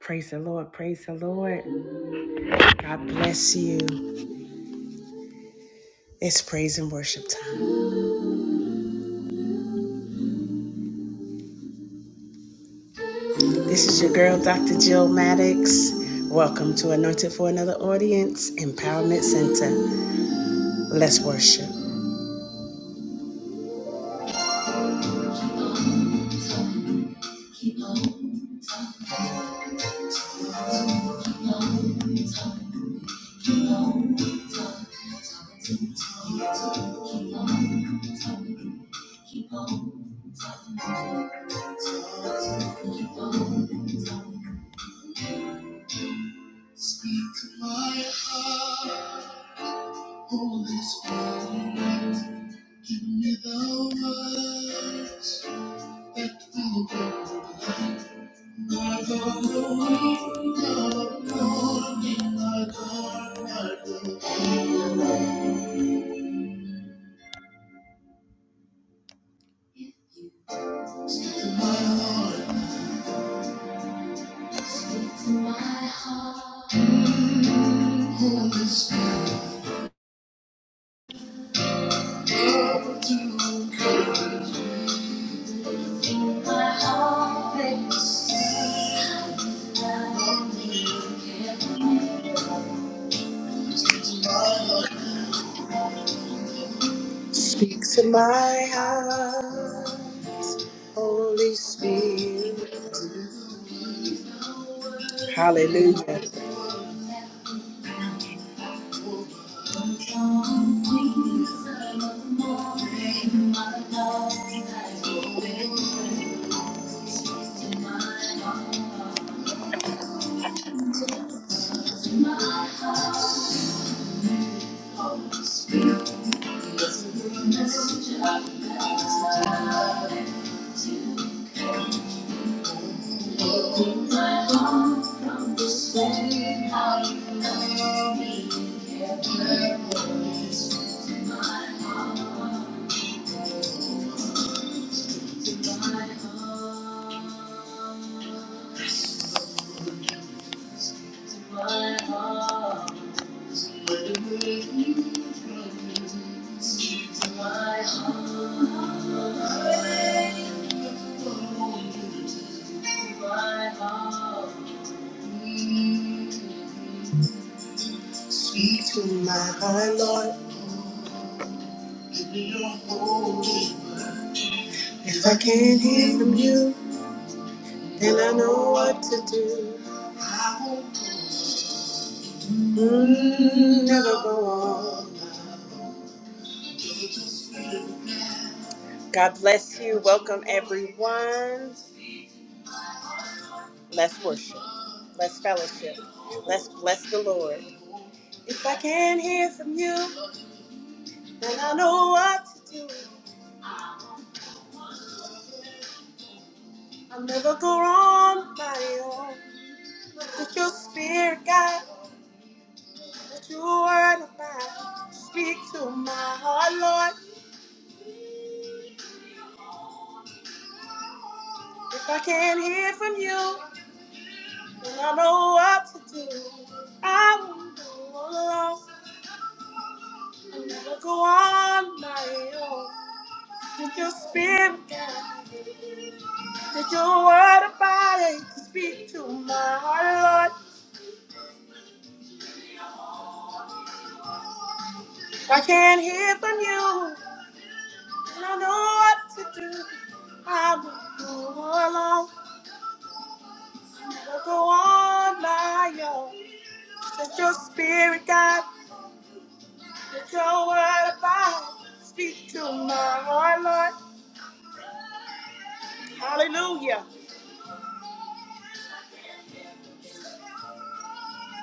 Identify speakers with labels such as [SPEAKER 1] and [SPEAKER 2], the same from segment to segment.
[SPEAKER 1] Praise the Lord. Praise the Lord. God bless you. It's praise and worship time. This is your girl, Dr. Jill Maddox. Welcome to Anointed for Another Audience, Empowerment Center. Let's worship. Speak to my heart. Holy Spirit, give me the words that will get my God, the wind morning, my God, my God, speak to my heart, to my heart. Holy Spirit, love to encourage my heart beats. Speak to my heart. Holy Spirit. Hallelujah. Speak to my heart, Lord. Give me your holy word. If I can't hear from you, then I know what to do. I won't Mm, never go on. God bless you. Welcome, everyone. Let's worship. Let's fellowship. Let's bless the Lord. If I can't hear from you, then I know what to do. I'll never go on my own. Let your spirit, God, let your word abide. Speak to my heart, Lord. If I can't hear from you, then I know what to do. I won't go alone. I'll never go on my own. Let your spirit, God. Did your word abide to speak to my heart, Lord? I can't hear from you, and I know what to do. I will go alone, i will go on my own. Let your spirit guide, let your word abide. to Speak to my heart, Lord. Hallelujah.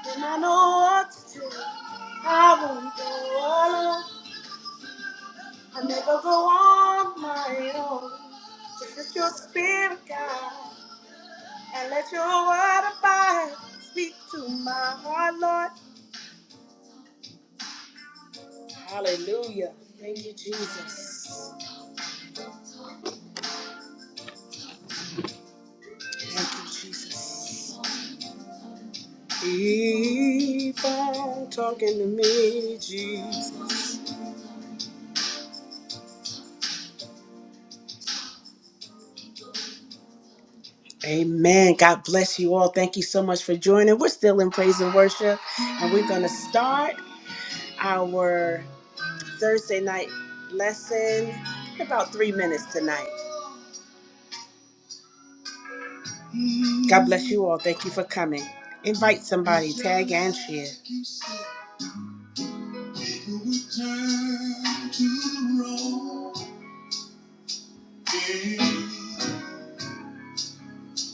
[SPEAKER 1] And I know what to do. I won't go alone. I never go on my own. Just let your spirit guide. And let your word abide. Speak to my heart, Lord. Hallelujah. Thank you, Jesus. Thank you, Jesus. Keep on talking to me, Jesus. Amen. God bless you all. Thank you so much for joining. We're still in praise and worship, and we're going to start our Thursday night lesson in about three minutes tonight. God bless you all. Thank you for coming. Invite somebody, tag and share.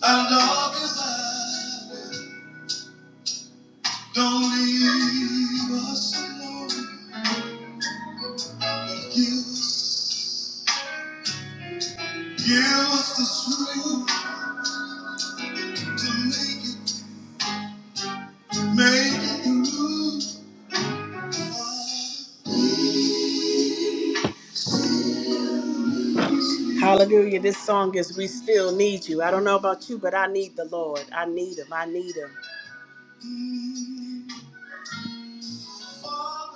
[SPEAKER 1] Our darkest hour, Don't leave us alone, but give us, give us the strength to make it, make it through. Hallelujah. This song is We Still Need You. I don't know about you, but I need the Lord. I need Him. I need Him. Father,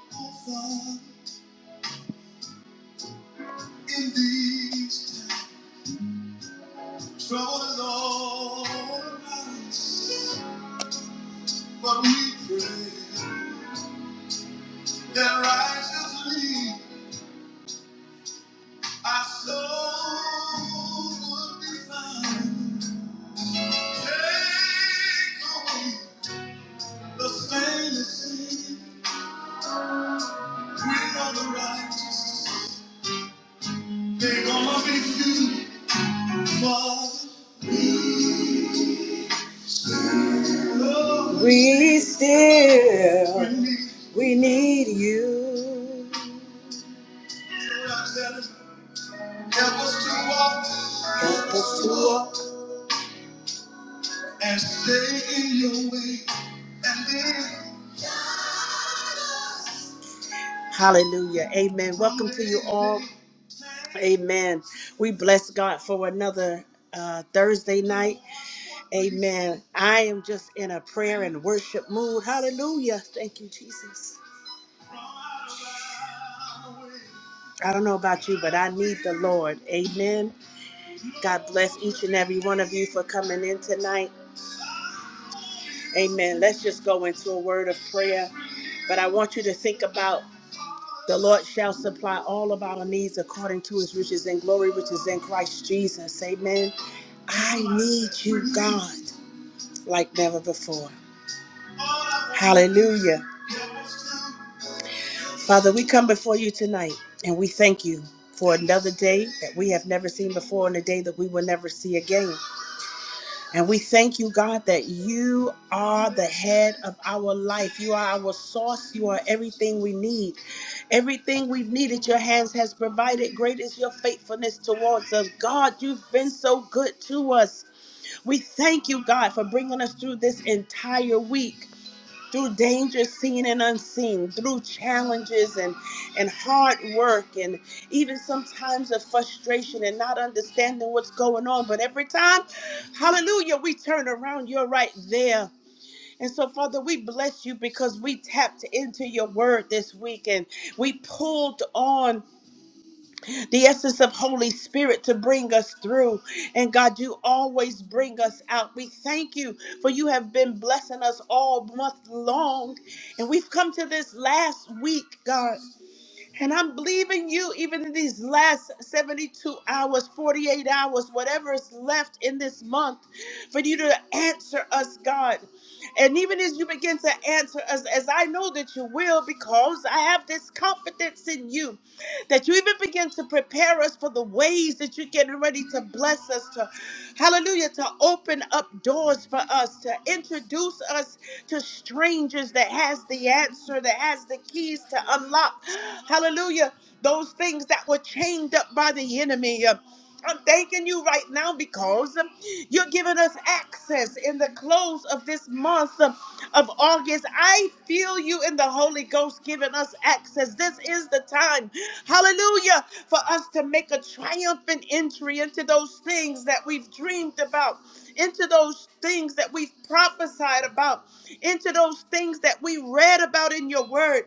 [SPEAKER 1] oh Father, in these times, trouble is all around us. But we pray that righteously our soul would be found. Take away the stainless sin. We know the righteous. They're gonna be few. for me. Lord, We still we need we need you. Help us to walk. Help us to walk and stay in your way. And then Hallelujah. Amen. Welcome to you all. Amen. We bless God for another uh, Thursday night. Amen. I am just in a prayer and worship mood. Hallelujah. Thank you, Jesus. I don't know about you, but I need the Lord. Amen. God bless each and every one of you for coming in tonight. Amen. Let's just go into a word of prayer. But I want you to think about the Lord shall supply all of our needs according to his riches and glory, which is in Christ Jesus. Amen. I need you, God, like never before. Hallelujah. Father, we come before you tonight and we thank you for another day that we have never seen before and a day that we will never see again. And we thank you, God, that you are the head of our life. You are our source. You are everything we need. Everything we've needed, your hands has provided. Great is your faithfulness towards us. God, you've been so good to us. We thank you, God, for bringing us through this entire week through danger seen and unseen, through challenges and, and hard work, and even sometimes of frustration and not understanding what's going on. But every time, hallelujah, we turn around, you're right there. And so, Father, we bless you because we tapped into your word this week and we pulled on the essence of Holy Spirit to bring us through. And God, you always bring us out. We thank you for you have been blessing us all month long. And we've come to this last week, God. And I'm believing you even in these last 72 hours, 48 hours, whatever is left in this month, for you to answer us, God. And even as you begin to answer us, as I know that you will, because I have this confidence in you that you even begin to prepare us for the ways that you're getting ready to bless us to hallelujah to open up doors for us to introduce us to strangers that has the answer that has the keys to unlock hallelujah those things that were chained up by the enemy I'm thanking you right now because um, you're giving us access in the close of this month um, of August. I feel you in the Holy Ghost giving us access. This is the time, hallelujah, for us to make a triumphant entry into those things that we've dreamed about, into those things that we've prophesied about, into those things that we read about in your word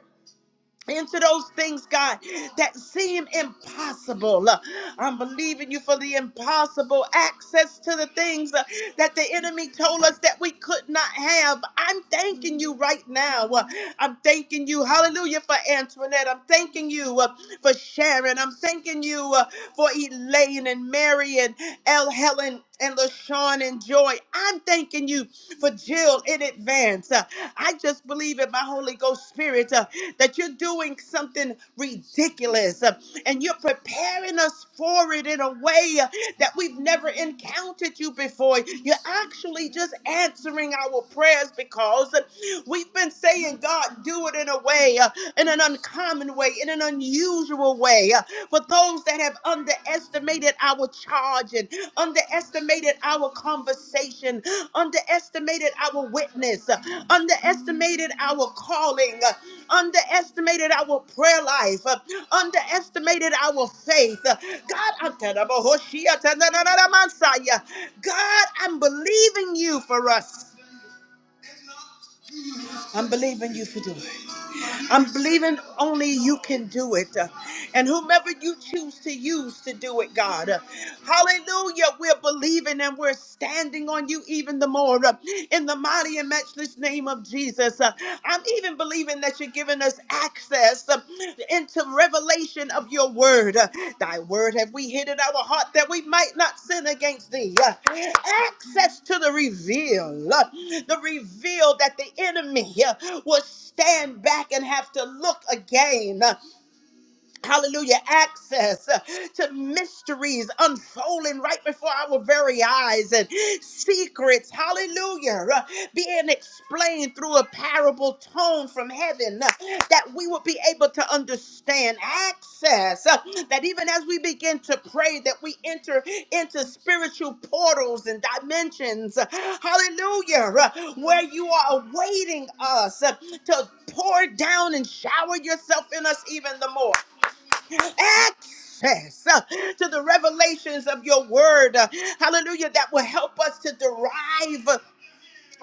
[SPEAKER 1] into those things, God, that seem impossible. Uh, I'm believing you for the impossible access to the things uh, that the enemy told us that we could not have. I'm thanking you right now. Uh, I'm thanking you, hallelujah, for Antoinette. I'm thanking you uh, for Sharon. I'm thanking you uh, for Elaine and Mary and L. Helen and LaShawn and Joy. I'm thanking you for Jill in advance. Uh, I just believe in my Holy Ghost Spirit uh, that you're doing something ridiculous uh, and you're preparing us for it in a way uh, that we've never encountered you before. You're actually just answering our prayers because uh, we've been saying, God, do it in a way, uh, in an uncommon way, in an unusual way. uh, for those that have underestimated our charge and underestimated our conversation, underestimated our witness, uh, underestimated our calling, uh, underestimated our prayer life, uh, underestimated our faith. Uh, God, I'm telling you, Hoshea, ta- na- na- na- na- Messiah. God, I'm believing you for us. I'm believing you for doing. I'm believing only you can do it. Uh, And whomever you choose to use to do it, God. Uh, Hallelujah. We're believing and we're standing on you even the more uh, in the mighty and matchless name of Jesus. Uh, I'm even believing that you're giving us access access uh, into revelation of your word. Uh, Thy word have we hid in our heart that we might not sin against thee. Uh, Access to the reveal, uh, the reveal that the enemy uh, will stand back and have to look again. uh, Hallelujah, access uh, to mysteries unfolding right before our very eyes and secrets, hallelujah, uh, being explained through a parable tone from heaven uh, that we will be able to understand. Access uh, that even as we begin to pray, that we enter into spiritual portals and dimensions, uh, hallelujah, uh, where you are awaiting us uh, to pour down and shower yourself in us even the more access uh, to the revelations of your word. uh, Hallelujah. That will help us to derive. uh,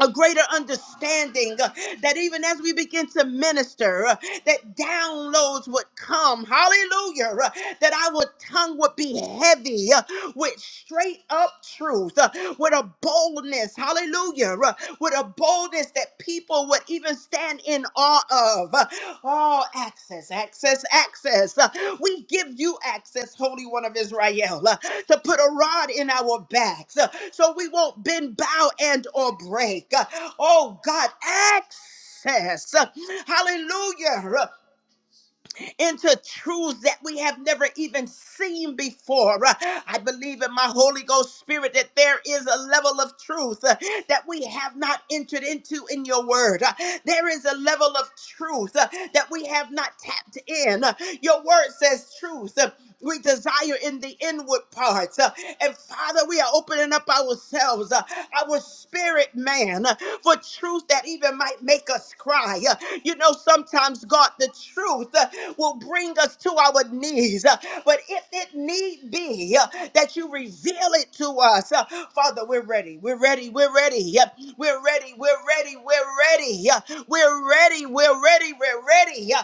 [SPEAKER 1] A greater understanding uh, that even as we begin to minister, uh, that downloads would come. Hallelujah. uh, That our tongue would be heavy. uh, with straight up truth, uh, with a boldness, hallelujah, uh, with a boldness that people would even stand in awe of. Uh, Oh, access, access, access. Uh, We give you access, Holy One of Israel, uh, to put a rod in our backs uh, so we won't bend, bow, and or break. Uh, Oh, God, access. Uh, Hallelujah into truths that we have never even seen before. Uh, I believe in my Holy Ghost Spirit that there is a level of truth uh, that we have not entered into in your word. Uh, There is a level of truth uh, that we have not tapped in. Uh, Your word says truth. uh, we desire in the inward parts. Uh, And Father, we are opening up ourselves, uh, our spirit man, uh, for truth that even might make us cry. Uh, You know, sometimes, God, the truth uh, will bring us to our knees. Uh, But if it need be uh, that you reveal it to us, uh, Father, we're ready. We're ready. We're ready. Uh, We're ready. We're ready. We're ready. Uh, we're ready. We're ready. We're ready. Uh,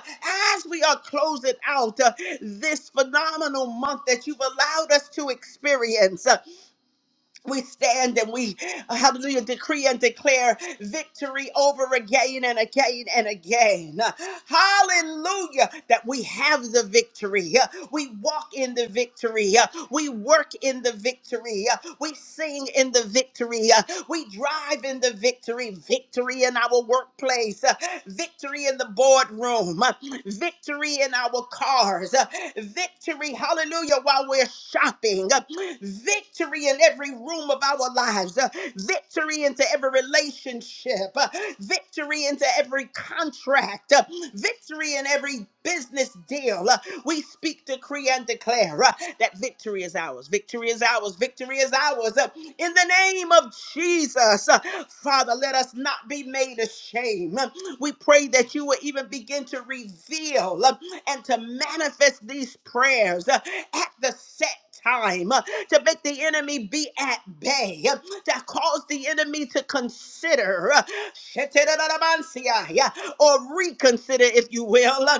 [SPEAKER 1] As we are closing out uh, this phenomenal month that you've allowed us to experience, uh, we stand and we, uh, hallelujah, decree and declare victory over again and again and again. Uh, Hallelujah, that we have the victory. Uh, We walk in the victory. Uh, We work in the victory. Uh, We sing in the victory. yeah, we drive in the victory, victory in our workplace, uh, victory in the boardroom, uh, victory in our cars, uh, victory, hallelujah, while we're shopping, uh, victory in every room of our lives, uh, victory into every relationship, uh, victory into every contract, uh, victory in every business deal. Uh, We speak, decree, and declare uh, that victory is ours. Victory is ours. Victory is ours. Uh, in the name of Jesus. Uh, Father, let us not be made ashamed. Uh, We pray that you will even begin to reveal uh, and to manifest these prayers uh, at the set time, uh, to make the enemy be at bay, uh, to cause the enemy to consider uh, or reconsider, if you will, uh,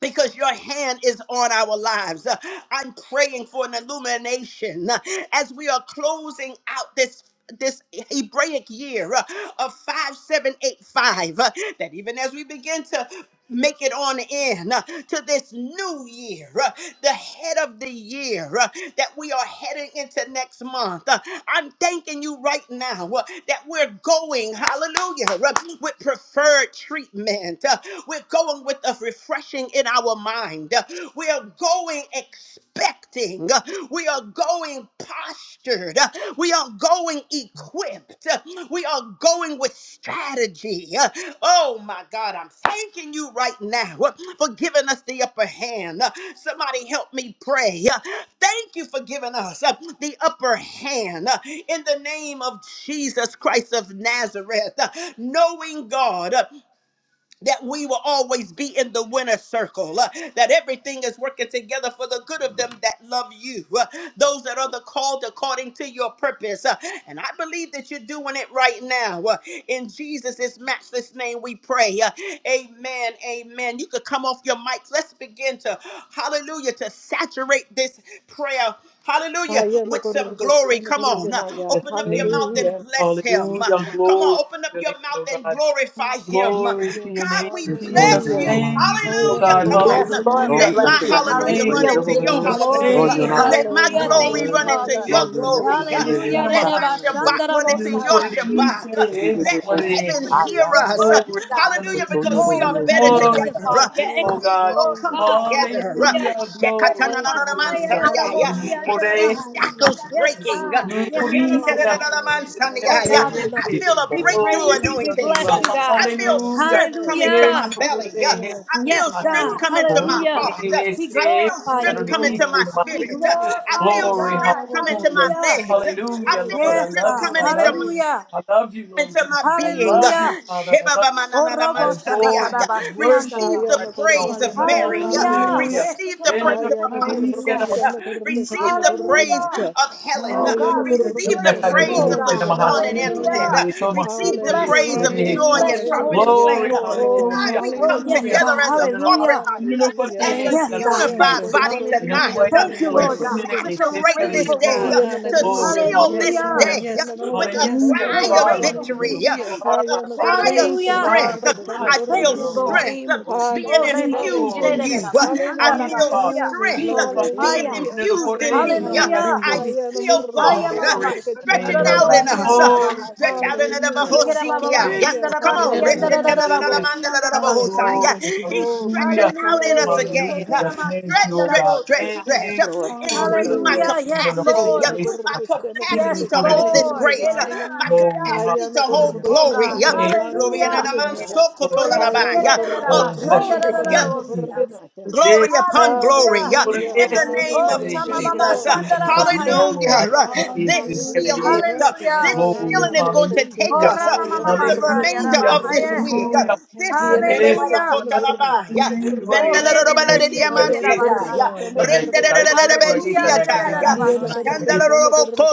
[SPEAKER 1] because your hand is on our lives. Uh, I'm praying for an illumination uh, as we are closing out this this Hebraic year uh, of 5785, uh, that even as we begin to make it on in uh, to this new year, uh, the head of the year uh, that we are heading into next month. Uh, I'm thanking you right now uh, that we're going, hallelujah, uh, with preferred treatment. Uh, We're going with a refreshing in our mind. Uh, We are going going expecting. We are going postured. We are going equipped. We are going with strategy. Oh my God, I'm thanking you right now for giving us the upper hand. Somebody help me pray. Thank you for giving us uh, the upper hand uh, in the name of Jesus Christ of Nazareth. Uh, Knowing God. uh, that we will always be in the winner circle, uh, that everything is working together for the good of them that love you, uh, those that are the called according to your purpose. uh, and I believe that you're doing it right now. uh, in Jesus' matchless name, we pray. uh, amen. Amen. You could come off your mics. Let's begin to, hallelujah, to saturate this prayer. Hallelujah. With some glory. Come on. Uh,
[SPEAKER 2] Ayanagorgoshanagorganaya.
[SPEAKER 3] Bless
[SPEAKER 1] Open up
[SPEAKER 3] your
[SPEAKER 1] your
[SPEAKER 3] name,
[SPEAKER 1] mouth
[SPEAKER 3] Jesus.
[SPEAKER 1] and
[SPEAKER 2] Hallelujah.
[SPEAKER 1] bless him. Uh,
[SPEAKER 3] Hallelujah.
[SPEAKER 1] Come
[SPEAKER 3] Glory
[SPEAKER 1] on. Open up
[SPEAKER 3] to your
[SPEAKER 1] your
[SPEAKER 3] name,
[SPEAKER 1] mouth
[SPEAKER 3] O
[SPEAKER 1] and
[SPEAKER 3] God.
[SPEAKER 1] glorify him. Uh,
[SPEAKER 3] Glory to
[SPEAKER 2] Hallelujah.
[SPEAKER 3] your
[SPEAKER 1] God,
[SPEAKER 3] name,
[SPEAKER 1] we
[SPEAKER 4] This morning,
[SPEAKER 3] Jesus.
[SPEAKER 1] bless
[SPEAKER 4] in
[SPEAKER 2] Hallelujah.
[SPEAKER 4] the
[SPEAKER 1] you.
[SPEAKER 4] mighty
[SPEAKER 3] Thank you,
[SPEAKER 4] name
[SPEAKER 3] O
[SPEAKER 4] of
[SPEAKER 1] Hallelujah.
[SPEAKER 3] God.
[SPEAKER 1] Come
[SPEAKER 4] Jesus.
[SPEAKER 1] on.
[SPEAKER 5] Yes,
[SPEAKER 1] Uh,
[SPEAKER 5] Lord, we
[SPEAKER 4] Lord,
[SPEAKER 3] Hallelujah.
[SPEAKER 4] we
[SPEAKER 1] Let
[SPEAKER 4] thank
[SPEAKER 1] my
[SPEAKER 4] you
[SPEAKER 5] bless you.
[SPEAKER 4] right now. We
[SPEAKER 1] hallelujah
[SPEAKER 3] Thank
[SPEAKER 4] praise
[SPEAKER 1] run
[SPEAKER 3] you,
[SPEAKER 5] Hallelujah.
[SPEAKER 4] your
[SPEAKER 5] We
[SPEAKER 1] into
[SPEAKER 4] holy
[SPEAKER 5] give
[SPEAKER 2] Ayanagorgoshanagorganaya.
[SPEAKER 5] you
[SPEAKER 1] your
[SPEAKER 4] name.
[SPEAKER 3] Jesus.
[SPEAKER 6] Hallelujah. Thank
[SPEAKER 1] hallelujah.
[SPEAKER 4] Lord,
[SPEAKER 3] Thank
[SPEAKER 6] you,
[SPEAKER 1] Uh,
[SPEAKER 3] you,
[SPEAKER 4] you're
[SPEAKER 5] glory.
[SPEAKER 4] not
[SPEAKER 6] God.
[SPEAKER 3] Father.
[SPEAKER 1] Let
[SPEAKER 4] God.
[SPEAKER 1] my
[SPEAKER 4] You
[SPEAKER 5] Hallelujah.
[SPEAKER 4] are
[SPEAKER 5] Thank
[SPEAKER 1] glory
[SPEAKER 2] Hallelujah.
[SPEAKER 5] you,
[SPEAKER 1] run
[SPEAKER 4] worthy.
[SPEAKER 6] Hallelujah.
[SPEAKER 1] into
[SPEAKER 5] Father.
[SPEAKER 1] your
[SPEAKER 3] Thank
[SPEAKER 4] Lord, you're
[SPEAKER 2] Hallelujah.
[SPEAKER 4] lifted.
[SPEAKER 1] glory. Uh,
[SPEAKER 4] You the
[SPEAKER 5] Hallelujah.
[SPEAKER 3] you
[SPEAKER 6] Thank
[SPEAKER 1] Let
[SPEAKER 3] God.
[SPEAKER 4] outside.
[SPEAKER 6] you,
[SPEAKER 1] my
[SPEAKER 6] God.
[SPEAKER 1] Shabbat run into
[SPEAKER 3] Little
[SPEAKER 1] your
[SPEAKER 5] Re-re-ba-shan-da-ra-bo-sa-ya.
[SPEAKER 6] Hallelujah.
[SPEAKER 3] Cordice,
[SPEAKER 1] Shabbat. Uh,
[SPEAKER 6] Yes,
[SPEAKER 1] Let
[SPEAKER 6] Lord.
[SPEAKER 1] heaven
[SPEAKER 4] I
[SPEAKER 3] Morese.
[SPEAKER 1] hear
[SPEAKER 5] Hallelujah.
[SPEAKER 4] am
[SPEAKER 5] Your
[SPEAKER 4] not.
[SPEAKER 6] Hallelujah.
[SPEAKER 1] us. Uh,
[SPEAKER 5] word
[SPEAKER 3] Glory to
[SPEAKER 5] is
[SPEAKER 6] Thank
[SPEAKER 5] God.
[SPEAKER 6] you,
[SPEAKER 3] your
[SPEAKER 4] The
[SPEAKER 1] Hallelujah.
[SPEAKER 3] name,
[SPEAKER 4] soldier
[SPEAKER 1] Because
[SPEAKER 6] Jesus.
[SPEAKER 1] we
[SPEAKER 4] that
[SPEAKER 5] Oh,
[SPEAKER 3] Jesus.
[SPEAKER 1] are
[SPEAKER 4] we
[SPEAKER 5] you're
[SPEAKER 4] are
[SPEAKER 1] better
[SPEAKER 4] saving.
[SPEAKER 1] together
[SPEAKER 4] I
[SPEAKER 3] Glory to
[SPEAKER 6] Glory,
[SPEAKER 5] magnificent,
[SPEAKER 4] am not.
[SPEAKER 1] together,
[SPEAKER 5] Father.
[SPEAKER 3] your
[SPEAKER 1] uh,
[SPEAKER 5] You're
[SPEAKER 3] name,
[SPEAKER 1] when
[SPEAKER 3] oh
[SPEAKER 5] excellent,
[SPEAKER 6] glory,
[SPEAKER 1] we
[SPEAKER 3] God.
[SPEAKER 1] all
[SPEAKER 5] Lord
[SPEAKER 1] come
[SPEAKER 6] glory.
[SPEAKER 5] God.
[SPEAKER 1] together, uh,
[SPEAKER 6] Hallelujah.
[SPEAKER 5] Hallelujah.
[SPEAKER 3] Hallelujah. Glory.
[SPEAKER 6] Thank you,
[SPEAKER 5] Re-re-ba-sa-ya,
[SPEAKER 6] Lord.
[SPEAKER 3] Hallelujah.
[SPEAKER 1] Shekatanananamansaniya, yeah,
[SPEAKER 3] Little
[SPEAKER 6] Hallelujah.
[SPEAKER 1] I see
[SPEAKER 3] Cordice,
[SPEAKER 5] re-re-ra-bo-si-ya-ra-ra-ba-ha.
[SPEAKER 6] Hallelujah,
[SPEAKER 1] shackles
[SPEAKER 5] Yes,
[SPEAKER 6] Jesus.
[SPEAKER 1] breaking. uh,
[SPEAKER 5] God.
[SPEAKER 3] Little Cordice,
[SPEAKER 6] Glory,
[SPEAKER 5] Re-re-ra-ra-ma-sa-ya.
[SPEAKER 6] glory,
[SPEAKER 5] Oh,
[SPEAKER 6] glory.
[SPEAKER 1] Shekatanananamansaniya, yeah,
[SPEAKER 5] God, we
[SPEAKER 1] I
[SPEAKER 5] love
[SPEAKER 3] Cordice.
[SPEAKER 5] you.
[SPEAKER 1] feel
[SPEAKER 6] Hallelujah.
[SPEAKER 1] a
[SPEAKER 5] We
[SPEAKER 1] breakthrough
[SPEAKER 3] Glory
[SPEAKER 5] praise
[SPEAKER 3] to
[SPEAKER 5] you. We
[SPEAKER 3] your
[SPEAKER 1] anointing.
[SPEAKER 3] name.
[SPEAKER 6] Yes,
[SPEAKER 5] bless
[SPEAKER 1] uh,
[SPEAKER 5] you,
[SPEAKER 6] Lord.
[SPEAKER 5] God.
[SPEAKER 1] I
[SPEAKER 6] Yes,
[SPEAKER 1] feel
[SPEAKER 6] Lord. Yes,
[SPEAKER 3] Hallelujah.
[SPEAKER 1] strength
[SPEAKER 6] Lord.
[SPEAKER 1] coming to my
[SPEAKER 5] Hallelujah.
[SPEAKER 3] Little
[SPEAKER 1] belly.
[SPEAKER 6] Yes,
[SPEAKER 1] uh,
[SPEAKER 3] Cordice,
[SPEAKER 6] Lord.
[SPEAKER 1] I
[SPEAKER 6] Thank
[SPEAKER 1] feel
[SPEAKER 5] Yes,
[SPEAKER 6] you, God.
[SPEAKER 1] strength
[SPEAKER 5] God.
[SPEAKER 1] coming to
[SPEAKER 4] Huh?
[SPEAKER 1] my
[SPEAKER 3] Little
[SPEAKER 6] Hallelujah,
[SPEAKER 5] Hallelujah.
[SPEAKER 1] heart. uh,
[SPEAKER 3] Cordice,
[SPEAKER 5] We
[SPEAKER 6] Jesus.
[SPEAKER 1] I feel
[SPEAKER 5] glorify
[SPEAKER 1] strength
[SPEAKER 5] you,
[SPEAKER 6] Thank you,
[SPEAKER 1] coming
[SPEAKER 5] Lord.
[SPEAKER 1] to my
[SPEAKER 6] Lord.
[SPEAKER 3] Cordice.
[SPEAKER 5] We
[SPEAKER 1] spirit. uh,
[SPEAKER 6] Hallelujah.
[SPEAKER 1] I
[SPEAKER 5] glorify you,
[SPEAKER 1] feel
[SPEAKER 3] Glory,
[SPEAKER 5] God.
[SPEAKER 1] strength coming to my
[SPEAKER 3] hallelujah,
[SPEAKER 5] Hallelujah.
[SPEAKER 1] legs. uh, I
[SPEAKER 3] hallelujah,
[SPEAKER 6] Glory,
[SPEAKER 1] feel
[SPEAKER 3] Lord. I
[SPEAKER 5] Yes,
[SPEAKER 6] glory,
[SPEAKER 1] strength
[SPEAKER 3] love you,
[SPEAKER 5] God.
[SPEAKER 1] coming
[SPEAKER 3] I
[SPEAKER 6] glory,
[SPEAKER 1] into
[SPEAKER 3] love
[SPEAKER 1] my
[SPEAKER 3] you,
[SPEAKER 6] glory.
[SPEAKER 5] Hallelujah.
[SPEAKER 3] I love you, Lord
[SPEAKER 1] into
[SPEAKER 3] Jesus.
[SPEAKER 1] my
[SPEAKER 3] I
[SPEAKER 1] being.
[SPEAKER 3] love you,
[SPEAKER 5] Hallelujah.
[SPEAKER 3] Father. I love,
[SPEAKER 5] Oh,
[SPEAKER 3] I
[SPEAKER 5] Robo
[SPEAKER 1] Shebabamanamansandiya.
[SPEAKER 3] adore you,
[SPEAKER 5] Shakataraba,
[SPEAKER 3] I worship
[SPEAKER 1] Receive
[SPEAKER 3] you
[SPEAKER 1] the
[SPEAKER 5] Siandarabaha.
[SPEAKER 3] right now,
[SPEAKER 1] praise of
[SPEAKER 3] Father.
[SPEAKER 6] Hallelujah,
[SPEAKER 1] Mary.
[SPEAKER 5] Hallelujah.
[SPEAKER 6] hallelujah,
[SPEAKER 3] Hallelujah
[SPEAKER 2] Ayanagorgoshanagorganaya.
[SPEAKER 1] Receive the
[SPEAKER 5] Reshekeraba,
[SPEAKER 1] praise of Apostle
[SPEAKER 5] Siandarabai.
[SPEAKER 6] hallelujah,
[SPEAKER 1] Sharon. Receive the praise
[SPEAKER 2] Ayanagorgoshanagorganaya.
[SPEAKER 5] Hallelujah.
[SPEAKER 1] of Helen.
[SPEAKER 5] Oh, God, we
[SPEAKER 6] hallelujah,
[SPEAKER 1] Receive
[SPEAKER 5] rejoice
[SPEAKER 1] the
[SPEAKER 3] na
[SPEAKER 6] Jesus.
[SPEAKER 5] in
[SPEAKER 3] cara
[SPEAKER 5] you,
[SPEAKER 1] praise
[SPEAKER 5] oh,
[SPEAKER 3] dele,
[SPEAKER 1] of
[SPEAKER 3] se
[SPEAKER 6] Glory,
[SPEAKER 5] God.
[SPEAKER 3] na
[SPEAKER 2] Ayanagorgoshanagorganaya.
[SPEAKER 1] LaShawn and
[SPEAKER 3] marraci,
[SPEAKER 6] glory,
[SPEAKER 2] Hallelujah.
[SPEAKER 6] glory.
[SPEAKER 5] Hallelujah.
[SPEAKER 1] Antoinette.
[SPEAKER 3] ele toma
[SPEAKER 5] We
[SPEAKER 1] Receive the
[SPEAKER 3] ele
[SPEAKER 5] bless
[SPEAKER 1] praise
[SPEAKER 5] you.
[SPEAKER 1] of
[SPEAKER 5] We
[SPEAKER 2] Hallelujah.
[SPEAKER 1] Joy
[SPEAKER 3] recebe.
[SPEAKER 1] and
[SPEAKER 5] bless
[SPEAKER 6] Hallelujah,
[SPEAKER 5] your holy
[SPEAKER 1] Prophetess
[SPEAKER 6] Jesus.
[SPEAKER 2] Hallelujah.
[SPEAKER 5] name,
[SPEAKER 1] Elaine.
[SPEAKER 3] Glory,
[SPEAKER 6] Thank you,
[SPEAKER 1] God,
[SPEAKER 5] Lord.
[SPEAKER 2] Oh,
[SPEAKER 6] Lord.
[SPEAKER 3] hallelujah,
[SPEAKER 1] we
[SPEAKER 2] glory.
[SPEAKER 5] Oh,
[SPEAKER 1] come
[SPEAKER 5] yes,
[SPEAKER 3] hallelujah.
[SPEAKER 6] Hallelujah.
[SPEAKER 1] together
[SPEAKER 5] God.
[SPEAKER 1] as a
[SPEAKER 2] Hallelujah.
[SPEAKER 3] Ele não
[SPEAKER 1] corporate
[SPEAKER 5] Hallelujah.
[SPEAKER 1] body,
[SPEAKER 3] ele não pode
[SPEAKER 2] Hallelujah.
[SPEAKER 1] as a
[SPEAKER 6] Thank
[SPEAKER 5] Yes,
[SPEAKER 6] you,
[SPEAKER 3] receber.
[SPEAKER 5] God.
[SPEAKER 2] Haya na
[SPEAKER 5] Thank
[SPEAKER 1] unified
[SPEAKER 6] Jesus.
[SPEAKER 3] receba.
[SPEAKER 5] you.
[SPEAKER 1] body
[SPEAKER 2] gorgo
[SPEAKER 3] Ele não
[SPEAKER 2] shana
[SPEAKER 1] tonight
[SPEAKER 6] Hallelujah,
[SPEAKER 3] pode
[SPEAKER 1] uh,
[SPEAKER 2] gorgo
[SPEAKER 5] Thank you,
[SPEAKER 3] pôr
[SPEAKER 1] to
[SPEAKER 2] chana
[SPEAKER 5] Lord
[SPEAKER 6] hallelujah.
[SPEAKER 5] God.
[SPEAKER 3] ele
[SPEAKER 2] gorgo
[SPEAKER 5] We're
[SPEAKER 2] na
[SPEAKER 5] so
[SPEAKER 2] ya.
[SPEAKER 3] recebe
[SPEAKER 1] saturate
[SPEAKER 6] Thank
[SPEAKER 1] this
[SPEAKER 6] you,
[SPEAKER 5] grateful,
[SPEAKER 1] day,
[SPEAKER 6] God.
[SPEAKER 1] uh,
[SPEAKER 5] Lord.
[SPEAKER 2] Hiya na
[SPEAKER 1] to
[SPEAKER 2] gorgo
[SPEAKER 3] Glory,
[SPEAKER 6] Hallelujah.
[SPEAKER 2] chana
[SPEAKER 1] seal
[SPEAKER 6] Yes,
[SPEAKER 1] this
[SPEAKER 2] gorgo
[SPEAKER 5] Hallelujah.
[SPEAKER 6] Lord.
[SPEAKER 1] day
[SPEAKER 3] hallelujah,
[SPEAKER 1] uh,
[SPEAKER 6] Yes,
[SPEAKER 2] shana
[SPEAKER 1] with
[SPEAKER 2] gorgo
[SPEAKER 6] Lord.
[SPEAKER 1] a
[SPEAKER 6] Yes,
[SPEAKER 3] hallelujah.
[SPEAKER 5] We're
[SPEAKER 3] You
[SPEAKER 1] cry
[SPEAKER 6] Lord.
[SPEAKER 3] are
[SPEAKER 1] of
[SPEAKER 3] my
[SPEAKER 2] na
[SPEAKER 5] grateful
[SPEAKER 2] ya.
[SPEAKER 5] to
[SPEAKER 3] shield.
[SPEAKER 1] victory,
[SPEAKER 5] you,
[SPEAKER 1] uh,
[SPEAKER 5] God.
[SPEAKER 3] You
[SPEAKER 6] Hallelujah.
[SPEAKER 3] are
[SPEAKER 1] with
[SPEAKER 3] my
[SPEAKER 1] a
[SPEAKER 2] Haya na
[SPEAKER 3] buckler.
[SPEAKER 2] gorgo
[SPEAKER 1] cry of
[SPEAKER 6] Thank you,
[SPEAKER 3] You
[SPEAKER 2] shana
[SPEAKER 5] Hallelujah.
[SPEAKER 6] God,
[SPEAKER 3] are
[SPEAKER 1] strength.
[SPEAKER 6] for
[SPEAKER 2] gorgo
[SPEAKER 1] Uh,
[SPEAKER 3] my
[SPEAKER 6] the
[SPEAKER 2] chana
[SPEAKER 3] high
[SPEAKER 1] I
[SPEAKER 3] tower,
[SPEAKER 5] Thank
[SPEAKER 6] victory
[SPEAKER 1] feel
[SPEAKER 5] you,
[SPEAKER 2] na
[SPEAKER 6] in
[SPEAKER 3] oh
[SPEAKER 6] the
[SPEAKER 2] ya.
[SPEAKER 5] Lord.
[SPEAKER 3] God.
[SPEAKER 1] strength
[SPEAKER 6] name
[SPEAKER 1] uh,
[SPEAKER 6] of
[SPEAKER 3] Oh,
[SPEAKER 1] being
[SPEAKER 5] Oh,
[SPEAKER 6] Jesus.
[SPEAKER 3] speak,
[SPEAKER 5] Rebe
[SPEAKER 2] Hallelujah,
[SPEAKER 1] infused
[SPEAKER 3] Lord.
[SPEAKER 1] in
[SPEAKER 6] Hallelujah,
[SPEAKER 2] Jesus.
[SPEAKER 1] you. Uh,
[SPEAKER 6] God.
[SPEAKER 3] Speak
[SPEAKER 1] I
[SPEAKER 3] for me,
[SPEAKER 1] feel
[SPEAKER 2] Hallelujah.
[SPEAKER 3] Father.
[SPEAKER 5] Shekerererabasandarabasiya.
[SPEAKER 6] Glory,
[SPEAKER 1] strength
[SPEAKER 3] Speak
[SPEAKER 6] glory,
[SPEAKER 3] for
[SPEAKER 1] uh, being
[SPEAKER 5] Aya.
[SPEAKER 6] glory.
[SPEAKER 3] me. Ele
[SPEAKER 2] Hallelujah.
[SPEAKER 3] não
[SPEAKER 1] infused
[SPEAKER 3] pode
[SPEAKER 1] in me.
[SPEAKER 2] Hallelujah.
[SPEAKER 1] Uh,
[SPEAKER 3] receber
[SPEAKER 5] Hallelujah.
[SPEAKER 6] Hallelujah.
[SPEAKER 1] I
[SPEAKER 3] cara
[SPEAKER 6] We
[SPEAKER 2] Haya na
[SPEAKER 6] thank
[SPEAKER 1] feel
[SPEAKER 6] you.
[SPEAKER 2] gorgo
[SPEAKER 5] Aya
[SPEAKER 1] God
[SPEAKER 2] shana
[SPEAKER 1] uh,
[SPEAKER 5] mama
[SPEAKER 3] Glory to
[SPEAKER 2] gorgo
[SPEAKER 3] the
[SPEAKER 2] chana
[SPEAKER 1] stretching
[SPEAKER 3] name, oh
[SPEAKER 1] out
[SPEAKER 2] gorgo
[SPEAKER 1] in
[SPEAKER 3] God.
[SPEAKER 2] na
[SPEAKER 6] Hallelujah.
[SPEAKER 1] us. uh,
[SPEAKER 2] ya.
[SPEAKER 3] Glory
[SPEAKER 6] Hallelujah.
[SPEAKER 3] to
[SPEAKER 5] mashandarararabosiyandarabahaya.
[SPEAKER 1] Stretch
[SPEAKER 3] your name.
[SPEAKER 1] out in the
[SPEAKER 6] Hallelujah.
[SPEAKER 2] Hallelujah.
[SPEAKER 1] Bahosikia. Yeah.
[SPEAKER 2] Hallelujah.
[SPEAKER 1] Come on,
[SPEAKER 2] Hallelujah.
[SPEAKER 6] Kiriraramasia.
[SPEAKER 5] Ikerabababasandarabakiyandarararabosiyandarabashi.
[SPEAKER 1] Reshetelelelelemandelelemahosai.
[SPEAKER 3] Glory.
[SPEAKER 1] Yeah.
[SPEAKER 6] Hallelujah,
[SPEAKER 1] He's
[SPEAKER 6] Jesus.
[SPEAKER 2] Oh
[SPEAKER 1] stretching
[SPEAKER 3] Hallelujah.
[SPEAKER 2] God,
[SPEAKER 1] out
[SPEAKER 5] Hallelujah,
[SPEAKER 1] in us
[SPEAKER 5] Rebe
[SPEAKER 2] hallelujah.
[SPEAKER 1] again. uh,
[SPEAKER 3] Hallelujah. Thank
[SPEAKER 1] Stretch,
[SPEAKER 3] you, oh
[SPEAKER 1] stretch,
[SPEAKER 3] God.
[SPEAKER 1] stretch,
[SPEAKER 3] Thank
[SPEAKER 5] Sheketenamasiyandarabosaya.
[SPEAKER 2] Yes,
[SPEAKER 1] stretch.
[SPEAKER 3] you,
[SPEAKER 1] Uh,
[SPEAKER 2] Lord.
[SPEAKER 1] Increase
[SPEAKER 3] Jesus.
[SPEAKER 1] my
[SPEAKER 2] Hallelujah.
[SPEAKER 6] Hallelujah,
[SPEAKER 5] Hallelujah.
[SPEAKER 3] You know,
[SPEAKER 5] Yes,
[SPEAKER 3] the
[SPEAKER 6] Jesus.
[SPEAKER 1] capacity. uh,
[SPEAKER 3] good
[SPEAKER 2] Hayana
[SPEAKER 5] Lord.
[SPEAKER 3] it is.
[SPEAKER 1] My
[SPEAKER 2] Gorgoshana
[SPEAKER 3] You know,
[SPEAKER 5] Yes,
[SPEAKER 1] capacity
[SPEAKER 3] the
[SPEAKER 1] to
[SPEAKER 3] good it
[SPEAKER 1] hold
[SPEAKER 2] Gorgatana
[SPEAKER 3] is.
[SPEAKER 1] this
[SPEAKER 5] Lord.
[SPEAKER 6] Hallelujah.
[SPEAKER 1] grace. uh,
[SPEAKER 2] Gorganaya.
[SPEAKER 1] My
[SPEAKER 6] Hallelujah.
[SPEAKER 3] Glory.
[SPEAKER 5] Enanamasia.
[SPEAKER 1] capacity to
[SPEAKER 2] Hayana
[SPEAKER 1] hold
[SPEAKER 3] Hallelujah.
[SPEAKER 5] Oh
[SPEAKER 2] Gorgoshana
[SPEAKER 5] God.
[SPEAKER 1] glory. uh,
[SPEAKER 6] Hallelujah.
[SPEAKER 3] Thank you,
[SPEAKER 2] Gorgatana
[SPEAKER 1] Glory and
[SPEAKER 5] Hallelujah.
[SPEAKER 1] the
[SPEAKER 6] Hallelujah,
[SPEAKER 1] man
[SPEAKER 3] thank you,
[SPEAKER 6] God.
[SPEAKER 2] Gorganaya.
[SPEAKER 3] Lord. Thank
[SPEAKER 1] sokotolalaba.
[SPEAKER 3] you.
[SPEAKER 2] Hayana
[SPEAKER 1] Yeah. Oh,
[SPEAKER 3] Oh,
[SPEAKER 2] Gorgoshana
[SPEAKER 3] bless
[SPEAKER 6] Hallelujah.
[SPEAKER 1] glory.
[SPEAKER 3] your
[SPEAKER 1] Uh,
[SPEAKER 3] name,
[SPEAKER 2] Gorgatana
[SPEAKER 6] Hallelujah.
[SPEAKER 5] Oreshekerererabasandarabasia.
[SPEAKER 2] Gorganaya.
[SPEAKER 3] Jesus.
[SPEAKER 1] glory upon glory
[SPEAKER 5] Hallelujah.
[SPEAKER 6] Thank
[SPEAKER 1] uh,
[SPEAKER 6] you,
[SPEAKER 1] in
[SPEAKER 2] Hallelujah,
[SPEAKER 6] God.
[SPEAKER 1] the
[SPEAKER 3] Corresse da
[SPEAKER 1] name
[SPEAKER 5] Oh
[SPEAKER 1] of
[SPEAKER 2] hallelujah.
[SPEAKER 3] cabeça.
[SPEAKER 6] Hallelujah.
[SPEAKER 2] Thank you,
[SPEAKER 5] Shamamama
[SPEAKER 1] Jesus. Uh,
[SPEAKER 2] Lord.
[SPEAKER 6] Glory
[SPEAKER 3] Viva
[SPEAKER 6] to
[SPEAKER 3] no
[SPEAKER 6] God.
[SPEAKER 3] Corinthians,
[SPEAKER 5] Sandarabahaya.
[SPEAKER 2] Thank you,
[SPEAKER 1] Hallelujah.
[SPEAKER 3] ai,
[SPEAKER 1] Uh,
[SPEAKER 2] Father.
[SPEAKER 1] This
[SPEAKER 3] cabeça da
[SPEAKER 6] Hallelujah. You
[SPEAKER 1] sealing,
[SPEAKER 3] cabeça.
[SPEAKER 2] Hallelujah,
[SPEAKER 1] uh,
[SPEAKER 6] worthy,
[SPEAKER 5] Hallelujah.
[SPEAKER 6] God.
[SPEAKER 1] this
[SPEAKER 3] Glory,
[SPEAKER 1] sealing is
[SPEAKER 2] hallelujah.
[SPEAKER 1] going to
[SPEAKER 2] Thank
[SPEAKER 6] Hanamasi.
[SPEAKER 2] you,
[SPEAKER 1] take
[SPEAKER 5] Oh
[SPEAKER 3] hallelujah,
[SPEAKER 2] Lord.
[SPEAKER 1] us uh,
[SPEAKER 6] Oh,
[SPEAKER 2] Hayana
[SPEAKER 1] through the
[SPEAKER 6] yes, Lord.
[SPEAKER 5] Ramamamasaya
[SPEAKER 6] Yes,
[SPEAKER 1] remainder
[SPEAKER 2] Gorgoshana
[SPEAKER 3] hallelujah,
[SPEAKER 1] of
[SPEAKER 6] Lord.
[SPEAKER 1] this
[SPEAKER 5] Rabahaya.
[SPEAKER 6] Yes,
[SPEAKER 1] week.
[SPEAKER 2] Gorganaya.
[SPEAKER 1] Uh,
[SPEAKER 3] hallelujah.
[SPEAKER 6] Lord. Thank
[SPEAKER 1] This is
[SPEAKER 6] you,
[SPEAKER 2] Hayana
[SPEAKER 6] God.
[SPEAKER 3] Nesse
[SPEAKER 5] Hallelujah.
[SPEAKER 2] Gorgatana
[SPEAKER 6] Hallelujah.
[SPEAKER 1] Telebalakotalabaya,
[SPEAKER 2] Gorgoshana
[SPEAKER 5] Oh
[SPEAKER 2] Gorganaya.
[SPEAKER 3] esse
[SPEAKER 6] Hallelujah.
[SPEAKER 2] Hayana
[SPEAKER 6] Yes,
[SPEAKER 3] carece
[SPEAKER 1] Vendelorobaladeamansatai,
[SPEAKER 5] Rememesheketerabasaya.
[SPEAKER 6] Lord.
[SPEAKER 2] Gorgoshana
[SPEAKER 3] da
[SPEAKER 6] Yes, Lord.
[SPEAKER 3] verdade
[SPEAKER 2] Gorgatana
[SPEAKER 5] Hallelujah.
[SPEAKER 3] poeta
[SPEAKER 2] Gorganaya.
[SPEAKER 6] Thank
[SPEAKER 3] da
[SPEAKER 6] you,
[SPEAKER 1] Rendelelelelebensiatai,
[SPEAKER 6] God.
[SPEAKER 3] cabeça
[SPEAKER 2] Hayana
[SPEAKER 3] na
[SPEAKER 5] Rerererabasaya.
[SPEAKER 3] cabeça
[SPEAKER 6] Hallelujah.
[SPEAKER 2] Gorgatana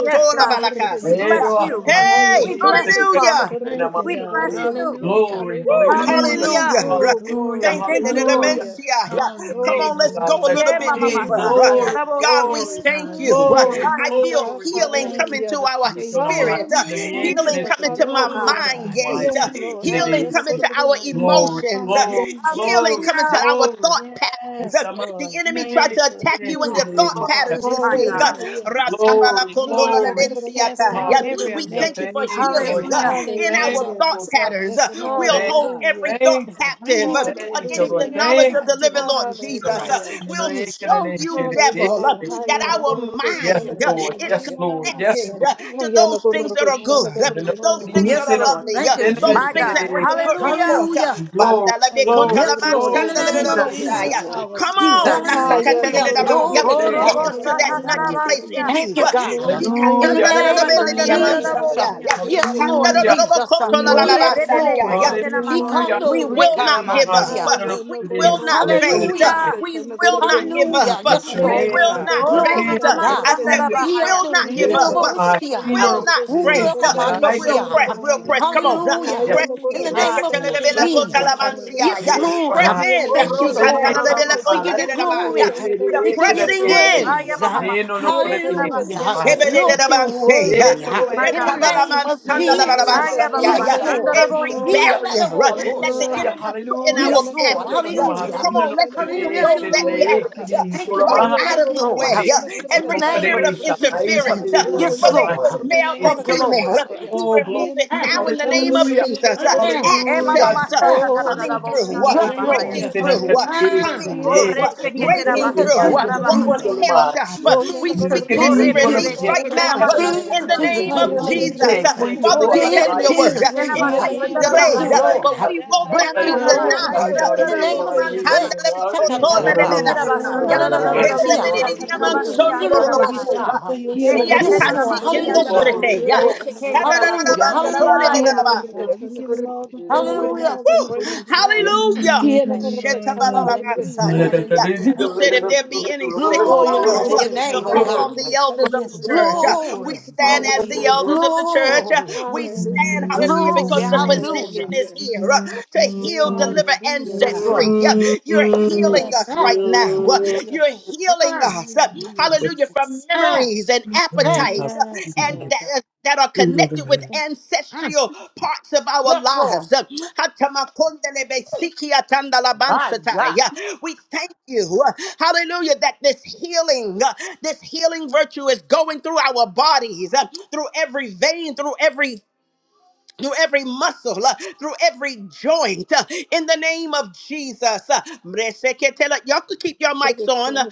[SPEAKER 5] Yes, God.
[SPEAKER 6] Thank you,
[SPEAKER 5] We
[SPEAKER 2] Gorganaya.
[SPEAKER 6] Jesus.
[SPEAKER 5] bless
[SPEAKER 3] Pero
[SPEAKER 5] you.
[SPEAKER 3] ama,
[SPEAKER 6] Hallelujah.
[SPEAKER 1] Hey,
[SPEAKER 5] We
[SPEAKER 3] sí,
[SPEAKER 2] Hallelujah.
[SPEAKER 3] te
[SPEAKER 5] bless you,
[SPEAKER 1] hallelujah.
[SPEAKER 5] Father.
[SPEAKER 3] bendice,
[SPEAKER 6] Thank
[SPEAKER 3] ama,
[SPEAKER 6] you,
[SPEAKER 5] We
[SPEAKER 6] God.
[SPEAKER 5] bless
[SPEAKER 3] sí.
[SPEAKER 5] you.
[SPEAKER 6] Hallelujah.
[SPEAKER 3] Glory,
[SPEAKER 1] Woo,
[SPEAKER 3] hallelujah,
[SPEAKER 6] Glory,
[SPEAKER 5] Hallelujah.
[SPEAKER 1] hallelujah.
[SPEAKER 6] glory,
[SPEAKER 2] Oh,
[SPEAKER 1] Right.
[SPEAKER 3] hallelujah,
[SPEAKER 6] glory.
[SPEAKER 1] Thank
[SPEAKER 2] glory.
[SPEAKER 1] you.
[SPEAKER 5] Thank
[SPEAKER 1] da-
[SPEAKER 5] you,
[SPEAKER 1] da- da-
[SPEAKER 5] Lord.
[SPEAKER 1] man,
[SPEAKER 3] hallelujah.
[SPEAKER 2] Hallelujah.
[SPEAKER 1] ah,
[SPEAKER 3] Bless
[SPEAKER 1] yeah.
[SPEAKER 3] the
[SPEAKER 1] Come
[SPEAKER 2] Oh,
[SPEAKER 3] name,
[SPEAKER 1] on,
[SPEAKER 6] Hallelujah,
[SPEAKER 3] oh
[SPEAKER 1] let's
[SPEAKER 3] God,
[SPEAKER 1] go
[SPEAKER 6] Lord.
[SPEAKER 1] a
[SPEAKER 3] bless
[SPEAKER 2] glory.
[SPEAKER 1] little
[SPEAKER 5] Yeah,
[SPEAKER 3] the
[SPEAKER 1] bit
[SPEAKER 5] Mama
[SPEAKER 3] name.
[SPEAKER 1] deeper. right.
[SPEAKER 5] Masata.
[SPEAKER 2] Hallelujah.
[SPEAKER 6] Hallelujah.
[SPEAKER 3] Glory,
[SPEAKER 1] God,
[SPEAKER 5] Tarabosia.
[SPEAKER 1] we
[SPEAKER 6] Yes,
[SPEAKER 3] glory,
[SPEAKER 1] thank
[SPEAKER 6] God. We
[SPEAKER 1] you. Uh,
[SPEAKER 6] thank
[SPEAKER 2] Hallelujah,
[SPEAKER 3] glory,
[SPEAKER 6] you.
[SPEAKER 5] Ah,
[SPEAKER 1] I
[SPEAKER 2] my
[SPEAKER 5] yeah,
[SPEAKER 1] feel
[SPEAKER 2] God.
[SPEAKER 3] glory,
[SPEAKER 5] Masata.
[SPEAKER 6] We
[SPEAKER 1] healing
[SPEAKER 3] glory.
[SPEAKER 6] thank you
[SPEAKER 1] coming
[SPEAKER 6] for
[SPEAKER 2] Hallelujah.
[SPEAKER 1] to
[SPEAKER 6] the
[SPEAKER 1] our
[SPEAKER 3] Dito na
[SPEAKER 6] praise,
[SPEAKER 1] spirit,
[SPEAKER 6] God. We
[SPEAKER 1] uh,
[SPEAKER 6] thank you
[SPEAKER 1] healing
[SPEAKER 6] for
[SPEAKER 2] Hallelujah.
[SPEAKER 6] the
[SPEAKER 1] coming
[SPEAKER 3] mahal.
[SPEAKER 1] to
[SPEAKER 5] Oh,
[SPEAKER 1] my
[SPEAKER 5] God.
[SPEAKER 6] glory,
[SPEAKER 2] Hallelujah.
[SPEAKER 5] we
[SPEAKER 3] In
[SPEAKER 1] mind
[SPEAKER 3] the
[SPEAKER 6] God.
[SPEAKER 5] thank you.
[SPEAKER 6] In the
[SPEAKER 3] mighty
[SPEAKER 1] gate,
[SPEAKER 2] Yes,
[SPEAKER 1] uh,
[SPEAKER 6] name of
[SPEAKER 2] Lord. I
[SPEAKER 1] healing
[SPEAKER 3] name of
[SPEAKER 2] am a
[SPEAKER 6] Jesus.
[SPEAKER 1] coming
[SPEAKER 3] Jesus.
[SPEAKER 1] to our
[SPEAKER 2] Gorgonaya.
[SPEAKER 6] You are
[SPEAKER 3] Glory,
[SPEAKER 1] emotions, uh,
[SPEAKER 3] glory,
[SPEAKER 6] hallelujah, God.
[SPEAKER 1] healing
[SPEAKER 3] glory,
[SPEAKER 1] coming
[SPEAKER 5] Hallelujah.
[SPEAKER 1] to our
[SPEAKER 3] glory.
[SPEAKER 1] thought patterns.
[SPEAKER 6] Yes,
[SPEAKER 1] The
[SPEAKER 6] Lord.
[SPEAKER 3] In
[SPEAKER 1] enemy
[SPEAKER 3] the
[SPEAKER 6] Thank
[SPEAKER 1] tried
[SPEAKER 6] you
[SPEAKER 3] name
[SPEAKER 1] to
[SPEAKER 6] for
[SPEAKER 3] of
[SPEAKER 1] attack
[SPEAKER 3] Jesus,
[SPEAKER 1] you in your
[SPEAKER 6] healing
[SPEAKER 5] Yes,
[SPEAKER 3] today,
[SPEAKER 1] thought
[SPEAKER 6] virtue,
[SPEAKER 3] my
[SPEAKER 5] Lord.
[SPEAKER 3] God,
[SPEAKER 6] God,
[SPEAKER 1] patterns
[SPEAKER 6] in
[SPEAKER 1] this
[SPEAKER 6] the
[SPEAKER 5] My
[SPEAKER 1] week. Uh,
[SPEAKER 6] name
[SPEAKER 5] God.
[SPEAKER 6] of
[SPEAKER 2] Hallelujah.
[SPEAKER 6] Jesus.
[SPEAKER 3] Glory,
[SPEAKER 2] Hey,
[SPEAKER 6] Hallelujah!
[SPEAKER 2] my
[SPEAKER 3] glory.
[SPEAKER 2] God, my God,
[SPEAKER 6] cast
[SPEAKER 2] my
[SPEAKER 1] ratabalakotolalabensiyata.
[SPEAKER 6] down
[SPEAKER 1] Yeah.
[SPEAKER 2] God, my
[SPEAKER 6] every
[SPEAKER 2] God,
[SPEAKER 1] We
[SPEAKER 2] my
[SPEAKER 3] Hallelujah.
[SPEAKER 2] God.
[SPEAKER 1] thank you for
[SPEAKER 3] Thank
[SPEAKER 6] imagination,
[SPEAKER 3] you, Lord
[SPEAKER 6] every
[SPEAKER 1] healing uh,
[SPEAKER 6] high
[SPEAKER 5] Hallelujah.
[SPEAKER 3] Jesus.
[SPEAKER 6] thing
[SPEAKER 1] in
[SPEAKER 6] that
[SPEAKER 3] Thank
[SPEAKER 1] our
[SPEAKER 6] exalted
[SPEAKER 2] Hallelujah.
[SPEAKER 3] you,
[SPEAKER 1] thought
[SPEAKER 3] oh
[SPEAKER 6] itself
[SPEAKER 3] God.
[SPEAKER 1] patterns.
[SPEAKER 6] against
[SPEAKER 1] Uh,
[SPEAKER 6] the knowledge
[SPEAKER 1] We'll
[SPEAKER 6] of
[SPEAKER 3] Thank
[SPEAKER 1] hold
[SPEAKER 6] God,
[SPEAKER 1] every
[SPEAKER 3] you.
[SPEAKER 2] Hallelujah.
[SPEAKER 1] thought
[SPEAKER 3] Thank you.
[SPEAKER 6] bringing
[SPEAKER 1] captive uh,
[SPEAKER 6] into
[SPEAKER 3] Thank you,
[SPEAKER 1] against the
[SPEAKER 6] captivity
[SPEAKER 3] Lord.
[SPEAKER 2] Hallelujah.
[SPEAKER 6] every
[SPEAKER 1] knowledge
[SPEAKER 3] Thank
[SPEAKER 1] of
[SPEAKER 6] thought
[SPEAKER 1] the
[SPEAKER 3] you.
[SPEAKER 6] to the
[SPEAKER 1] living Lord
[SPEAKER 6] obedience of
[SPEAKER 1] Jesus. Uh,
[SPEAKER 6] Christ
[SPEAKER 2] Hallelujah.
[SPEAKER 6] in
[SPEAKER 1] We'll
[SPEAKER 6] Jesus'
[SPEAKER 1] show
[SPEAKER 6] name.
[SPEAKER 1] you, devil, uh,
[SPEAKER 2] Hallelujah.
[SPEAKER 1] that
[SPEAKER 6] Hallelujah,
[SPEAKER 2] Hayana
[SPEAKER 1] our
[SPEAKER 2] gorgo
[SPEAKER 3] Yes,
[SPEAKER 6] hallelujah,
[SPEAKER 2] shana
[SPEAKER 1] mind uh,
[SPEAKER 3] Lord.
[SPEAKER 6] God.
[SPEAKER 1] is
[SPEAKER 6] In
[SPEAKER 3] Yes,
[SPEAKER 6] and
[SPEAKER 3] Lord. Yes,
[SPEAKER 2] gorgenaya.
[SPEAKER 6] out of
[SPEAKER 3] Lord.
[SPEAKER 6] my
[SPEAKER 3] Yes,
[SPEAKER 6] seat.
[SPEAKER 1] connected
[SPEAKER 3] Lord.
[SPEAKER 1] uh, to
[SPEAKER 2] Hayana
[SPEAKER 1] those things
[SPEAKER 6] Thank
[SPEAKER 2] gorgo
[SPEAKER 1] that
[SPEAKER 6] you,
[SPEAKER 1] are
[SPEAKER 6] Lord.
[SPEAKER 1] good,
[SPEAKER 2] shana
[SPEAKER 1] uh,
[SPEAKER 6] Thank you,
[SPEAKER 3] The
[SPEAKER 1] those
[SPEAKER 6] Lord.
[SPEAKER 2] gorgetana
[SPEAKER 1] things
[SPEAKER 2] gorgo.
[SPEAKER 1] that
[SPEAKER 7] Yes,
[SPEAKER 1] are
[SPEAKER 3] sin of
[SPEAKER 7] Lord.
[SPEAKER 6] Hallelujah,
[SPEAKER 1] lovely,
[SPEAKER 7] Thank
[SPEAKER 1] uh,
[SPEAKER 7] you,
[SPEAKER 3] sin
[SPEAKER 1] those
[SPEAKER 5] My
[SPEAKER 1] things
[SPEAKER 7] Jesus.
[SPEAKER 6] hallelujah.
[SPEAKER 5] God.
[SPEAKER 1] that
[SPEAKER 6] No
[SPEAKER 1] bring
[SPEAKER 3] today.
[SPEAKER 1] a good
[SPEAKER 6] weapon
[SPEAKER 5] Hallelujah.
[SPEAKER 1] report.
[SPEAKER 6] formed
[SPEAKER 1] uh,
[SPEAKER 6] against
[SPEAKER 7] Hallelujah.
[SPEAKER 6] us
[SPEAKER 3] Glory,
[SPEAKER 6] shall
[SPEAKER 1] Bandala de
[SPEAKER 6] prosper.
[SPEAKER 2] Hayana
[SPEAKER 3] glory,
[SPEAKER 7] Yes,
[SPEAKER 1] Contalaban
[SPEAKER 7] Lord.
[SPEAKER 2] gorgo
[SPEAKER 7] In the
[SPEAKER 3] glory.
[SPEAKER 1] Sandala de
[SPEAKER 2] shana
[SPEAKER 7] name
[SPEAKER 1] la
[SPEAKER 7] of
[SPEAKER 6] Victory
[SPEAKER 5] Jesus.
[SPEAKER 1] Bosai,
[SPEAKER 6] is
[SPEAKER 7] Jesus.
[SPEAKER 2] gorgenaya.
[SPEAKER 1] uh,
[SPEAKER 6] ours,
[SPEAKER 1] Come
[SPEAKER 6] Lord,
[SPEAKER 1] on,
[SPEAKER 6] in the
[SPEAKER 5] Jesus.
[SPEAKER 3] My
[SPEAKER 6] name of
[SPEAKER 2] Hayana
[SPEAKER 1] Nasakatele
[SPEAKER 7] Hallelujah.
[SPEAKER 1] de la
[SPEAKER 6] Jesus.
[SPEAKER 3] sinner
[SPEAKER 1] Ba,
[SPEAKER 2] gorgo
[SPEAKER 1] uh,
[SPEAKER 7] Glory to
[SPEAKER 3] today,
[SPEAKER 6] Victory.
[SPEAKER 1] take
[SPEAKER 7] God.
[SPEAKER 2] shana
[SPEAKER 3] sin
[SPEAKER 1] us to that
[SPEAKER 5] Orobosata
[SPEAKER 1] next
[SPEAKER 2] gorgetana
[SPEAKER 3] today.
[SPEAKER 1] place in
[SPEAKER 6] Hekeranamaxia.
[SPEAKER 5] tarabasia.
[SPEAKER 7] Thank
[SPEAKER 1] you.
[SPEAKER 7] you,
[SPEAKER 1] uh,
[SPEAKER 2] gorgenaya.
[SPEAKER 7] God.
[SPEAKER 6] Glory,
[SPEAKER 7] In the
[SPEAKER 6] glory,
[SPEAKER 2] Hayana
[SPEAKER 3] Hallelujah,
[SPEAKER 1] Shikatandala de
[SPEAKER 5] Ikera
[SPEAKER 1] la
[SPEAKER 7] name
[SPEAKER 6] glory.
[SPEAKER 2] gorgo
[SPEAKER 7] of
[SPEAKER 1] Bele de
[SPEAKER 5] masanda da da
[SPEAKER 2] shana
[SPEAKER 1] Yaman
[SPEAKER 3] hallelujah,
[SPEAKER 5] da da
[SPEAKER 6] Hallelujah,
[SPEAKER 7] Jesus.
[SPEAKER 1] Sandia,
[SPEAKER 5] bosia.
[SPEAKER 2] gorgetana
[SPEAKER 1] uh,
[SPEAKER 6] hallelujah,
[SPEAKER 7] Yes, Lord
[SPEAKER 1] Kandala
[SPEAKER 2] gorgenaya.
[SPEAKER 1] de
[SPEAKER 6] hallelujah.
[SPEAKER 3] hallelujah,
[SPEAKER 1] la
[SPEAKER 7] Jesus.
[SPEAKER 1] Bokoto la la
[SPEAKER 3] hallelujah,
[SPEAKER 2] Yana
[SPEAKER 1] la
[SPEAKER 5] Ore
[SPEAKER 1] Ba
[SPEAKER 7] Yes,
[SPEAKER 5] bebe
[SPEAKER 6] Thank you,
[SPEAKER 2] gorgetana
[SPEAKER 7] Lord.
[SPEAKER 1] Sandia, yeah.
[SPEAKER 2] gorgo
[SPEAKER 5] sheketena
[SPEAKER 6] Jesus.
[SPEAKER 7] He
[SPEAKER 2] shana
[SPEAKER 5] masaya.
[SPEAKER 7] can
[SPEAKER 3] hallelujah.
[SPEAKER 1] We
[SPEAKER 6] Hallelujah.
[SPEAKER 7] do
[SPEAKER 1] will
[SPEAKER 2] gorgenaya.
[SPEAKER 3] It's
[SPEAKER 1] not
[SPEAKER 3] in
[SPEAKER 1] give
[SPEAKER 3] our
[SPEAKER 1] up. Uh,
[SPEAKER 3] sin of
[SPEAKER 1] We
[SPEAKER 2] Hayana
[SPEAKER 3] today,
[SPEAKER 1] will not
[SPEAKER 2] gorgo
[SPEAKER 3] sin
[SPEAKER 2] shana
[SPEAKER 3] today.
[SPEAKER 1] faint. Uh,
[SPEAKER 7] Hallelujah.
[SPEAKER 5] Hallelujah.
[SPEAKER 1] We
[SPEAKER 2] gorgetana
[SPEAKER 1] will not give
[SPEAKER 2] gorgenaya.
[SPEAKER 6] Mm.
[SPEAKER 7] Hallelujah.
[SPEAKER 1] up. Uh,
[SPEAKER 7] Yes,
[SPEAKER 3] Bless your
[SPEAKER 6] Thank
[SPEAKER 1] We
[SPEAKER 6] you,
[SPEAKER 3] name,
[SPEAKER 7] Lord.
[SPEAKER 1] will
[SPEAKER 2] Hayana
[SPEAKER 3] bless
[SPEAKER 6] God.
[SPEAKER 1] not
[SPEAKER 3] your
[SPEAKER 5] Ora
[SPEAKER 2] gorgo
[SPEAKER 7] Glory
[SPEAKER 3] name,
[SPEAKER 1] faint.
[SPEAKER 7] to
[SPEAKER 1] Uh,
[SPEAKER 5] mama
[SPEAKER 2] shana
[SPEAKER 7] God.
[SPEAKER 1] I
[SPEAKER 5] masanda
[SPEAKER 1] said,
[SPEAKER 5] la
[SPEAKER 3] hallelujah.
[SPEAKER 2] gorgenaya.
[SPEAKER 1] We
[SPEAKER 5] bahaya.
[SPEAKER 1] will not give
[SPEAKER 3] It's
[SPEAKER 2] Yana
[SPEAKER 3] in
[SPEAKER 1] up. Uh,
[SPEAKER 2] karga
[SPEAKER 3] our
[SPEAKER 1] We
[SPEAKER 2] chana
[SPEAKER 3] sin
[SPEAKER 7] Yandorididobosia.
[SPEAKER 1] will
[SPEAKER 3] of
[SPEAKER 1] not
[SPEAKER 2] karga
[SPEAKER 3] today,
[SPEAKER 2] chana
[SPEAKER 1] faint.
[SPEAKER 3] sin
[SPEAKER 1] Uh,
[SPEAKER 2] karga
[SPEAKER 3] that
[SPEAKER 1] But
[SPEAKER 3] I
[SPEAKER 2] chana
[SPEAKER 3] can.
[SPEAKER 1] we'll
[SPEAKER 7] Uramamansia.
[SPEAKER 6] Hallelujah,
[SPEAKER 2] karga
[SPEAKER 1] press.
[SPEAKER 2] na
[SPEAKER 1] We'll
[SPEAKER 2] ya.
[SPEAKER 1] press. Come
[SPEAKER 6] hallelujah,
[SPEAKER 1] on. Uh,
[SPEAKER 7] Hallelujah.
[SPEAKER 3] Yes,
[SPEAKER 1] Press
[SPEAKER 2] Hayana
[SPEAKER 7] In
[SPEAKER 6] hallelujah.
[SPEAKER 3] Lord,
[SPEAKER 7] the
[SPEAKER 1] in.
[SPEAKER 2] karga
[SPEAKER 5] Ah,
[SPEAKER 7] name
[SPEAKER 3] yes,
[SPEAKER 7] of
[SPEAKER 1] Press
[SPEAKER 5] yeah,
[SPEAKER 2] chana
[SPEAKER 5] mama
[SPEAKER 3] Lord, yes,
[SPEAKER 2] karga
[SPEAKER 5] masanda.
[SPEAKER 6] Glory,
[SPEAKER 3] Lord.
[SPEAKER 2] chana
[SPEAKER 7] Jesus.
[SPEAKER 6] glory,
[SPEAKER 2] karga na
[SPEAKER 7] Yes,
[SPEAKER 6] glory.
[SPEAKER 2] ya.
[SPEAKER 7] Lord.
[SPEAKER 3] Dentro ma
[SPEAKER 2] Yana
[SPEAKER 1] in.
[SPEAKER 7] Thank
[SPEAKER 3] non
[SPEAKER 5] Oro
[SPEAKER 7] you,
[SPEAKER 2] karga chana
[SPEAKER 7] Lord.
[SPEAKER 3] correrete
[SPEAKER 5] sokoto da
[SPEAKER 2] karga
[SPEAKER 6] Hallelujah,
[SPEAKER 7] We
[SPEAKER 3] ma
[SPEAKER 7] give
[SPEAKER 2] chana
[SPEAKER 7] you
[SPEAKER 2] karga
[SPEAKER 6] hallelujah.
[SPEAKER 7] glory.
[SPEAKER 3] se
[SPEAKER 6] Yes,
[SPEAKER 2] chana
[SPEAKER 6] Lord.
[SPEAKER 3] de
[SPEAKER 1] We are
[SPEAKER 7] We
[SPEAKER 6] Yes,
[SPEAKER 2] karga
[SPEAKER 3] e
[SPEAKER 7] give you
[SPEAKER 2] chana
[SPEAKER 1] pressing
[SPEAKER 6] Lord.
[SPEAKER 3] credete
[SPEAKER 2] karga na
[SPEAKER 1] in.
[SPEAKER 6] Thank
[SPEAKER 5] Aya
[SPEAKER 2] ya.
[SPEAKER 7] praise.
[SPEAKER 6] you,
[SPEAKER 5] mama
[SPEAKER 6] God.
[SPEAKER 5] mama
[SPEAKER 3] e non
[SPEAKER 2] Yana karga
[SPEAKER 5] satarabasi.
[SPEAKER 3] correrete
[SPEAKER 7] Hallelujah.
[SPEAKER 6] Yes,
[SPEAKER 2] chana
[SPEAKER 1] Every
[SPEAKER 3] ma
[SPEAKER 6] Lord.
[SPEAKER 3] sì
[SPEAKER 2] karga
[SPEAKER 1] barrier
[SPEAKER 7] Lord, you're
[SPEAKER 2] chana
[SPEAKER 6] We
[SPEAKER 2] karga
[SPEAKER 6] thank
[SPEAKER 3] Yes,
[SPEAKER 7] worthy.
[SPEAKER 2] chana
[SPEAKER 6] you.
[SPEAKER 3] Lord,
[SPEAKER 5] My
[SPEAKER 3] we
[SPEAKER 2] karga
[SPEAKER 7] In the
[SPEAKER 3] thank
[SPEAKER 5] God.
[SPEAKER 2] na
[SPEAKER 6] Hallelujah.
[SPEAKER 3] you.
[SPEAKER 2] ya.
[SPEAKER 7] name of
[SPEAKER 6] We
[SPEAKER 2] Yana
[SPEAKER 7] Jesus.
[SPEAKER 3] Glory,
[SPEAKER 2] karga
[SPEAKER 5] Aya
[SPEAKER 6] glorify
[SPEAKER 5] baba
[SPEAKER 2] chana
[SPEAKER 7] Yes,
[SPEAKER 6] you,
[SPEAKER 3] hallelujah,
[SPEAKER 6] God.
[SPEAKER 7] Lord.
[SPEAKER 2] karga
[SPEAKER 5] bashandarabosa.
[SPEAKER 6] Victory
[SPEAKER 2] chana
[SPEAKER 6] is
[SPEAKER 3] hallelujah,
[SPEAKER 2] karga
[SPEAKER 1] uh,
[SPEAKER 6] ours,
[SPEAKER 2] chana
[SPEAKER 6] Lord.
[SPEAKER 1] that
[SPEAKER 2] karga
[SPEAKER 1] the
[SPEAKER 2] Na Yeah.
[SPEAKER 3] hallelujah,
[SPEAKER 1] enemy
[SPEAKER 7] Yandorididobosia.
[SPEAKER 1] put in our
[SPEAKER 2] Hiya
[SPEAKER 3] hallelujah.
[SPEAKER 6] Mm,
[SPEAKER 7] Yes,
[SPEAKER 6] we
[SPEAKER 7] Lord.
[SPEAKER 2] nagarga
[SPEAKER 6] thank
[SPEAKER 3] Ito
[SPEAKER 1] pathway,
[SPEAKER 3] na
[SPEAKER 1] uh,
[SPEAKER 6] you
[SPEAKER 2] chana
[SPEAKER 6] for
[SPEAKER 7] Hallelujah.
[SPEAKER 1] come
[SPEAKER 3] mahasino
[SPEAKER 2] gurga
[SPEAKER 1] on,
[SPEAKER 3] na po
[SPEAKER 1] let's
[SPEAKER 2] shana
[SPEAKER 3] rin
[SPEAKER 7] Hallelujah,
[SPEAKER 3] eh,
[SPEAKER 2] gurga
[SPEAKER 6] divine
[SPEAKER 1] bulldoze
[SPEAKER 2] chana
[SPEAKER 3] sinin
[SPEAKER 1] that
[SPEAKER 3] na
[SPEAKER 2] gurga
[SPEAKER 3] eh,
[SPEAKER 7] hallelujah.
[SPEAKER 1] barrier
[SPEAKER 2] naya.
[SPEAKER 1] uh,
[SPEAKER 3] kini ito
[SPEAKER 6] protection,
[SPEAKER 7] Thank you,
[SPEAKER 3] na
[SPEAKER 1] right
[SPEAKER 7] Lord.
[SPEAKER 6] God,
[SPEAKER 3] maha.
[SPEAKER 2] Hiya
[SPEAKER 6] in
[SPEAKER 1] out
[SPEAKER 6] the
[SPEAKER 7] Thank
[SPEAKER 1] of
[SPEAKER 7] you,
[SPEAKER 1] the
[SPEAKER 6] name
[SPEAKER 2] nagarga
[SPEAKER 7] Lord.
[SPEAKER 6] of
[SPEAKER 1] way.
[SPEAKER 3] Ese,
[SPEAKER 1] uh,
[SPEAKER 2] shana
[SPEAKER 6] Jesus.
[SPEAKER 3] eh,
[SPEAKER 7] In
[SPEAKER 2] gurga
[SPEAKER 7] the
[SPEAKER 1] Every
[SPEAKER 3] mong ka na
[SPEAKER 2] chana
[SPEAKER 7] name
[SPEAKER 1] spirit
[SPEAKER 7] of
[SPEAKER 1] of
[SPEAKER 3] eh,
[SPEAKER 6] Hallelujah.
[SPEAKER 2] gurga
[SPEAKER 3] sa
[SPEAKER 6] We Thank you
[SPEAKER 2] naya.
[SPEAKER 7] Jesus.
[SPEAKER 3] kahit
[SPEAKER 6] for the
[SPEAKER 1] interference, uh,
[SPEAKER 6] blood
[SPEAKER 3] ililiw,
[SPEAKER 2] Oh,
[SPEAKER 6] of
[SPEAKER 3] ito
[SPEAKER 7] Yes,
[SPEAKER 2] hiya
[SPEAKER 1] whether it
[SPEAKER 3] maha.
[SPEAKER 1] was
[SPEAKER 6] Jesus,
[SPEAKER 7] Lord.
[SPEAKER 6] in
[SPEAKER 2] nagarga
[SPEAKER 6] the
[SPEAKER 1] male or
[SPEAKER 6] name
[SPEAKER 2] shana
[SPEAKER 7] Thank
[SPEAKER 6] of
[SPEAKER 7] you,
[SPEAKER 3] Ese,
[SPEAKER 7] Lord.
[SPEAKER 2] gurga
[SPEAKER 1] female,
[SPEAKER 6] Jesus
[SPEAKER 1] uh,
[SPEAKER 2] naya.
[SPEAKER 6] Christ,
[SPEAKER 1] we
[SPEAKER 3] Oh,
[SPEAKER 6] God.
[SPEAKER 3] glory,
[SPEAKER 1] remove
[SPEAKER 2] Hiya
[SPEAKER 1] it
[SPEAKER 7] Mm,
[SPEAKER 1] now
[SPEAKER 6] That
[SPEAKER 2] nagarga
[SPEAKER 1] in the
[SPEAKER 2] chana
[SPEAKER 1] name
[SPEAKER 6] covers,
[SPEAKER 1] of
[SPEAKER 3] hallelujah,
[SPEAKER 2] gurga
[SPEAKER 6] shield,
[SPEAKER 1] Jesus.
[SPEAKER 6] and
[SPEAKER 2] shana
[SPEAKER 1] Uh,
[SPEAKER 2] gurga
[SPEAKER 7] mm,
[SPEAKER 6] protect us
[SPEAKER 5] E
[SPEAKER 6] in
[SPEAKER 2] naya.
[SPEAKER 6] the
[SPEAKER 5] mama
[SPEAKER 3] hallelujah.
[SPEAKER 1] Access
[SPEAKER 6] name
[SPEAKER 1] uh,
[SPEAKER 6] of
[SPEAKER 5] masa
[SPEAKER 7] mm.
[SPEAKER 3] Ito
[SPEAKER 2] Oh
[SPEAKER 3] na
[SPEAKER 6] Jesus.
[SPEAKER 1] coming
[SPEAKER 2] yes, Lord.
[SPEAKER 6] We
[SPEAKER 1] through,
[SPEAKER 3] mahasino
[SPEAKER 1] uh,
[SPEAKER 2] I
[SPEAKER 3] na
[SPEAKER 7] Yes,
[SPEAKER 3] po
[SPEAKER 2] am a
[SPEAKER 6] thank
[SPEAKER 3] rin
[SPEAKER 5] tataraboshandarabahaya.
[SPEAKER 3] eh,
[SPEAKER 7] Lord.
[SPEAKER 1] breaking
[SPEAKER 6] you.
[SPEAKER 3] sinin
[SPEAKER 1] through,
[SPEAKER 3] ka
[SPEAKER 2] Gorgonaya.
[SPEAKER 3] na
[SPEAKER 1] uh,
[SPEAKER 3] eh,
[SPEAKER 6] Hallelujah,
[SPEAKER 1] coming
[SPEAKER 7] Mm.
[SPEAKER 3] se,
[SPEAKER 2] He
[SPEAKER 6] God.
[SPEAKER 2] and
[SPEAKER 5] O
[SPEAKER 2] a
[SPEAKER 1] through,
[SPEAKER 3] eh,
[SPEAKER 5] re
[SPEAKER 1] uh,
[SPEAKER 6] We
[SPEAKER 2] Gorgachana
[SPEAKER 3] ito na
[SPEAKER 1] breaking
[SPEAKER 3] eh,
[SPEAKER 7] Jesus,
[SPEAKER 1] through
[SPEAKER 5] sheketerabasi
[SPEAKER 3] mga
[SPEAKER 1] uh,
[SPEAKER 6] glorify
[SPEAKER 2] Gorgachana
[SPEAKER 3] kini
[SPEAKER 7] Jesus,
[SPEAKER 6] you in
[SPEAKER 1] what
[SPEAKER 6] the
[SPEAKER 5] andarabahaya.
[SPEAKER 1] was
[SPEAKER 3] dito
[SPEAKER 7] Jesus.
[SPEAKER 2] Gorgonaya.
[SPEAKER 6] name
[SPEAKER 3] maha.
[SPEAKER 6] of
[SPEAKER 1] held up. Uh,
[SPEAKER 2] Oh,
[SPEAKER 1] We
[SPEAKER 2] Yana
[SPEAKER 6] Jesus.
[SPEAKER 7] Jesus,
[SPEAKER 1] speak that it
[SPEAKER 5] O
[SPEAKER 7] Jesus,
[SPEAKER 1] be
[SPEAKER 5] re
[SPEAKER 2] Gorgachana
[SPEAKER 3] Nikrikolo
[SPEAKER 6] Because
[SPEAKER 5] bebebe
[SPEAKER 6] you
[SPEAKER 1] released
[SPEAKER 7] Jesus.
[SPEAKER 6] are
[SPEAKER 1] right
[SPEAKER 2] Gorgachana
[SPEAKER 1] now
[SPEAKER 3] majestera
[SPEAKER 6] wise and
[SPEAKER 5] sheketeramasa
[SPEAKER 6] all
[SPEAKER 1] uh,
[SPEAKER 2] Gorgonaya.
[SPEAKER 1] in
[SPEAKER 7] Jesus,
[SPEAKER 1] the
[SPEAKER 3] ikare
[SPEAKER 6] knowing,
[SPEAKER 7] Jesus,
[SPEAKER 5] andarabahaya.
[SPEAKER 1] name
[SPEAKER 2] I
[SPEAKER 6] God.
[SPEAKER 1] of
[SPEAKER 7] Jesus,
[SPEAKER 2] am a
[SPEAKER 1] Jesus.
[SPEAKER 7] Jesus,
[SPEAKER 1] Uh,
[SPEAKER 6] Hallelujah,
[SPEAKER 2] Gorgachana
[SPEAKER 3] kuile
[SPEAKER 5] O
[SPEAKER 1] Father,
[SPEAKER 3] po
[SPEAKER 1] you
[SPEAKER 5] re
[SPEAKER 6] Jesus.
[SPEAKER 1] said
[SPEAKER 7] Jesus.
[SPEAKER 1] in
[SPEAKER 2] Gorgonaya.
[SPEAKER 5] bebebe
[SPEAKER 1] your
[SPEAKER 6] You're
[SPEAKER 3] ataita
[SPEAKER 6] the
[SPEAKER 1] word, uh,
[SPEAKER 7] Jesus, Jesus,
[SPEAKER 6] great
[SPEAKER 1] it
[SPEAKER 3] para
[SPEAKER 7] Jesus.
[SPEAKER 6] I
[SPEAKER 5] sheketeramasi
[SPEAKER 1] might be
[SPEAKER 3] yere
[SPEAKER 6] am. You
[SPEAKER 3] yekti
[SPEAKER 1] delayed,
[SPEAKER 7] Breakthrough,
[SPEAKER 6] are
[SPEAKER 1] uh,
[SPEAKER 5] andarabahaya.
[SPEAKER 7] Lord.
[SPEAKER 1] but
[SPEAKER 3] daita
[SPEAKER 1] we
[SPEAKER 6] that
[SPEAKER 1] will
[SPEAKER 5] E na
[SPEAKER 1] not
[SPEAKER 3] ata
[SPEAKER 5] na
[SPEAKER 7] Breakthrough,
[SPEAKER 5] na
[SPEAKER 1] be
[SPEAKER 6] I
[SPEAKER 5] na
[SPEAKER 6] am.
[SPEAKER 3] yere
[SPEAKER 5] masa
[SPEAKER 7] Lord.
[SPEAKER 3] ya
[SPEAKER 1] denied. Uh,
[SPEAKER 3] gaure
[SPEAKER 7] In the
[SPEAKER 3] me ya
[SPEAKER 7] name
[SPEAKER 6] Hallelujah,
[SPEAKER 7] of
[SPEAKER 3] gaure
[SPEAKER 5] yarararabosi
[SPEAKER 3] me ya gaure
[SPEAKER 6] Jesus.
[SPEAKER 3] me ya
[SPEAKER 7] Jesus.
[SPEAKER 5] andarabahaya.
[SPEAKER 3] gaure me
[SPEAKER 6] Yes,
[SPEAKER 3] ya gaure
[SPEAKER 4] You're
[SPEAKER 3] me
[SPEAKER 4] the
[SPEAKER 6] Lord.
[SPEAKER 3] ya
[SPEAKER 4] Lord. of
[SPEAKER 6] Yes,
[SPEAKER 4] us.
[SPEAKER 5] Nikerabasa
[SPEAKER 3] gaure
[SPEAKER 7] No,
[SPEAKER 6] Lord.
[SPEAKER 4] Now
[SPEAKER 1] Shamatandalebotolelebelakataya.
[SPEAKER 7] no,
[SPEAKER 4] You're
[SPEAKER 7] no,
[SPEAKER 4] the
[SPEAKER 7] no,
[SPEAKER 4] Lord. of us.
[SPEAKER 3] me
[SPEAKER 7] see,
[SPEAKER 5] andarararabosi
[SPEAKER 6] Hallelujah.
[SPEAKER 7] ah.
[SPEAKER 5] tatarabasi
[SPEAKER 7] Mm, little
[SPEAKER 4] Lord,
[SPEAKER 6] Father,
[SPEAKER 4] you are
[SPEAKER 6] we
[SPEAKER 4] not.
[SPEAKER 7] boss,
[SPEAKER 5] andarabahaya.
[SPEAKER 1] Belelebeleleliamansokoloroboko.
[SPEAKER 6] thank you for
[SPEAKER 7] ah.
[SPEAKER 6] your
[SPEAKER 5] E
[SPEAKER 6] son,
[SPEAKER 4] Oh,
[SPEAKER 7] Yes,
[SPEAKER 4] yeah.
[SPEAKER 6] Jesus,
[SPEAKER 7] Lord.
[SPEAKER 6] the
[SPEAKER 5] ketenanamasi
[SPEAKER 6] one who
[SPEAKER 7] Hallelujah.
[SPEAKER 6] died
[SPEAKER 5] andarabo.
[SPEAKER 6] on the
[SPEAKER 1] Bibiriatasikindestreteya.
[SPEAKER 5] Rebe
[SPEAKER 6] cross.
[SPEAKER 5] sheketerabasi
[SPEAKER 6] We
[SPEAKER 7] Hallelujah.
[SPEAKER 6] thank you
[SPEAKER 7] Hallelujah.
[SPEAKER 6] now
[SPEAKER 5] andarabahaya.
[SPEAKER 6] for
[SPEAKER 1] Sadadadadabansolelelaba.
[SPEAKER 6] him,
[SPEAKER 3] ya
[SPEAKER 6] God. We give him all the
[SPEAKER 3] gaure me
[SPEAKER 6] glory and
[SPEAKER 7] Hallelujah.
[SPEAKER 6] all the
[SPEAKER 1] Woo!
[SPEAKER 6] praise now in
[SPEAKER 3] Mm-hmm.
[SPEAKER 1] Hallelujah.
[SPEAKER 6] Jesus' name. Hallelujah,
[SPEAKER 1] Shetabalalabansania. Yeah.
[SPEAKER 6] hallelujah,
[SPEAKER 1] You said if there be
[SPEAKER 6] hallelujah.
[SPEAKER 1] any sick among
[SPEAKER 7] Glory
[SPEAKER 1] us
[SPEAKER 7] to
[SPEAKER 6] Thank
[SPEAKER 1] uh,
[SPEAKER 7] your
[SPEAKER 6] you,
[SPEAKER 1] to
[SPEAKER 6] God.
[SPEAKER 7] name, oh
[SPEAKER 1] call on the
[SPEAKER 7] God.
[SPEAKER 1] elders of the
[SPEAKER 6] Yes,
[SPEAKER 1] church.
[SPEAKER 6] Lord,
[SPEAKER 1] Uh,
[SPEAKER 6] we thank
[SPEAKER 1] we
[SPEAKER 6] you for
[SPEAKER 7] Glory.
[SPEAKER 6] being
[SPEAKER 1] stand
[SPEAKER 6] a
[SPEAKER 1] as the
[SPEAKER 6] healer,
[SPEAKER 2] Hallelujah.
[SPEAKER 6] God.
[SPEAKER 1] elders of the church. Uh,
[SPEAKER 7] Glory.
[SPEAKER 6] In
[SPEAKER 1] we
[SPEAKER 6] the name
[SPEAKER 1] stand,
[SPEAKER 2] Hallelujah.
[SPEAKER 6] of
[SPEAKER 1] hallelujah,
[SPEAKER 7] Glory.
[SPEAKER 1] because
[SPEAKER 6] Jesus.
[SPEAKER 1] the physician
[SPEAKER 7] Hallelujah.
[SPEAKER 1] is
[SPEAKER 2] Hallelujah.
[SPEAKER 1] here uh, to
[SPEAKER 2] Yeah.
[SPEAKER 1] heal, deliver, and
[SPEAKER 6] Hallelujah,
[SPEAKER 1] set
[SPEAKER 7] Yes,
[SPEAKER 6] God.
[SPEAKER 7] Lord.
[SPEAKER 1] free. Yeah. You're healing
[SPEAKER 6] Yes,
[SPEAKER 1] us
[SPEAKER 7] Yeah.
[SPEAKER 1] right
[SPEAKER 6] Lord.
[SPEAKER 1] now. Uh,
[SPEAKER 6] Hallelujah.
[SPEAKER 1] you're healing us
[SPEAKER 7] Mm.
[SPEAKER 1] among us, uh,
[SPEAKER 6] Hallelujah,
[SPEAKER 1] hallelujah, from
[SPEAKER 6] Jesus.
[SPEAKER 7] Yeah.
[SPEAKER 1] memories and
[SPEAKER 7] Yeah.
[SPEAKER 1] appetites uh,
[SPEAKER 6] Yes,
[SPEAKER 1] and
[SPEAKER 6] Lord,
[SPEAKER 1] that,
[SPEAKER 6] God.
[SPEAKER 1] uh, that are connected with
[SPEAKER 6] Thank-
[SPEAKER 7] Mm.
[SPEAKER 1] ancestral parts of our
[SPEAKER 7] Yes, Lord.
[SPEAKER 1] lives. Uh,
[SPEAKER 7] My God.
[SPEAKER 1] Hatamakondelebesikiatandalabansatai. Uh, We thank you, uh, hallelujah, that this healing, uh, this healing virtue is going through our bodies, uh, through every vein, through every through every muscle, uh, through every joint, uh, in the name of Jesus. Uh, Mreseketela- Y'all could keep your mics on. Uh,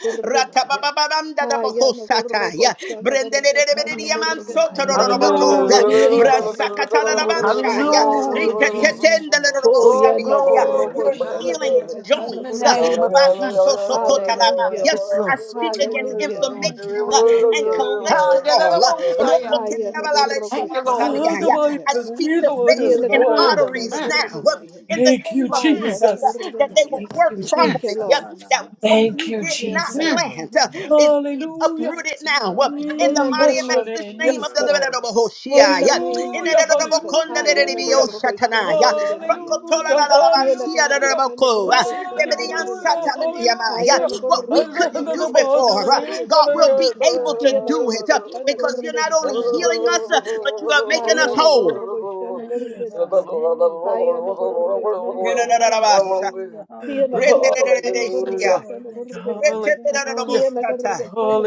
[SPEAKER 2] Haya na
[SPEAKER 1] Ratababababamdadabahosatai,
[SPEAKER 2] gorrogo
[SPEAKER 1] uh,
[SPEAKER 2] shana gargatana
[SPEAKER 6] Hallelujah.
[SPEAKER 2] gorganaya.
[SPEAKER 1] Brendelelelebediyamansotororoboko,
[SPEAKER 6] Hallelujah.
[SPEAKER 1] uh,
[SPEAKER 7] Hallelujah,
[SPEAKER 2] Hiya na
[SPEAKER 7] Jesus.
[SPEAKER 2] gargatana
[SPEAKER 6] Thank you,
[SPEAKER 1] Brasakatalalabanshai, uh,
[SPEAKER 2] gorgashana
[SPEAKER 6] Jesus.
[SPEAKER 7] Hallelujah,
[SPEAKER 2] garganaya.
[SPEAKER 6] Hallelujah,
[SPEAKER 7] Jesus.
[SPEAKER 6] God.
[SPEAKER 2] Oh ya
[SPEAKER 7] Oh,
[SPEAKER 2] na
[SPEAKER 1] Ritetetendelelorobosaniai, uh,
[SPEAKER 7] glory
[SPEAKER 6] Father,
[SPEAKER 7] to
[SPEAKER 2] gorrogo
[SPEAKER 1] You're
[SPEAKER 6] we
[SPEAKER 7] God.
[SPEAKER 2] shana
[SPEAKER 6] thank
[SPEAKER 1] healing
[SPEAKER 6] you.
[SPEAKER 7] In
[SPEAKER 2] gargatana
[SPEAKER 7] the
[SPEAKER 1] joints. uh,
[SPEAKER 3] Thank
[SPEAKER 7] name
[SPEAKER 6] Hallelujah,
[SPEAKER 7] of
[SPEAKER 6] God.
[SPEAKER 2] gorganaya.
[SPEAKER 7] Jesus.
[SPEAKER 1] Babatosokotalaba,
[SPEAKER 2] Hallelujah.
[SPEAKER 1] uh,
[SPEAKER 7] Yes,
[SPEAKER 1] I
[SPEAKER 7] Lord.
[SPEAKER 1] speak against
[SPEAKER 6] Mm, we
[SPEAKER 2] Hallelujah.
[SPEAKER 6] thank you
[SPEAKER 1] inflammation
[SPEAKER 6] for
[SPEAKER 1] uh,
[SPEAKER 6] your
[SPEAKER 1] and
[SPEAKER 2] Hallelujah,
[SPEAKER 6] healing virtue,
[SPEAKER 2] Jesus.
[SPEAKER 6] God.
[SPEAKER 1] cholesterol. uh,
[SPEAKER 7] Hallelujah.
[SPEAKER 6] In the
[SPEAKER 2] Haya na
[SPEAKER 6] name of
[SPEAKER 2] gorrogo
[SPEAKER 7] Thank you,
[SPEAKER 6] Jesus,
[SPEAKER 2] shana
[SPEAKER 6] you
[SPEAKER 7] Lord.
[SPEAKER 6] was
[SPEAKER 1] Rokotelelabalaleyamansanai, uh,
[SPEAKER 6] wounded
[SPEAKER 2] garganaya.
[SPEAKER 1] I
[SPEAKER 6] for our
[SPEAKER 1] speak to
[SPEAKER 2] Hiya
[SPEAKER 1] veins
[SPEAKER 2] na
[SPEAKER 6] transgression,
[SPEAKER 1] and
[SPEAKER 6] you was
[SPEAKER 7] Mm,
[SPEAKER 6] bruised for
[SPEAKER 2] gargashana
[SPEAKER 1] arteries
[SPEAKER 7] mm,
[SPEAKER 6] our
[SPEAKER 1] now uh,
[SPEAKER 2] garganaya.
[SPEAKER 1] in the
[SPEAKER 6] iniquities.
[SPEAKER 3] you,
[SPEAKER 1] name of
[SPEAKER 6] And the
[SPEAKER 2] Haya
[SPEAKER 7] mm,
[SPEAKER 1] Jesus
[SPEAKER 2] na
[SPEAKER 3] Jesus.
[SPEAKER 1] uh, that they will
[SPEAKER 6] chastisement
[SPEAKER 2] gorganaya.
[SPEAKER 3] Thank
[SPEAKER 6] of our
[SPEAKER 1] work
[SPEAKER 3] you,
[SPEAKER 7] mm,
[SPEAKER 2] Thank
[SPEAKER 3] Jesus.
[SPEAKER 2] you,
[SPEAKER 6] peace,
[SPEAKER 1] properly, uh,
[SPEAKER 2] Lord.
[SPEAKER 1] that what
[SPEAKER 6] Adonamasi,
[SPEAKER 3] Thank
[SPEAKER 1] you
[SPEAKER 3] you,
[SPEAKER 1] did
[SPEAKER 2] Yes,
[SPEAKER 6] was
[SPEAKER 1] not
[SPEAKER 3] Jesus.
[SPEAKER 2] Lord.
[SPEAKER 7] mm.
[SPEAKER 6] upon
[SPEAKER 1] plant uh,
[SPEAKER 6] him, and
[SPEAKER 1] is
[SPEAKER 6] with
[SPEAKER 1] being
[SPEAKER 6] his
[SPEAKER 3] Hallelujah.
[SPEAKER 1] uprooted
[SPEAKER 6] stripes we
[SPEAKER 1] now uh,
[SPEAKER 6] are
[SPEAKER 1] in
[SPEAKER 2] In
[SPEAKER 1] the
[SPEAKER 2] the
[SPEAKER 3] Mm,
[SPEAKER 6] healed,
[SPEAKER 1] mighty and
[SPEAKER 3] bless
[SPEAKER 2] name
[SPEAKER 3] your
[SPEAKER 6] according
[SPEAKER 2] of
[SPEAKER 6] to
[SPEAKER 1] matchless
[SPEAKER 3] name.
[SPEAKER 6] your
[SPEAKER 1] name of
[SPEAKER 3] Yes,
[SPEAKER 1] the
[SPEAKER 6] word.
[SPEAKER 2] Jesus.
[SPEAKER 1] living and
[SPEAKER 3] Lord.
[SPEAKER 1] noble Hoshea,
[SPEAKER 2] In the
[SPEAKER 1] yeah.
[SPEAKER 2] name
[SPEAKER 1] in
[SPEAKER 6] Mm,
[SPEAKER 2] of
[SPEAKER 1] the
[SPEAKER 3] Hallelujah,
[SPEAKER 1] name of
[SPEAKER 6] thank
[SPEAKER 1] the
[SPEAKER 6] you,
[SPEAKER 2] Jesus,
[SPEAKER 6] thank
[SPEAKER 1] Konda,
[SPEAKER 6] you,
[SPEAKER 1] the
[SPEAKER 2] Haya
[SPEAKER 6] thank
[SPEAKER 1] name
[SPEAKER 6] you,
[SPEAKER 3] hallelujah,
[SPEAKER 1] of the
[SPEAKER 6] God.
[SPEAKER 1] Oshatana,
[SPEAKER 2] Nagorgoshana
[SPEAKER 1] yeah.
[SPEAKER 6] Hallelujah,
[SPEAKER 2] Gorganaya.
[SPEAKER 1] Rokotola,
[SPEAKER 3] hallelujah,
[SPEAKER 1] la,
[SPEAKER 6] hallelujah,
[SPEAKER 1] la, la,
[SPEAKER 6] God.
[SPEAKER 1] la,
[SPEAKER 2] Here
[SPEAKER 1] Sia, the name
[SPEAKER 3] hallelujah,
[SPEAKER 1] of
[SPEAKER 2] Nagorgoshana
[SPEAKER 1] Ko,
[SPEAKER 6] We
[SPEAKER 1] uh, the name
[SPEAKER 6] shall
[SPEAKER 2] Gorgoshana
[SPEAKER 1] of the
[SPEAKER 6] have what you
[SPEAKER 3] hallelujah,
[SPEAKER 2] Gorganaya.
[SPEAKER 1] Ansatan, the
[SPEAKER 6] say,
[SPEAKER 1] name of, yeah.
[SPEAKER 2] Haya
[SPEAKER 1] what
[SPEAKER 6] Lord,
[SPEAKER 1] we
[SPEAKER 6] in the
[SPEAKER 2] Nagorgoshana
[SPEAKER 6] name
[SPEAKER 1] couldn't
[SPEAKER 6] of
[SPEAKER 1] do before,
[SPEAKER 2] Gorgoshana
[SPEAKER 6] Jesus.
[SPEAKER 1] uh, God
[SPEAKER 2] Gorganaya.
[SPEAKER 1] will
[SPEAKER 6] Thank
[SPEAKER 1] be
[SPEAKER 6] you,
[SPEAKER 1] able
[SPEAKER 6] God.
[SPEAKER 1] to
[SPEAKER 2] Here
[SPEAKER 1] do it uh,
[SPEAKER 2] Nagorgoshana
[SPEAKER 1] because you're
[SPEAKER 6] Thank
[SPEAKER 1] not
[SPEAKER 6] you,
[SPEAKER 3] hallelujah.
[SPEAKER 1] only
[SPEAKER 2] Gorgoshana
[SPEAKER 6] God.
[SPEAKER 1] healing us, uh,
[SPEAKER 2] Gorganaya.
[SPEAKER 6] Hallelujah,
[SPEAKER 1] but you are making
[SPEAKER 2] Haya
[SPEAKER 1] us
[SPEAKER 6] hallelujah.
[SPEAKER 1] whole.
[SPEAKER 2] Nagorgoshana
[SPEAKER 6] Thank you, God.
[SPEAKER 2] Gorganaya.
[SPEAKER 6] Hey,
[SPEAKER 2] Haya
[SPEAKER 6] glory, glory,
[SPEAKER 2] Nagorgoshana
[SPEAKER 6] glory.
[SPEAKER 2] Gorganaya.
[SPEAKER 1] Henanarabasa.
[SPEAKER 6] Hallelujah,
[SPEAKER 2] Here
[SPEAKER 6] hallelujah.
[SPEAKER 2] Nagorgoshana
[SPEAKER 6] Yes,
[SPEAKER 1] Renderereresia.
[SPEAKER 6] Lord,
[SPEAKER 2] Gorgoshana
[SPEAKER 6] yes, Lord. Thank
[SPEAKER 2] Gorganaya.
[SPEAKER 6] you,
[SPEAKER 3] Hallelujah, hallelujah,
[SPEAKER 2] Here
[SPEAKER 1] Retendererobosata.
[SPEAKER 2] Nagorgoshana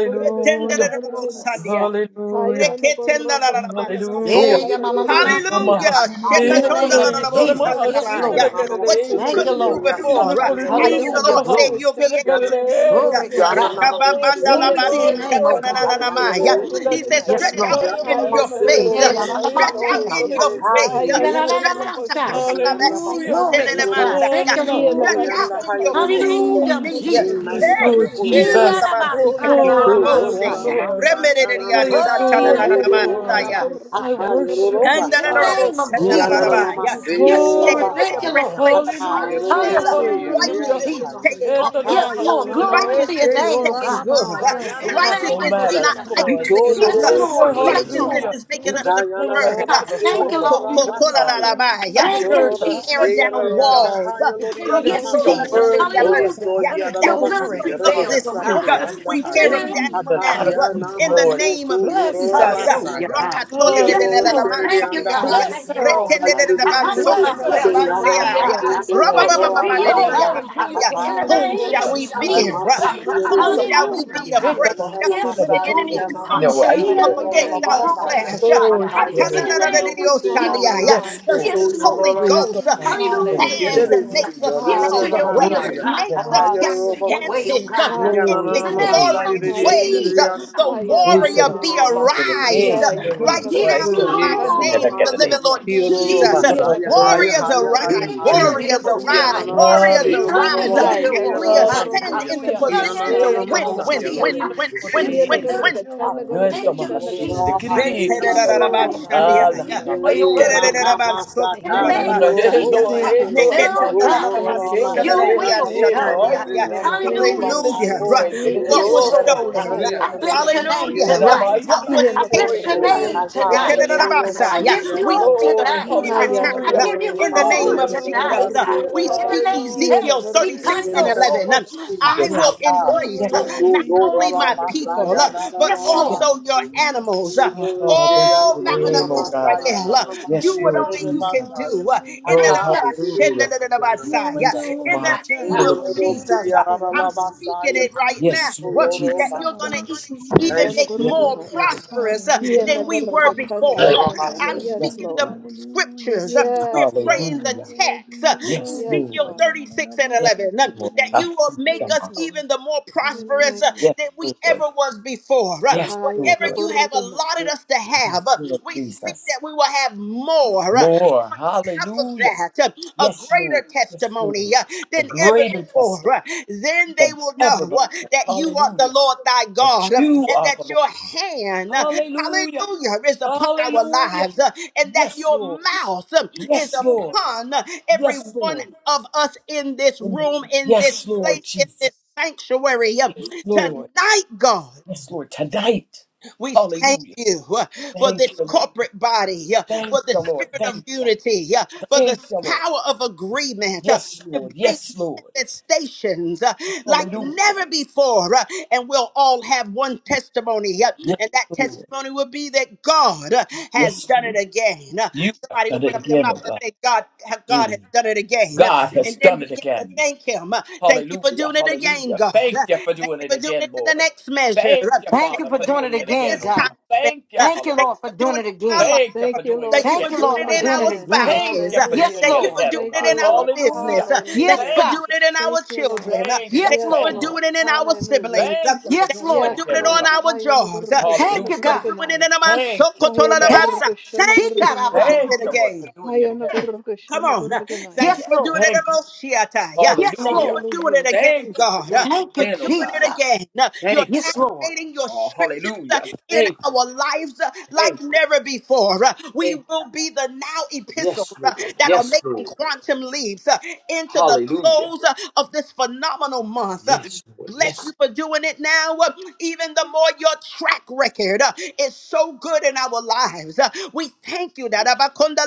[SPEAKER 6] we thank
[SPEAKER 2] Gorgoshana
[SPEAKER 1] Retendererobosania.
[SPEAKER 2] Gorganaya. Haya
[SPEAKER 3] Hallelujah.
[SPEAKER 6] you, we
[SPEAKER 2] Nagorgoshana
[SPEAKER 6] bless you.
[SPEAKER 1] Reketendarararamansandia.
[SPEAKER 4] Oh,
[SPEAKER 7] Yeah,
[SPEAKER 3] Hallelujah.
[SPEAKER 4] you
[SPEAKER 7] yeah,
[SPEAKER 2] Gorgoshana
[SPEAKER 4] did
[SPEAKER 7] mama,
[SPEAKER 4] it. It
[SPEAKER 6] We
[SPEAKER 7] mama,
[SPEAKER 3] Eta
[SPEAKER 4] is.
[SPEAKER 2] Gorganaya.
[SPEAKER 7] see ya.
[SPEAKER 4] I am
[SPEAKER 1] Hallelujah.
[SPEAKER 6] glorify
[SPEAKER 3] mahasine
[SPEAKER 6] you
[SPEAKER 4] not.
[SPEAKER 3] ne
[SPEAKER 4] you're
[SPEAKER 7] In
[SPEAKER 2] Hiya
[SPEAKER 7] the
[SPEAKER 4] the Lord. Lord, you're the Lord. I am
[SPEAKER 6] because
[SPEAKER 4] the
[SPEAKER 7] name
[SPEAKER 3] itone
[SPEAKER 6] you
[SPEAKER 7] of
[SPEAKER 4] Lord.
[SPEAKER 2] nagarga
[SPEAKER 6] alone
[SPEAKER 3] itone
[SPEAKER 6] are
[SPEAKER 2] chana
[SPEAKER 7] Jesus.
[SPEAKER 6] worthy
[SPEAKER 2] garga
[SPEAKER 7] Yes,
[SPEAKER 6] of
[SPEAKER 3] mahasine
[SPEAKER 6] all
[SPEAKER 1] Shekatondalalabosandalamaya.
[SPEAKER 2] chana
[SPEAKER 3] ne
[SPEAKER 6] the
[SPEAKER 7] Lord.
[SPEAKER 3] kere
[SPEAKER 4] Mama,
[SPEAKER 3] ne
[SPEAKER 2] garga
[SPEAKER 4] mama,
[SPEAKER 6] praise
[SPEAKER 1] What
[SPEAKER 6] and
[SPEAKER 1] you
[SPEAKER 2] shana
[SPEAKER 4] sister,
[SPEAKER 7] Thank
[SPEAKER 6] all
[SPEAKER 3] ese.
[SPEAKER 7] you,
[SPEAKER 4] you're
[SPEAKER 6] the
[SPEAKER 1] couldn't
[SPEAKER 2] garga
[SPEAKER 1] do
[SPEAKER 7] Lord.
[SPEAKER 6] glory in
[SPEAKER 2] naya.
[SPEAKER 3] Ino
[SPEAKER 6] the
[SPEAKER 3] ne
[SPEAKER 1] before, uh,
[SPEAKER 6] name of
[SPEAKER 4] the
[SPEAKER 1] I
[SPEAKER 3] kolori
[SPEAKER 1] hear
[SPEAKER 2] Hiya
[SPEAKER 3] se
[SPEAKER 1] the
[SPEAKER 4] Lord.
[SPEAKER 3] ne
[SPEAKER 7] Hallelujah.
[SPEAKER 1] Lord
[SPEAKER 6] Jesus.
[SPEAKER 4] of us.
[SPEAKER 1] saying
[SPEAKER 2] nagarga
[SPEAKER 7] glory.
[SPEAKER 1] you'll
[SPEAKER 3] mahasine ne
[SPEAKER 1] be
[SPEAKER 2] shana
[SPEAKER 1] able
[SPEAKER 3] kere
[SPEAKER 1] to
[SPEAKER 3] ne
[SPEAKER 2] garga
[SPEAKER 1] do
[SPEAKER 6] Yes,
[SPEAKER 1] it.
[SPEAKER 2] chana
[SPEAKER 1] Uh,
[SPEAKER 3] ese.
[SPEAKER 6] Lord,
[SPEAKER 7] Glory
[SPEAKER 2] garga
[SPEAKER 7] to
[SPEAKER 4] Amen.
[SPEAKER 6] yes,
[SPEAKER 2] naya.
[SPEAKER 7] God.
[SPEAKER 6] Lord,
[SPEAKER 3] Ay
[SPEAKER 6] yes.
[SPEAKER 3] ay
[SPEAKER 2] Hiya
[SPEAKER 7] Glory to your
[SPEAKER 3] ay
[SPEAKER 2] nagarga
[SPEAKER 7] name, oh
[SPEAKER 3] ay
[SPEAKER 2] chana
[SPEAKER 7] God.
[SPEAKER 3] ay
[SPEAKER 2] garga
[SPEAKER 6] Higher, God,
[SPEAKER 2] shana
[SPEAKER 1] Rekabambandalabasikatalananamaya.
[SPEAKER 3] ay
[SPEAKER 1] He
[SPEAKER 3] ay
[SPEAKER 6] higher,
[SPEAKER 2] garga
[SPEAKER 1] says,
[SPEAKER 2] naya.
[SPEAKER 3] ay
[SPEAKER 7] Yes,
[SPEAKER 1] stretch
[SPEAKER 6] higher,
[SPEAKER 7] Lord.
[SPEAKER 1] out
[SPEAKER 3] ay
[SPEAKER 6] higher,
[SPEAKER 1] in
[SPEAKER 3] ay
[SPEAKER 2] Hiya
[SPEAKER 1] your
[SPEAKER 3] eta
[SPEAKER 1] faith.
[SPEAKER 3] eta
[SPEAKER 2] nagarga
[SPEAKER 7] Eh,
[SPEAKER 1] uh,
[SPEAKER 6] Glory,
[SPEAKER 7] la, la,
[SPEAKER 3] eta
[SPEAKER 7] la,
[SPEAKER 2] shana
[SPEAKER 7] ma,
[SPEAKER 1] Stretch
[SPEAKER 3] eta
[SPEAKER 2] garga
[SPEAKER 7] si,
[SPEAKER 6] Lord,
[SPEAKER 1] out
[SPEAKER 6] we
[SPEAKER 7] ya.
[SPEAKER 3] eta
[SPEAKER 1] in
[SPEAKER 2] naya.
[SPEAKER 1] your
[SPEAKER 6] thank
[SPEAKER 3] eta
[SPEAKER 6] you
[SPEAKER 1] faith.
[SPEAKER 6] for
[SPEAKER 1] uh,
[SPEAKER 7] Hey,
[SPEAKER 2] Hiya
[SPEAKER 7] La,
[SPEAKER 3] eta.
[SPEAKER 7] la, la,
[SPEAKER 6] We
[SPEAKER 7] la,
[SPEAKER 1] Stretch
[SPEAKER 7] ma,
[SPEAKER 6] thank
[SPEAKER 1] out.
[SPEAKER 6] you
[SPEAKER 2] nagarga
[SPEAKER 6] for the
[SPEAKER 7] sa.
[SPEAKER 2] shana
[SPEAKER 6] shift and
[SPEAKER 2] garga
[SPEAKER 6] the
[SPEAKER 2] chana
[SPEAKER 3] Hallelujah.
[SPEAKER 6] move,
[SPEAKER 7] Glory
[SPEAKER 6] God,
[SPEAKER 2] garga
[SPEAKER 7] to
[SPEAKER 2] naya.
[SPEAKER 7] God. Thank
[SPEAKER 6] in
[SPEAKER 1] Takatababasikitelelemansaya.
[SPEAKER 7] you,
[SPEAKER 6] the
[SPEAKER 2] Hiya
[SPEAKER 7] Lord.
[SPEAKER 6] name of
[SPEAKER 1] Stretch
[SPEAKER 3] Hallelujah.
[SPEAKER 1] out
[SPEAKER 2] nagarga
[SPEAKER 1] in
[SPEAKER 6] Jesus.
[SPEAKER 1] your
[SPEAKER 2] chana
[SPEAKER 1] faith
[SPEAKER 2] garga
[SPEAKER 6] We
[SPEAKER 1] in
[SPEAKER 7] Hallelujah,
[SPEAKER 2] chana
[SPEAKER 3] Mm.
[SPEAKER 1] me.
[SPEAKER 6] thank
[SPEAKER 2] garga
[SPEAKER 6] you,
[SPEAKER 7] Jesus.
[SPEAKER 3] Yes,
[SPEAKER 2] shana
[SPEAKER 4] Magnify
[SPEAKER 1] Hey,
[SPEAKER 4] your
[SPEAKER 3] Lord
[SPEAKER 2] garga
[SPEAKER 4] holy name,
[SPEAKER 6] hallelujah.
[SPEAKER 7] Iya,
[SPEAKER 4] Yahweh.
[SPEAKER 3] Jesus.
[SPEAKER 7] la, ba, sa,
[SPEAKER 4] He
[SPEAKER 7] ta,
[SPEAKER 3] Oh,
[SPEAKER 6] And
[SPEAKER 3] I
[SPEAKER 7] ba,
[SPEAKER 6] we
[SPEAKER 4] told
[SPEAKER 7] ma,
[SPEAKER 3] love you,
[SPEAKER 7] sa,
[SPEAKER 1] Shedadadabansikatelorobose.
[SPEAKER 6] bless
[SPEAKER 4] your
[SPEAKER 7] ya.
[SPEAKER 6] your
[SPEAKER 3] Lord.
[SPEAKER 4] basa
[SPEAKER 6] name for
[SPEAKER 4] Yana, Yana,
[SPEAKER 3] I
[SPEAKER 1] Remerederia
[SPEAKER 6] what you're
[SPEAKER 4] Yana,
[SPEAKER 7] Ra,
[SPEAKER 3] adore
[SPEAKER 6] doing
[SPEAKER 7] la, bo,
[SPEAKER 3] you,
[SPEAKER 4] Yana, Yana,
[SPEAKER 6] in the
[SPEAKER 7] si, ka,
[SPEAKER 3] Lord.
[SPEAKER 6] lives
[SPEAKER 7] la,
[SPEAKER 6] of
[SPEAKER 1] satanananamasaya.
[SPEAKER 7] ba,
[SPEAKER 6] your
[SPEAKER 7] sa,
[SPEAKER 3] I
[SPEAKER 7] ya.
[SPEAKER 4] Yana, Yana,
[SPEAKER 6] people.
[SPEAKER 2] naya. Oh,
[SPEAKER 3] worship
[SPEAKER 2] yeah.
[SPEAKER 4] Yana,
[SPEAKER 6] Father,
[SPEAKER 3] you,
[SPEAKER 4] Yana,
[SPEAKER 1] And
[SPEAKER 6] we
[SPEAKER 1] da-
[SPEAKER 7] In
[SPEAKER 1] da-
[SPEAKER 7] the
[SPEAKER 1] da-
[SPEAKER 6] thank
[SPEAKER 1] da-
[SPEAKER 3] Father.
[SPEAKER 6] you
[SPEAKER 1] bo-
[SPEAKER 4] Yana,
[SPEAKER 7] name
[SPEAKER 6] for
[SPEAKER 1] sha-
[SPEAKER 6] the
[SPEAKER 7] of
[SPEAKER 1] da-
[SPEAKER 2] Oh,
[SPEAKER 1] da- da- da-
[SPEAKER 3] Oh,
[SPEAKER 6] blood
[SPEAKER 3] I
[SPEAKER 7] Jesus.
[SPEAKER 6] of
[SPEAKER 1] ba.
[SPEAKER 3] give
[SPEAKER 1] Yeah.
[SPEAKER 3] you
[SPEAKER 1] We
[SPEAKER 7] Yes,
[SPEAKER 6] Jesus
[SPEAKER 3] glory.
[SPEAKER 7] Lord.
[SPEAKER 1] stand in the
[SPEAKER 7] Thank you,
[SPEAKER 6] that
[SPEAKER 4] Yananamaseyoromasaya.
[SPEAKER 7] Lord.
[SPEAKER 1] breastplate
[SPEAKER 6] covers,
[SPEAKER 1] of
[SPEAKER 6] shield,
[SPEAKER 2] Hallelujah.
[SPEAKER 6] and
[SPEAKER 1] righteousness.
[SPEAKER 3] Hallelujah,
[SPEAKER 1] Uh,
[SPEAKER 6] protect your
[SPEAKER 7] Hallelujah,
[SPEAKER 2] I
[SPEAKER 6] people
[SPEAKER 3] hallelujah.
[SPEAKER 1] Righteousness
[SPEAKER 2] thank you,
[SPEAKER 1] is
[SPEAKER 7] Jesus.
[SPEAKER 4] Hatayeroroseyerandahaya.
[SPEAKER 2] Lord.
[SPEAKER 6] daily,
[SPEAKER 1] paying
[SPEAKER 2] I
[SPEAKER 1] off
[SPEAKER 2] thank
[SPEAKER 1] for
[SPEAKER 6] God.
[SPEAKER 2] you,
[SPEAKER 1] us.
[SPEAKER 7] Yes,
[SPEAKER 1] Uh,
[SPEAKER 7] Lord.
[SPEAKER 2] Lord.
[SPEAKER 7] Glory to
[SPEAKER 6] Divine
[SPEAKER 7] your
[SPEAKER 1] Righteousness is
[SPEAKER 2] I
[SPEAKER 7] name, oh
[SPEAKER 2] thank
[SPEAKER 1] paying
[SPEAKER 7] God.
[SPEAKER 6] protection,
[SPEAKER 2] you,
[SPEAKER 1] good. Uh,
[SPEAKER 2] Lord.
[SPEAKER 6] Lord.
[SPEAKER 4] Hatayonamaseyoronamasaya,
[SPEAKER 3] Bless
[SPEAKER 7] In the name
[SPEAKER 3] Apostle
[SPEAKER 1] Righteousness
[SPEAKER 6] Hallelujah,
[SPEAKER 7] of
[SPEAKER 1] is
[SPEAKER 4] nananamasaya.
[SPEAKER 3] Maddox,
[SPEAKER 1] not
[SPEAKER 7] Jesus.
[SPEAKER 2] I
[SPEAKER 7] uh,
[SPEAKER 3] Lord.
[SPEAKER 2] thank
[SPEAKER 6] hallelujah,
[SPEAKER 1] isolating
[SPEAKER 2] you,
[SPEAKER 1] us,
[SPEAKER 2] Lord.
[SPEAKER 7] Yes,
[SPEAKER 1] Uh,
[SPEAKER 3] Bless
[SPEAKER 6] Jesus.
[SPEAKER 3] her,
[SPEAKER 7] Lord.
[SPEAKER 1] but
[SPEAKER 7] Yes,
[SPEAKER 1] righteousness
[SPEAKER 7] Lord.
[SPEAKER 4] Itoyerereseyerandahaya.
[SPEAKER 3] hallelujah.
[SPEAKER 6] Glory,
[SPEAKER 1] is making
[SPEAKER 3] From
[SPEAKER 1] us
[SPEAKER 3] the
[SPEAKER 6] glory,
[SPEAKER 1] the
[SPEAKER 3] crown of her
[SPEAKER 1] preferred.
[SPEAKER 6] glory.
[SPEAKER 3] head
[SPEAKER 1] Uh,
[SPEAKER 3] to
[SPEAKER 7] God,
[SPEAKER 3] the
[SPEAKER 7] Thank
[SPEAKER 3] sole
[SPEAKER 1] ba-
[SPEAKER 3] of
[SPEAKER 7] you,
[SPEAKER 3] her
[SPEAKER 1] to-
[SPEAKER 7] Lord.
[SPEAKER 3] feet,
[SPEAKER 1] ko-
[SPEAKER 3] oh
[SPEAKER 1] ko-
[SPEAKER 6] Glory,
[SPEAKER 1] la-
[SPEAKER 3] God.
[SPEAKER 1] la- la-
[SPEAKER 4] Itayananamaseyoramasaya.
[SPEAKER 6] glory,
[SPEAKER 1] ba. Yeah
[SPEAKER 7] Thank you,
[SPEAKER 3] Undergird
[SPEAKER 6] glory.
[SPEAKER 3] her,
[SPEAKER 4] Yorora,
[SPEAKER 1] tear
[SPEAKER 7] Jesus.
[SPEAKER 3] strengthen
[SPEAKER 4] Sierra
[SPEAKER 3] her,
[SPEAKER 1] down
[SPEAKER 3] oh
[SPEAKER 6] Hallelujah,
[SPEAKER 4] Yanda,
[SPEAKER 3] God.
[SPEAKER 1] walls
[SPEAKER 6] Jesus.
[SPEAKER 1] uh,
[SPEAKER 4] Higher Lord
[SPEAKER 3] Continue to
[SPEAKER 4] Yanda
[SPEAKER 3] give
[SPEAKER 7] Yes,
[SPEAKER 3] her your
[SPEAKER 4] Masaya.
[SPEAKER 7] Jesus.
[SPEAKER 3] word,
[SPEAKER 6] Glory
[SPEAKER 4] Oh,
[SPEAKER 6] to
[SPEAKER 3] Lord.
[SPEAKER 4] yes,
[SPEAKER 7] Hallelujah.
[SPEAKER 4] Lord
[SPEAKER 1] yeah,
[SPEAKER 6] God.
[SPEAKER 4] Yanda
[SPEAKER 1] that
[SPEAKER 7] Your
[SPEAKER 1] was
[SPEAKER 7] blood
[SPEAKER 4] Namasi,
[SPEAKER 1] built
[SPEAKER 3] Unadulterated,
[SPEAKER 1] up
[SPEAKER 3] Father.
[SPEAKER 4] Redia,
[SPEAKER 6] Hallelujah.
[SPEAKER 7] prevails,
[SPEAKER 1] this
[SPEAKER 7] oh God.
[SPEAKER 1] week.
[SPEAKER 4] Sarade,
[SPEAKER 3] Help her
[SPEAKER 1] Uh,
[SPEAKER 3] to
[SPEAKER 4] Yanda
[SPEAKER 1] We
[SPEAKER 6] You're
[SPEAKER 7] In
[SPEAKER 3] preach
[SPEAKER 7] the
[SPEAKER 1] tear
[SPEAKER 4] Higher.
[SPEAKER 3] in
[SPEAKER 1] them down.
[SPEAKER 6] worthy,
[SPEAKER 3] season
[SPEAKER 7] name of
[SPEAKER 6] you're
[SPEAKER 3] and
[SPEAKER 1] Now,
[SPEAKER 3] out of
[SPEAKER 1] uh,
[SPEAKER 4] Hataya
[SPEAKER 3] season,
[SPEAKER 7] Jesus.
[SPEAKER 6] worthy,
[SPEAKER 1] in the
[SPEAKER 3] Lord.
[SPEAKER 6] Lord.
[SPEAKER 4] Namaso
[SPEAKER 1] name of
[SPEAKER 4] to
[SPEAKER 6] You're
[SPEAKER 3] Bless
[SPEAKER 1] Jesus,
[SPEAKER 4] Yorora
[SPEAKER 3] her,
[SPEAKER 1] uh,
[SPEAKER 6] worthy of
[SPEAKER 4] Basaya.
[SPEAKER 7] Hallelujah.
[SPEAKER 6] all the
[SPEAKER 3] oh
[SPEAKER 7] Yes,
[SPEAKER 6] praise
[SPEAKER 4] Yorora,
[SPEAKER 3] hallelujah.
[SPEAKER 7] Lord.
[SPEAKER 6] and
[SPEAKER 4] Sierra
[SPEAKER 7] Thank
[SPEAKER 6] all
[SPEAKER 7] you,
[SPEAKER 6] the
[SPEAKER 4] Yanda
[SPEAKER 7] God.
[SPEAKER 1] Rakatolelebelelelamansamia,
[SPEAKER 7] I
[SPEAKER 1] yeah.
[SPEAKER 4] Higher.
[SPEAKER 6] glory,
[SPEAKER 3] Bless
[SPEAKER 7] thank you,
[SPEAKER 6] God.
[SPEAKER 3] her, oh
[SPEAKER 7] Lord.
[SPEAKER 4] Hataya
[SPEAKER 3] God.
[SPEAKER 6] We
[SPEAKER 7] I
[SPEAKER 6] can't
[SPEAKER 7] humble
[SPEAKER 3] Bless
[SPEAKER 6] praise
[SPEAKER 4] Yanda
[SPEAKER 3] whatever
[SPEAKER 2] Tanagurumugandiya.
[SPEAKER 7] myself
[SPEAKER 3] she
[SPEAKER 6] you
[SPEAKER 3] puts
[SPEAKER 7] tonight,
[SPEAKER 6] enough.
[SPEAKER 3] her
[SPEAKER 1] Retenelelelabansokotolalavansea,
[SPEAKER 6] That's
[SPEAKER 1] yeah.
[SPEAKER 3] hands
[SPEAKER 7] God.
[SPEAKER 4] Namaso
[SPEAKER 6] just
[SPEAKER 2] Iyanagurumugan-
[SPEAKER 3] to,
[SPEAKER 4] to
[SPEAKER 6] how
[SPEAKER 3] Lord.
[SPEAKER 7] At your
[SPEAKER 6] good
[SPEAKER 4] Yorora
[SPEAKER 6] you
[SPEAKER 7] feet,
[SPEAKER 2] Tanagurumugan-
[SPEAKER 7] oh
[SPEAKER 6] are,
[SPEAKER 3] Oh,
[SPEAKER 6] Lord.
[SPEAKER 4] Basaya.
[SPEAKER 1] Rabababababaneleliamasa,
[SPEAKER 7] God.
[SPEAKER 3] hallelujah.
[SPEAKER 1] yeah.
[SPEAKER 2] Tanagurumugandiya.
[SPEAKER 6] In
[SPEAKER 7] In
[SPEAKER 6] the
[SPEAKER 7] the
[SPEAKER 3] Whatever her
[SPEAKER 4] Hataya
[SPEAKER 6] mighty
[SPEAKER 1] whom
[SPEAKER 3] feet
[SPEAKER 7] name
[SPEAKER 1] shall
[SPEAKER 7] of
[SPEAKER 3] shall
[SPEAKER 4] Resi,
[SPEAKER 1] we
[SPEAKER 6] precious
[SPEAKER 3] shod,
[SPEAKER 6] name
[SPEAKER 1] fear?
[SPEAKER 6] of
[SPEAKER 1] Uh,
[SPEAKER 7] Jesus.
[SPEAKER 2] Oyanagurumugan-
[SPEAKER 4] Namaso
[SPEAKER 3] let
[SPEAKER 4] to
[SPEAKER 3] the
[SPEAKER 6] Jesus.
[SPEAKER 3] peace
[SPEAKER 1] Whom
[SPEAKER 3] of
[SPEAKER 2] Shanagurumugan-
[SPEAKER 4] Yorora.
[SPEAKER 1] shall
[SPEAKER 3] God.
[SPEAKER 1] we be
[SPEAKER 7] Hallelujah.
[SPEAKER 3] Get the
[SPEAKER 6] Hallelujah.
[SPEAKER 2] Tanagurumugandiya.
[SPEAKER 1] afraid? Uh,
[SPEAKER 7] Yes,
[SPEAKER 3] Mahasina,
[SPEAKER 1] When
[SPEAKER 3] the
[SPEAKER 1] the
[SPEAKER 3] King,
[SPEAKER 2] Ayanagurumugan- Tanagurumugan- Tanagurumugan- Shanagurumugandiya. Oh,
[SPEAKER 1] enemy
[SPEAKER 3] and
[SPEAKER 2] you
[SPEAKER 3] he
[SPEAKER 7] Lord.
[SPEAKER 2] know,
[SPEAKER 3] sin
[SPEAKER 6] We
[SPEAKER 3] of
[SPEAKER 2] the
[SPEAKER 1] comes uh,
[SPEAKER 2] good
[SPEAKER 3] the
[SPEAKER 6] shall
[SPEAKER 2] son
[SPEAKER 1] up
[SPEAKER 3] Sina,
[SPEAKER 2] of a
[SPEAKER 6] live
[SPEAKER 1] against
[SPEAKER 2] living
[SPEAKER 7] Yende,
[SPEAKER 6] and
[SPEAKER 1] our
[SPEAKER 2] son of a living dear. I am a good son of a living son
[SPEAKER 6] not
[SPEAKER 2] of a living
[SPEAKER 6] die.
[SPEAKER 1] flesh,
[SPEAKER 6] We
[SPEAKER 2] son of
[SPEAKER 6] can't
[SPEAKER 2] a
[SPEAKER 3] Glory
[SPEAKER 7] Roboshaya.
[SPEAKER 6] play
[SPEAKER 3] to
[SPEAKER 6] the
[SPEAKER 3] your
[SPEAKER 2] living
[SPEAKER 7] In
[SPEAKER 3] name,
[SPEAKER 7] the
[SPEAKER 2] dear.
[SPEAKER 6] sign
[SPEAKER 3] Jesus.
[SPEAKER 7] name
[SPEAKER 6] of
[SPEAKER 7] of
[SPEAKER 6] the enemy in
[SPEAKER 2] Oh,
[SPEAKER 6] the
[SPEAKER 7] Jesus.
[SPEAKER 6] name of
[SPEAKER 3] Yes,
[SPEAKER 2] glory.
[SPEAKER 1] the
[SPEAKER 3] Lord.
[SPEAKER 7] Yes,
[SPEAKER 6] Jesus.
[SPEAKER 7] Lord.
[SPEAKER 2] Hallelujah.
[SPEAKER 1] Holy
[SPEAKER 3] Get the
[SPEAKER 1] Ghost uh,
[SPEAKER 4] Yanana
[SPEAKER 6] Mm,
[SPEAKER 3] Mahasina,
[SPEAKER 7] Hallelujah,
[SPEAKER 6] thank
[SPEAKER 3] the King.
[SPEAKER 6] you,
[SPEAKER 1] stands
[SPEAKER 2] Hallelujah.
[SPEAKER 3] and
[SPEAKER 1] and
[SPEAKER 3] he
[SPEAKER 7] Jesus.
[SPEAKER 6] Lord.
[SPEAKER 1] makes
[SPEAKER 6] Thank
[SPEAKER 4] Yerereşiyor.
[SPEAKER 1] us
[SPEAKER 4] No
[SPEAKER 6] you,
[SPEAKER 7] Yes
[SPEAKER 4] no
[SPEAKER 7] to
[SPEAKER 4] no no
[SPEAKER 6] Lord.
[SPEAKER 7] your
[SPEAKER 1] stronger, uh,
[SPEAKER 3] Glory to
[SPEAKER 2] Hallelujah.
[SPEAKER 7] will,
[SPEAKER 4] masaya.
[SPEAKER 6] Hallelujah.
[SPEAKER 3] your
[SPEAKER 7] God.
[SPEAKER 1] makes
[SPEAKER 4] Hata
[SPEAKER 3] name.
[SPEAKER 1] us
[SPEAKER 7] Yes
[SPEAKER 6] Hallelujah.
[SPEAKER 7] to your
[SPEAKER 4] yorulması.
[SPEAKER 2] Hallelujah.
[SPEAKER 7] way, oh
[SPEAKER 1] gigantic uh,
[SPEAKER 6] Hallelujah.
[SPEAKER 7] God.
[SPEAKER 4] Ya
[SPEAKER 1] in
[SPEAKER 4] no
[SPEAKER 3] Glory
[SPEAKER 7] In
[SPEAKER 4] no
[SPEAKER 3] to
[SPEAKER 7] the
[SPEAKER 4] no no
[SPEAKER 3] your
[SPEAKER 2] Hallelujah.
[SPEAKER 3] name,
[SPEAKER 7] name
[SPEAKER 4] masaya
[SPEAKER 7] of
[SPEAKER 1] victorious
[SPEAKER 3] Jesus.
[SPEAKER 6] Hallelujah.
[SPEAKER 1] ways. Uh,
[SPEAKER 2] Hallelujah.
[SPEAKER 4] yerleştiriyor.
[SPEAKER 7] Jesus.
[SPEAKER 1] The
[SPEAKER 4] Bu
[SPEAKER 2] Haya na
[SPEAKER 4] hata
[SPEAKER 1] warrior
[SPEAKER 3] Listen,
[SPEAKER 1] be
[SPEAKER 2] gorgana ya.
[SPEAKER 4] yorulması
[SPEAKER 6] Hallelujah.
[SPEAKER 1] arised
[SPEAKER 3] hey,
[SPEAKER 7] Yes,
[SPEAKER 6] Thank
[SPEAKER 3] can
[SPEAKER 2] Ya
[SPEAKER 6] you,
[SPEAKER 1] uh,
[SPEAKER 3] they
[SPEAKER 7] Lord.
[SPEAKER 4] yerleştiriyor.
[SPEAKER 7] Jesus.
[SPEAKER 6] God.
[SPEAKER 3] wait?
[SPEAKER 2] shana
[SPEAKER 1] right now
[SPEAKER 7] Yes,
[SPEAKER 3] Boy,
[SPEAKER 1] in
[SPEAKER 2] gorgo
[SPEAKER 3] can
[SPEAKER 1] the
[SPEAKER 4] Hmm,
[SPEAKER 3] it be
[SPEAKER 2] shana
[SPEAKER 3] seen
[SPEAKER 1] mighty
[SPEAKER 3] and
[SPEAKER 1] name
[SPEAKER 3] I
[SPEAKER 1] of
[SPEAKER 3] can
[SPEAKER 1] the
[SPEAKER 2] gorgana
[SPEAKER 4] yereyanamazsın.
[SPEAKER 6] Hallelujah
[SPEAKER 3] it
[SPEAKER 1] living
[SPEAKER 2] ya.
[SPEAKER 6] for
[SPEAKER 1] Lord
[SPEAKER 6] warring
[SPEAKER 1] Jesus.
[SPEAKER 6] on
[SPEAKER 1] Uh,
[SPEAKER 6] our
[SPEAKER 4] Yorulması.
[SPEAKER 2] Hiya
[SPEAKER 3] Oh,
[SPEAKER 2] na
[SPEAKER 3] glory
[SPEAKER 2] gorga
[SPEAKER 4] Hayır
[SPEAKER 6] behalf,
[SPEAKER 1] Warriors
[SPEAKER 3] to
[SPEAKER 2] tana
[SPEAKER 4] hayır
[SPEAKER 3] your
[SPEAKER 6] God.
[SPEAKER 4] hayır
[SPEAKER 1] arise,
[SPEAKER 2] gorga
[SPEAKER 3] name,
[SPEAKER 2] shana
[SPEAKER 4] hayır.
[SPEAKER 3] Jesus.
[SPEAKER 6] In the
[SPEAKER 1] warriors
[SPEAKER 2] gorga
[SPEAKER 4] Ya
[SPEAKER 2] tana
[SPEAKER 1] arise,
[SPEAKER 4] no
[SPEAKER 6] name of
[SPEAKER 4] no no
[SPEAKER 2] gorgana
[SPEAKER 4] masaya
[SPEAKER 1] warriors
[SPEAKER 2] ya.
[SPEAKER 6] Jesus, we
[SPEAKER 1] arise uh,
[SPEAKER 3] Hallelujah.
[SPEAKER 4] yorulması
[SPEAKER 6] thank
[SPEAKER 2] Haya
[SPEAKER 1] as
[SPEAKER 6] you,
[SPEAKER 4] yerleştiriyor.
[SPEAKER 2] na
[SPEAKER 1] we
[SPEAKER 6] hallelujah,
[SPEAKER 2] gorgo
[SPEAKER 1] ascend
[SPEAKER 6] for
[SPEAKER 1] into
[SPEAKER 3] Hallelujah.
[SPEAKER 2] shana
[SPEAKER 4] Ya
[SPEAKER 6] peace,
[SPEAKER 4] no
[SPEAKER 1] position
[SPEAKER 2] gorga
[SPEAKER 4] no
[SPEAKER 1] to
[SPEAKER 6] God.
[SPEAKER 4] no
[SPEAKER 3] Eita,
[SPEAKER 2] tana
[SPEAKER 3] no
[SPEAKER 1] win,
[SPEAKER 6] We
[SPEAKER 4] masaya.
[SPEAKER 1] win,
[SPEAKER 2] gorgana
[SPEAKER 6] thank
[SPEAKER 1] win,
[SPEAKER 4] Lord
[SPEAKER 2] ya.
[SPEAKER 6] you
[SPEAKER 3] mahasino
[SPEAKER 1] win,
[SPEAKER 6] for
[SPEAKER 3] por
[SPEAKER 6] safety
[SPEAKER 1] win,
[SPEAKER 2] Hiya na
[SPEAKER 4] Jesus.
[SPEAKER 1] win,
[SPEAKER 6] and
[SPEAKER 3] esse.
[SPEAKER 1] win.
[SPEAKER 2] gorga
[SPEAKER 7] God.
[SPEAKER 6] joy
[SPEAKER 2] tana
[SPEAKER 6] in the
[SPEAKER 3] Eita,
[SPEAKER 2] gorga
[SPEAKER 7] Thank you,
[SPEAKER 6] name
[SPEAKER 2] shana
[SPEAKER 6] of
[SPEAKER 3] mahasino de
[SPEAKER 7] Jesus.
[SPEAKER 2] gorgana
[SPEAKER 6] Jesus.
[SPEAKER 2] ya.
[SPEAKER 3] kiriri.
[SPEAKER 6] We
[SPEAKER 7] Yes, Lord.
[SPEAKER 2] Oh,
[SPEAKER 6] thank you,
[SPEAKER 1] Rente-re-ra-ra-ra-ba-shandia.
[SPEAKER 7] Take
[SPEAKER 2] hallelujah.
[SPEAKER 7] it
[SPEAKER 3] Alaba,
[SPEAKER 7] by
[SPEAKER 3] ay,
[SPEAKER 7] your
[SPEAKER 3] que
[SPEAKER 7] word,
[SPEAKER 6] hallelujah,
[SPEAKER 3] le
[SPEAKER 7] oh oh,
[SPEAKER 3] dé.
[SPEAKER 6] God.
[SPEAKER 7] God. In
[SPEAKER 2] Thank
[SPEAKER 7] the
[SPEAKER 2] you, Lord.
[SPEAKER 3] Mm,
[SPEAKER 7] name of
[SPEAKER 6] Mm, na, na,
[SPEAKER 1] Yeah.
[SPEAKER 3] Esto,
[SPEAKER 7] Jesus,
[SPEAKER 6] na,
[SPEAKER 2] Thank you,
[SPEAKER 6] oh,
[SPEAKER 3] esto
[SPEAKER 1] Hallelujah.
[SPEAKER 3] es
[SPEAKER 2] Lord.
[SPEAKER 6] shiki,
[SPEAKER 7] oh
[SPEAKER 6] na,
[SPEAKER 3] fácil.
[SPEAKER 6] na,
[SPEAKER 7] God,
[SPEAKER 6] na,
[SPEAKER 2] Thank
[SPEAKER 6] man,
[SPEAKER 2] you,
[SPEAKER 3] Eh, Que le
[SPEAKER 2] Lord.
[SPEAKER 7] your
[SPEAKER 3] dé
[SPEAKER 6] shiyata.
[SPEAKER 7] will be
[SPEAKER 2] Thank
[SPEAKER 3] ese,
[SPEAKER 2] you,
[SPEAKER 7] done.
[SPEAKER 2] Lord.
[SPEAKER 3] ay, que le dé
[SPEAKER 6] Oh,
[SPEAKER 2] Thank you,
[SPEAKER 7] Hallelujah,
[SPEAKER 3] ese.
[SPEAKER 2] Lord.
[SPEAKER 3] Le
[SPEAKER 1] Hallelujah.
[SPEAKER 7] Jesus.
[SPEAKER 3] digo,
[SPEAKER 1] Ra-
[SPEAKER 6] hallelujah.
[SPEAKER 3] eh, que le
[SPEAKER 2] Thank you,
[SPEAKER 3] dé
[SPEAKER 1] What
[SPEAKER 7] Yes,
[SPEAKER 3] ese,
[SPEAKER 1] was
[SPEAKER 3] la
[SPEAKER 2] Father.
[SPEAKER 7] Lord.
[SPEAKER 3] ley,
[SPEAKER 6] Oh,
[SPEAKER 1] stolen?
[SPEAKER 3] que
[SPEAKER 1] right.
[SPEAKER 3] le
[SPEAKER 2] Haya
[SPEAKER 3] dé
[SPEAKER 7] I
[SPEAKER 6] God,
[SPEAKER 7] bless
[SPEAKER 3] ese.
[SPEAKER 7] your
[SPEAKER 6] thank you.
[SPEAKER 7] name
[SPEAKER 2] nagorganaya.
[SPEAKER 3] La
[SPEAKER 1] Hallelujah.
[SPEAKER 3] la,
[SPEAKER 1] Ra-
[SPEAKER 7] tonight.
[SPEAKER 3] ay, que
[SPEAKER 1] What
[SPEAKER 3] le
[SPEAKER 1] was
[SPEAKER 2] Hiya
[SPEAKER 7] I
[SPEAKER 3] dé, ay,
[SPEAKER 7] bless
[SPEAKER 6] Hallelujah.
[SPEAKER 1] taken?
[SPEAKER 3] que
[SPEAKER 7] your
[SPEAKER 3] le
[SPEAKER 1] Ra-
[SPEAKER 4] Glory,
[SPEAKER 3] dé
[SPEAKER 7] name
[SPEAKER 2] nagargatana
[SPEAKER 3] ese, le que
[SPEAKER 4] Hata,
[SPEAKER 3] le
[SPEAKER 7] tonight.
[SPEAKER 3] dé
[SPEAKER 2] gorgoshana
[SPEAKER 6] Hallelujah,
[SPEAKER 3] ese.
[SPEAKER 7] I
[SPEAKER 4] Yorulabasi,
[SPEAKER 1] Yeah.
[SPEAKER 7] lift
[SPEAKER 2] gorganaya.
[SPEAKER 7] you
[SPEAKER 1] We
[SPEAKER 6] Jesus.
[SPEAKER 7] up
[SPEAKER 1] speak a
[SPEAKER 3] Glory,
[SPEAKER 6] Yeah,
[SPEAKER 4] Yadalabasa,
[SPEAKER 7] tonight.
[SPEAKER 1] speedy
[SPEAKER 7] I
[SPEAKER 2] Haya
[SPEAKER 1] return.
[SPEAKER 6] yeah,
[SPEAKER 1] uh,
[SPEAKER 3] hallelujah,
[SPEAKER 7] give you
[SPEAKER 6] yeah,
[SPEAKER 1] In the
[SPEAKER 2] nagorgoshana
[SPEAKER 6] yeah.
[SPEAKER 4] Yorulabasi,
[SPEAKER 1] name
[SPEAKER 7] glory
[SPEAKER 1] of
[SPEAKER 2] gorgatana
[SPEAKER 1] Jesus,
[SPEAKER 3] hallelujah,
[SPEAKER 6] You're
[SPEAKER 1] Uh,
[SPEAKER 4] Yadalabasi,
[SPEAKER 7] tonight.
[SPEAKER 2] gorganaya.
[SPEAKER 1] we
[SPEAKER 7] In the
[SPEAKER 1] speak
[SPEAKER 4] Yadalabasa.
[SPEAKER 6] worthy, you're
[SPEAKER 7] name
[SPEAKER 2] Hiya
[SPEAKER 3] hallelujah.
[SPEAKER 7] of
[SPEAKER 1] Ezekiel
[SPEAKER 2] nagargatana
[SPEAKER 4] In
[SPEAKER 1] 36
[SPEAKER 6] worthy
[SPEAKER 1] and
[SPEAKER 6] of
[SPEAKER 7] Sikando
[SPEAKER 4] the
[SPEAKER 3] Yes,
[SPEAKER 6] all
[SPEAKER 4] name
[SPEAKER 6] the
[SPEAKER 1] 11. uh,
[SPEAKER 7] Lobos.
[SPEAKER 4] of
[SPEAKER 6] praise.
[SPEAKER 1] I
[SPEAKER 4] Jesus, I
[SPEAKER 1] will
[SPEAKER 3] yes,
[SPEAKER 4] die.
[SPEAKER 6] You're
[SPEAKER 7] Woo,
[SPEAKER 1] increase
[SPEAKER 3] yes,
[SPEAKER 1] uh,
[SPEAKER 4] You do
[SPEAKER 1] not
[SPEAKER 6] worthy,
[SPEAKER 7] glory.
[SPEAKER 4] no
[SPEAKER 6] you're
[SPEAKER 1] only my
[SPEAKER 6] worthy of
[SPEAKER 1] people,
[SPEAKER 4] masaya,
[SPEAKER 1] uh,
[SPEAKER 6] all the
[SPEAKER 4] na na
[SPEAKER 1] but
[SPEAKER 4] na
[SPEAKER 7] Yes,
[SPEAKER 4] na
[SPEAKER 6] glory
[SPEAKER 3] yes.
[SPEAKER 6] in
[SPEAKER 7] Lord.
[SPEAKER 6] the
[SPEAKER 1] also your
[SPEAKER 4] masaya.
[SPEAKER 6] name of
[SPEAKER 1] animals.
[SPEAKER 4] You
[SPEAKER 1] uh,
[SPEAKER 4] do
[SPEAKER 6] Jesus.
[SPEAKER 4] it,
[SPEAKER 3] Ah,
[SPEAKER 4] say,
[SPEAKER 3] bless
[SPEAKER 4] ya, na
[SPEAKER 1] Oh,
[SPEAKER 3] the
[SPEAKER 4] na
[SPEAKER 6] Father,
[SPEAKER 4] na
[SPEAKER 1] mountain
[SPEAKER 4] na
[SPEAKER 3] name,
[SPEAKER 6] you
[SPEAKER 1] of
[SPEAKER 3] oh
[SPEAKER 6] are
[SPEAKER 3] God.
[SPEAKER 1] Israel
[SPEAKER 4] masaya, na
[SPEAKER 1] well. Uh,
[SPEAKER 4] na
[SPEAKER 6] wise and
[SPEAKER 1] Do
[SPEAKER 3] Yes,
[SPEAKER 4] masaya,
[SPEAKER 6] all
[SPEAKER 1] what
[SPEAKER 3] Lord
[SPEAKER 4] na
[SPEAKER 1] only
[SPEAKER 4] na
[SPEAKER 1] you
[SPEAKER 6] knowing.
[SPEAKER 1] can
[SPEAKER 3] Jesus.
[SPEAKER 4] masaya.
[SPEAKER 1] do. Uh,
[SPEAKER 4] I
[SPEAKER 1] In the
[SPEAKER 6] Hallelujah.
[SPEAKER 3] Oh,
[SPEAKER 7] Thank
[SPEAKER 4] die.
[SPEAKER 7] you.
[SPEAKER 4] You did
[SPEAKER 3] hallelujah.
[SPEAKER 4] it, say, na
[SPEAKER 6] You
[SPEAKER 4] na
[SPEAKER 6] are a
[SPEAKER 4] masaya.
[SPEAKER 3] so
[SPEAKER 1] in the
[SPEAKER 6] dover
[SPEAKER 4] In
[SPEAKER 1] name
[SPEAKER 4] the
[SPEAKER 6] child,
[SPEAKER 1] of
[SPEAKER 4] name
[SPEAKER 6] the
[SPEAKER 3] no
[SPEAKER 4] of
[SPEAKER 6] Lord
[SPEAKER 4] the
[SPEAKER 1] Jesus,
[SPEAKER 6] our
[SPEAKER 1] uh,
[SPEAKER 4] na na
[SPEAKER 1] I'm
[SPEAKER 4] na
[SPEAKER 6] provider.
[SPEAKER 1] speaking
[SPEAKER 4] masaya.
[SPEAKER 6] And
[SPEAKER 1] it right
[SPEAKER 6] Father,
[SPEAKER 4] You
[SPEAKER 1] now.
[SPEAKER 6] we
[SPEAKER 3] Yes,
[SPEAKER 4] do
[SPEAKER 3] Lord
[SPEAKER 1] What
[SPEAKER 4] your
[SPEAKER 6] thank you
[SPEAKER 4] own
[SPEAKER 1] that
[SPEAKER 3] Jesus.
[SPEAKER 1] you're
[SPEAKER 6] now
[SPEAKER 1] gonna
[SPEAKER 6] in
[SPEAKER 1] eat,
[SPEAKER 4] masaya.
[SPEAKER 1] even
[SPEAKER 4] Thank you.
[SPEAKER 6] Jesus'
[SPEAKER 1] make
[SPEAKER 3] Yes,
[SPEAKER 6] name.
[SPEAKER 1] more
[SPEAKER 2] gorganaya.
[SPEAKER 3] Lord.
[SPEAKER 1] prosperous uh,
[SPEAKER 4] ya,
[SPEAKER 2] Hiya
[SPEAKER 6] Hallelujah,
[SPEAKER 4] na,
[SPEAKER 1] than we were
[SPEAKER 4] na, na,
[SPEAKER 6] hallelujah,
[SPEAKER 2] nagargatana
[SPEAKER 1] before.
[SPEAKER 3] Yes,
[SPEAKER 1] Uh,
[SPEAKER 2] gorganaya.
[SPEAKER 1] I'm
[SPEAKER 3] Lord.
[SPEAKER 2] Yes,
[SPEAKER 3] Yes,
[SPEAKER 1] speaking
[SPEAKER 6] hallelujah,
[SPEAKER 2] Lord.
[SPEAKER 1] the
[SPEAKER 3] Lord.
[SPEAKER 6] hallelujah,
[SPEAKER 1] scriptures. Uh,
[SPEAKER 6] Jesus.
[SPEAKER 1] We're
[SPEAKER 2] Yes, Lord.
[SPEAKER 1] praying the
[SPEAKER 6] You're
[SPEAKER 3] Hallelujah.
[SPEAKER 6] worthy,
[SPEAKER 1] text, uh,
[SPEAKER 6] you're
[SPEAKER 3] Yes,
[SPEAKER 2] Yes,
[SPEAKER 6] worthy.
[SPEAKER 1] Ezekiel
[SPEAKER 3] Lord.
[SPEAKER 2] Father.
[SPEAKER 1] 36 and
[SPEAKER 3] Yes,
[SPEAKER 1] 11, uh,
[SPEAKER 3] Lord.
[SPEAKER 1] that
[SPEAKER 3] Ah,
[SPEAKER 1] you will
[SPEAKER 3] you
[SPEAKER 1] make
[SPEAKER 2] Yes,
[SPEAKER 3] come
[SPEAKER 1] us
[SPEAKER 3] on.
[SPEAKER 2] Lord.
[SPEAKER 1] even the more
[SPEAKER 2] In the
[SPEAKER 1] prosperous uh,
[SPEAKER 2] name-
[SPEAKER 6] Hallelujah.
[SPEAKER 3] Yes,
[SPEAKER 1] than we ever
[SPEAKER 3] Lord.
[SPEAKER 1] was before. Uh,
[SPEAKER 3] Yes,
[SPEAKER 2] Haya
[SPEAKER 1] Whatever Lord,
[SPEAKER 3] Lord.
[SPEAKER 1] you have allotted
[SPEAKER 2] nagorganaya.
[SPEAKER 1] us to
[SPEAKER 3] Yes,
[SPEAKER 1] have. Uh,
[SPEAKER 3] Lord
[SPEAKER 1] We speak
[SPEAKER 3] Jesus.
[SPEAKER 1] that we will have more. uh,
[SPEAKER 3] More.
[SPEAKER 1] On top of
[SPEAKER 3] Hallelujah.
[SPEAKER 1] that, uh, a
[SPEAKER 3] Yes, Lord.
[SPEAKER 1] greater
[SPEAKER 3] Yes, Lord.
[SPEAKER 1] testimony uh,
[SPEAKER 3] A
[SPEAKER 1] than ever
[SPEAKER 3] greater
[SPEAKER 1] before.
[SPEAKER 3] testimony
[SPEAKER 1] Uh, Then they
[SPEAKER 3] than
[SPEAKER 1] will
[SPEAKER 3] ever
[SPEAKER 1] know
[SPEAKER 3] before.
[SPEAKER 1] uh, that you are the
[SPEAKER 3] Hallelujah.
[SPEAKER 1] Lord thy
[SPEAKER 3] That
[SPEAKER 1] God uh,
[SPEAKER 3] you
[SPEAKER 1] and
[SPEAKER 3] are the
[SPEAKER 1] that
[SPEAKER 3] Lord.
[SPEAKER 1] your hand, uh,
[SPEAKER 3] Hallelujah.
[SPEAKER 1] hallelujah, is upon our
[SPEAKER 3] Hallelujah.
[SPEAKER 1] lives uh, and that
[SPEAKER 3] Yes,
[SPEAKER 1] your
[SPEAKER 3] Lord.
[SPEAKER 1] mouth uh, is
[SPEAKER 3] Yes, Lord.
[SPEAKER 1] upon uh, every
[SPEAKER 3] Yes,
[SPEAKER 1] one
[SPEAKER 3] Lord.
[SPEAKER 1] of us in this
[SPEAKER 3] In-
[SPEAKER 1] room, in this
[SPEAKER 3] Yes, Lord
[SPEAKER 1] place, in
[SPEAKER 3] Jesus.
[SPEAKER 1] this sanctuary. uh,
[SPEAKER 3] Yes, Lord.
[SPEAKER 1] Tonight, God.
[SPEAKER 3] Yes, Lord. Tonight.
[SPEAKER 1] We thank
[SPEAKER 3] Hallelujah.
[SPEAKER 1] you uh, for
[SPEAKER 3] Thank
[SPEAKER 1] this
[SPEAKER 3] you, Lord.
[SPEAKER 1] corporate body, uh,
[SPEAKER 3] Thank
[SPEAKER 1] for the
[SPEAKER 3] you, Lord.
[SPEAKER 1] spirit of
[SPEAKER 3] Thank you.
[SPEAKER 1] unity, uh, for the
[SPEAKER 3] Thank you, Lord.
[SPEAKER 1] power of agreement uh,
[SPEAKER 3] Yes,
[SPEAKER 1] to
[SPEAKER 3] Lord.
[SPEAKER 1] bring
[SPEAKER 3] Yes, Lord.
[SPEAKER 1] manifestations uh, like
[SPEAKER 3] Hallelujah.
[SPEAKER 1] never before. uh, and we'll all have one testimony. uh,
[SPEAKER 3] Yes,
[SPEAKER 1] and that
[SPEAKER 3] Lord.
[SPEAKER 1] testimony will be that God uh, has
[SPEAKER 3] Yes,
[SPEAKER 1] done it
[SPEAKER 3] Lord.
[SPEAKER 1] again. Uh,
[SPEAKER 3] You have
[SPEAKER 1] somebody
[SPEAKER 3] done
[SPEAKER 1] open
[SPEAKER 3] it
[SPEAKER 1] up your
[SPEAKER 3] again, oh
[SPEAKER 1] mouth and
[SPEAKER 3] God.
[SPEAKER 1] say, God, God
[SPEAKER 3] Hey.
[SPEAKER 1] has done it again. Uh,
[SPEAKER 3] God has
[SPEAKER 1] and then
[SPEAKER 3] done it
[SPEAKER 1] begin to
[SPEAKER 3] again.
[SPEAKER 1] thank Him. Uh, Thank you for
[SPEAKER 3] Hallelujah.
[SPEAKER 1] doing it again,
[SPEAKER 3] Hallelujah.
[SPEAKER 1] God.
[SPEAKER 3] Thank
[SPEAKER 1] Uh,
[SPEAKER 3] you for
[SPEAKER 1] Thank
[SPEAKER 3] doing
[SPEAKER 1] you
[SPEAKER 3] it
[SPEAKER 1] for doing it
[SPEAKER 3] again,
[SPEAKER 1] in the
[SPEAKER 3] Lord.
[SPEAKER 1] next measure.
[SPEAKER 3] Thank
[SPEAKER 1] Uh,
[SPEAKER 3] you,
[SPEAKER 7] Thank
[SPEAKER 1] Thank
[SPEAKER 7] you
[SPEAKER 3] Father,
[SPEAKER 1] you
[SPEAKER 7] for
[SPEAKER 3] for
[SPEAKER 1] for
[SPEAKER 7] doing it
[SPEAKER 1] doing
[SPEAKER 3] doing
[SPEAKER 1] it
[SPEAKER 3] it
[SPEAKER 1] in
[SPEAKER 7] again,
[SPEAKER 3] again,
[SPEAKER 1] this
[SPEAKER 3] oh God.
[SPEAKER 1] time
[SPEAKER 7] God.
[SPEAKER 1] span.
[SPEAKER 3] Thank you.
[SPEAKER 1] Uh,
[SPEAKER 7] Thank you,
[SPEAKER 1] Thank
[SPEAKER 3] Hallelujah.
[SPEAKER 7] Lord,
[SPEAKER 1] you
[SPEAKER 7] for
[SPEAKER 1] for
[SPEAKER 7] doing
[SPEAKER 1] doing
[SPEAKER 7] it
[SPEAKER 1] it in my
[SPEAKER 7] again.
[SPEAKER 1] life.
[SPEAKER 3] Thank you
[SPEAKER 1] Uh,
[SPEAKER 2] Thank
[SPEAKER 3] for
[SPEAKER 2] you,
[SPEAKER 3] doing it
[SPEAKER 2] Lord,
[SPEAKER 1] Thank you
[SPEAKER 2] for
[SPEAKER 3] again,
[SPEAKER 1] for
[SPEAKER 7] Thank you,
[SPEAKER 3] oh
[SPEAKER 1] doing
[SPEAKER 7] Lord,
[SPEAKER 2] doing
[SPEAKER 1] it
[SPEAKER 7] for
[SPEAKER 2] it
[SPEAKER 3] God.
[SPEAKER 1] in
[SPEAKER 7] doing it
[SPEAKER 1] our
[SPEAKER 2] again.
[SPEAKER 7] again.
[SPEAKER 3] Thank
[SPEAKER 1] spouses.
[SPEAKER 3] you
[SPEAKER 1] Uh,
[SPEAKER 3] for
[SPEAKER 7] Yes,
[SPEAKER 2] Hallelujah.
[SPEAKER 3] doing
[SPEAKER 1] Thank
[SPEAKER 3] it
[SPEAKER 1] you for
[SPEAKER 7] Lord.
[SPEAKER 3] again,
[SPEAKER 1] doing
[SPEAKER 3] oh
[SPEAKER 2] Thank
[SPEAKER 1] it
[SPEAKER 2] you,
[SPEAKER 3] God.
[SPEAKER 1] in our
[SPEAKER 2] Lord.
[SPEAKER 3] Hallelujah.
[SPEAKER 1] business. Uh, Thank
[SPEAKER 7] Yes,
[SPEAKER 2] Hallelujah.
[SPEAKER 1] you for
[SPEAKER 7] God.
[SPEAKER 3] Thank
[SPEAKER 1] doing
[SPEAKER 3] you.
[SPEAKER 1] it in
[SPEAKER 2] Thank
[SPEAKER 1] our
[SPEAKER 2] you, Lord.
[SPEAKER 1] children. Uh,
[SPEAKER 3] Thank you.
[SPEAKER 1] Thank
[SPEAKER 7] Yes,
[SPEAKER 1] you
[SPEAKER 2] Yes,
[SPEAKER 1] for
[SPEAKER 3] Thank
[SPEAKER 7] Lord.
[SPEAKER 3] you.
[SPEAKER 2] Lord.
[SPEAKER 1] doing it in our
[SPEAKER 2] Hallelujah.
[SPEAKER 1] siblings. Uh,
[SPEAKER 3] Thank you for
[SPEAKER 1] Thank
[SPEAKER 7] Yes,
[SPEAKER 1] you
[SPEAKER 3] doing
[SPEAKER 1] for
[SPEAKER 3] it
[SPEAKER 2] Yes,
[SPEAKER 7] Lord.
[SPEAKER 1] doing
[SPEAKER 3] again,
[SPEAKER 1] it
[SPEAKER 3] oh
[SPEAKER 1] on
[SPEAKER 2] Lord.
[SPEAKER 3] God.
[SPEAKER 1] our jobs. Uh, Thank
[SPEAKER 7] Thank
[SPEAKER 1] you
[SPEAKER 7] you,
[SPEAKER 1] for
[SPEAKER 3] Hallelujah.
[SPEAKER 7] God.
[SPEAKER 1] doing it
[SPEAKER 2] Hayanagurugashanaguruganaya.
[SPEAKER 1] in our
[SPEAKER 3] Thank you, Lord.
[SPEAKER 7] Hey,
[SPEAKER 3] Thank you.
[SPEAKER 1] Thank you for
[SPEAKER 7] shikaraba.
[SPEAKER 2] Hayanagurugashanaguruganaya.
[SPEAKER 1] doing
[SPEAKER 3] Thank
[SPEAKER 1] it
[SPEAKER 3] you,
[SPEAKER 7] Mm.
[SPEAKER 3] Lord,
[SPEAKER 1] again.
[SPEAKER 3] for doing it again,
[SPEAKER 1] Come on. Uh,
[SPEAKER 3] oh
[SPEAKER 1] Thank
[SPEAKER 2] Hayanagurugashanaguruganaya.
[SPEAKER 1] you
[SPEAKER 7] Yes,
[SPEAKER 3] God.
[SPEAKER 1] for doing
[SPEAKER 7] Lord.
[SPEAKER 1] it,
[SPEAKER 3] Thank you.
[SPEAKER 1] Aboshiata. Yeah.
[SPEAKER 7] Yes,
[SPEAKER 1] Thank you for
[SPEAKER 3] Hallelujah.
[SPEAKER 7] Lord.
[SPEAKER 1] doing
[SPEAKER 2] Hallelujah.
[SPEAKER 1] it again,
[SPEAKER 3] Thank you for
[SPEAKER 1] God. Uh,
[SPEAKER 3] doing it
[SPEAKER 7] Thank
[SPEAKER 1] You're
[SPEAKER 7] you,
[SPEAKER 3] again, oh
[SPEAKER 1] doing
[SPEAKER 3] God.
[SPEAKER 1] it
[SPEAKER 7] Jesus.
[SPEAKER 1] again. Uh, You're
[SPEAKER 3] Thank you.
[SPEAKER 7] Yes, Lord.
[SPEAKER 1] activating your
[SPEAKER 3] Oh,
[SPEAKER 1] scriptures uh,
[SPEAKER 3] hallelujah.
[SPEAKER 1] in
[SPEAKER 3] Thank you.
[SPEAKER 1] our lives uh, like
[SPEAKER 3] Thank you.
[SPEAKER 1] never before. Uh, We
[SPEAKER 3] Thank you.
[SPEAKER 1] will be the now epistles
[SPEAKER 3] Yes,
[SPEAKER 1] uh,
[SPEAKER 3] Lord.
[SPEAKER 1] that are
[SPEAKER 3] Yes,
[SPEAKER 1] making
[SPEAKER 3] Lord.
[SPEAKER 1] quantum leaps uh, into the
[SPEAKER 3] Hallelujah.
[SPEAKER 1] close uh, of this phenomenal month. Uh,
[SPEAKER 3] Yes, Lord.
[SPEAKER 1] Bless
[SPEAKER 3] Yes,
[SPEAKER 1] you for doing it now, uh, even the more your track record uh, is so good in our lives. Uh, We thank you that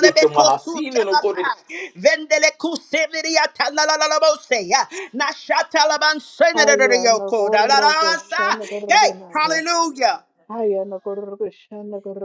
[SPEAKER 3] Nito no kore. de-
[SPEAKER 1] Vendelekusemiriata, la, la, la, la, bose, uh, Nashatalabansenadadadayoko, da, da, da, sa. Hey,
[SPEAKER 2] Hayanagurugashanaguruganaya.
[SPEAKER 1] hallelujah.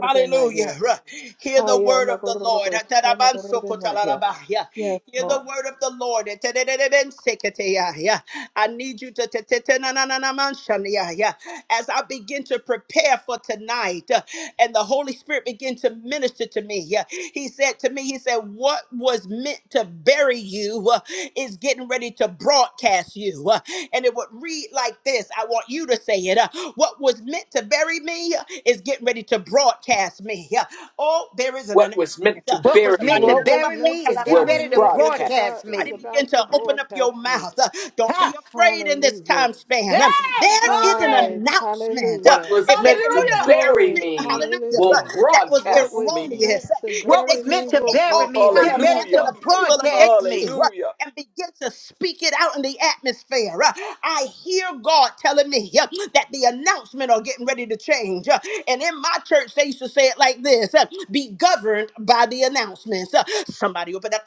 [SPEAKER 1] Hallelujah. Right. Hear the word of the Lord.
[SPEAKER 2] Hayanagurugashanaguruganaya.
[SPEAKER 1] Atarabansokotalarabaya.
[SPEAKER 2] Yes,
[SPEAKER 1] Hear the
[SPEAKER 2] Lord.
[SPEAKER 1] word of the Lord. Etererebenseketeya. I need you to te- te- te- na- na- na- na- manshaniya. as I begin to prepare for tonight uh, and the Holy Spirit. Spirit began to minister to me. Yeah. He said to me, He said, What was meant to bury you uh, is getting ready to broadcast you. Uh, and it would read like this I want you to say it. uh, what was meant to bury me uh, is getting ready to broadcast me. Yeah. Oh, there is an
[SPEAKER 3] What
[SPEAKER 1] announcement.
[SPEAKER 3] was meant to
[SPEAKER 1] Uh,
[SPEAKER 7] What was
[SPEAKER 3] bury
[SPEAKER 7] meant to
[SPEAKER 3] me
[SPEAKER 2] What was
[SPEAKER 7] bury
[SPEAKER 2] meant
[SPEAKER 7] me
[SPEAKER 2] to
[SPEAKER 7] is getting
[SPEAKER 3] will
[SPEAKER 2] bury
[SPEAKER 7] ready to
[SPEAKER 2] me
[SPEAKER 1] Somebody
[SPEAKER 2] is
[SPEAKER 3] broadcast
[SPEAKER 2] about
[SPEAKER 7] broadcast
[SPEAKER 2] is
[SPEAKER 1] body
[SPEAKER 7] me.
[SPEAKER 3] me.
[SPEAKER 1] begin
[SPEAKER 2] about to
[SPEAKER 1] to open up your
[SPEAKER 2] broadcast me.
[SPEAKER 1] mouth. Uh, Don't
[SPEAKER 7] Huh?
[SPEAKER 1] be afraid in this
[SPEAKER 2] Hallelujah.
[SPEAKER 1] time span. Um,
[SPEAKER 7] Hey,
[SPEAKER 1] There is an
[SPEAKER 2] Hi.
[SPEAKER 7] glory.
[SPEAKER 1] announcement. Uh,
[SPEAKER 2] Hallelujah.
[SPEAKER 3] What was
[SPEAKER 1] If they
[SPEAKER 3] meant
[SPEAKER 1] can
[SPEAKER 3] to
[SPEAKER 1] make an
[SPEAKER 7] Hallelujah.
[SPEAKER 3] bury
[SPEAKER 1] announcement,
[SPEAKER 2] Glory,
[SPEAKER 3] me
[SPEAKER 1] hallelujah,
[SPEAKER 3] will
[SPEAKER 1] uh,
[SPEAKER 2] hallelujah.
[SPEAKER 1] that was
[SPEAKER 2] What
[SPEAKER 3] broadcast
[SPEAKER 2] was
[SPEAKER 3] me.
[SPEAKER 1] erroneous.
[SPEAKER 2] meant
[SPEAKER 1] Uh,
[SPEAKER 2] to
[SPEAKER 1] If
[SPEAKER 7] What
[SPEAKER 1] they
[SPEAKER 2] bury
[SPEAKER 7] was
[SPEAKER 1] can
[SPEAKER 2] me
[SPEAKER 7] meant to
[SPEAKER 2] will
[SPEAKER 1] create
[SPEAKER 7] bury
[SPEAKER 1] all
[SPEAKER 7] me is
[SPEAKER 1] kind
[SPEAKER 2] broadcast.
[SPEAKER 1] of
[SPEAKER 7] getting ready
[SPEAKER 1] matters
[SPEAKER 7] to
[SPEAKER 3] Hallelujah.
[SPEAKER 1] of evil
[SPEAKER 7] broadcast
[SPEAKER 1] against
[SPEAKER 7] me.
[SPEAKER 1] you, uh,
[SPEAKER 3] Hallelujah.
[SPEAKER 1] and begin to speak it out in the atmosphere. Uh, I hear God telling me uh, that the announcement are getting ready to change. Uh, And in my church, they used to say it like this uh, be governed by the announcements. Uh, Somebody open that.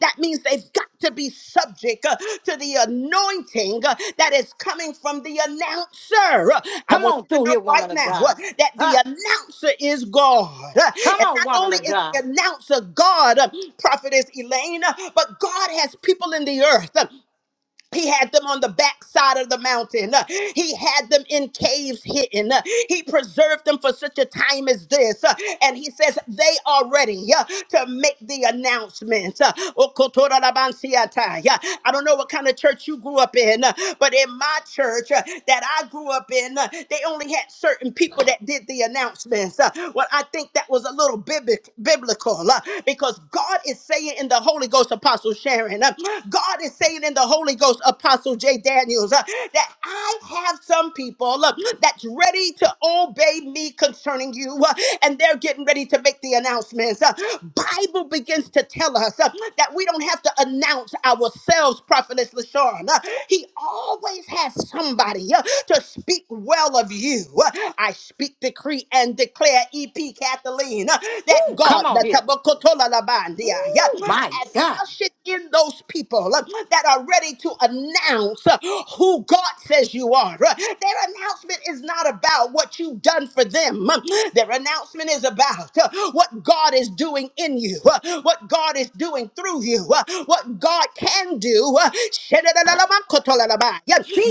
[SPEAKER 1] That means they've got got to be subject uh, to the anointing uh, that is coming from the announcer. Uh, I
[SPEAKER 7] Come
[SPEAKER 1] want
[SPEAKER 7] on
[SPEAKER 1] you to
[SPEAKER 7] through
[SPEAKER 1] know
[SPEAKER 7] here,
[SPEAKER 1] right
[SPEAKER 7] woman of
[SPEAKER 1] now uh,
[SPEAKER 7] God.
[SPEAKER 1] that the
[SPEAKER 7] Huh?
[SPEAKER 1] announcer is God. Uh,
[SPEAKER 7] Come
[SPEAKER 1] And
[SPEAKER 7] on,
[SPEAKER 1] not
[SPEAKER 7] woman
[SPEAKER 1] only
[SPEAKER 7] of
[SPEAKER 1] is the
[SPEAKER 7] God.
[SPEAKER 1] announcer God, uh, prophetess Elaine, uh, but God has people in the earth. uh, he had them on the backside of the mountain. Uh, He had them in caves hidden. Uh, He preserved them for such a time as this. Uh, And he says, they are ready uh, to make the announcement. Uh, Okotorabansiatai. Uh, I don't know what kind of church you grew up in, uh, but in my church uh, that I grew up in, uh, they only had certain people that did the announcements. Uh, Well, I think that was a little biblic- biblical uh, because God is saying in the Holy Ghost, Apostle. Shannon, declaring. uh, God is saying in the Holy Ghost, Apostle J. Daniels, uh, that I have some people uh, that's ready to obey me concerning you, uh, and they're getting ready to make the announcements. Uh, Bible begins to tell us uh, that we don't have to announce ourselves, Prophetess LaShawn. Uh, he always has somebody uh, to speak well of you. Uh, I speak, decree, and declare, EP Kathleen, uh, that
[SPEAKER 7] Woo,
[SPEAKER 1] God,
[SPEAKER 7] come on here.
[SPEAKER 1] the
[SPEAKER 7] Ooh, my
[SPEAKER 1] has
[SPEAKER 7] God.
[SPEAKER 1] ushered in those people uh, that are ready to announce uh, who God says you are. Uh, Their announcement is not about what you've done for them. Um, Their announcement is about uh, what God is doing in you, uh, what God is doing through you, uh, what God can do. uh,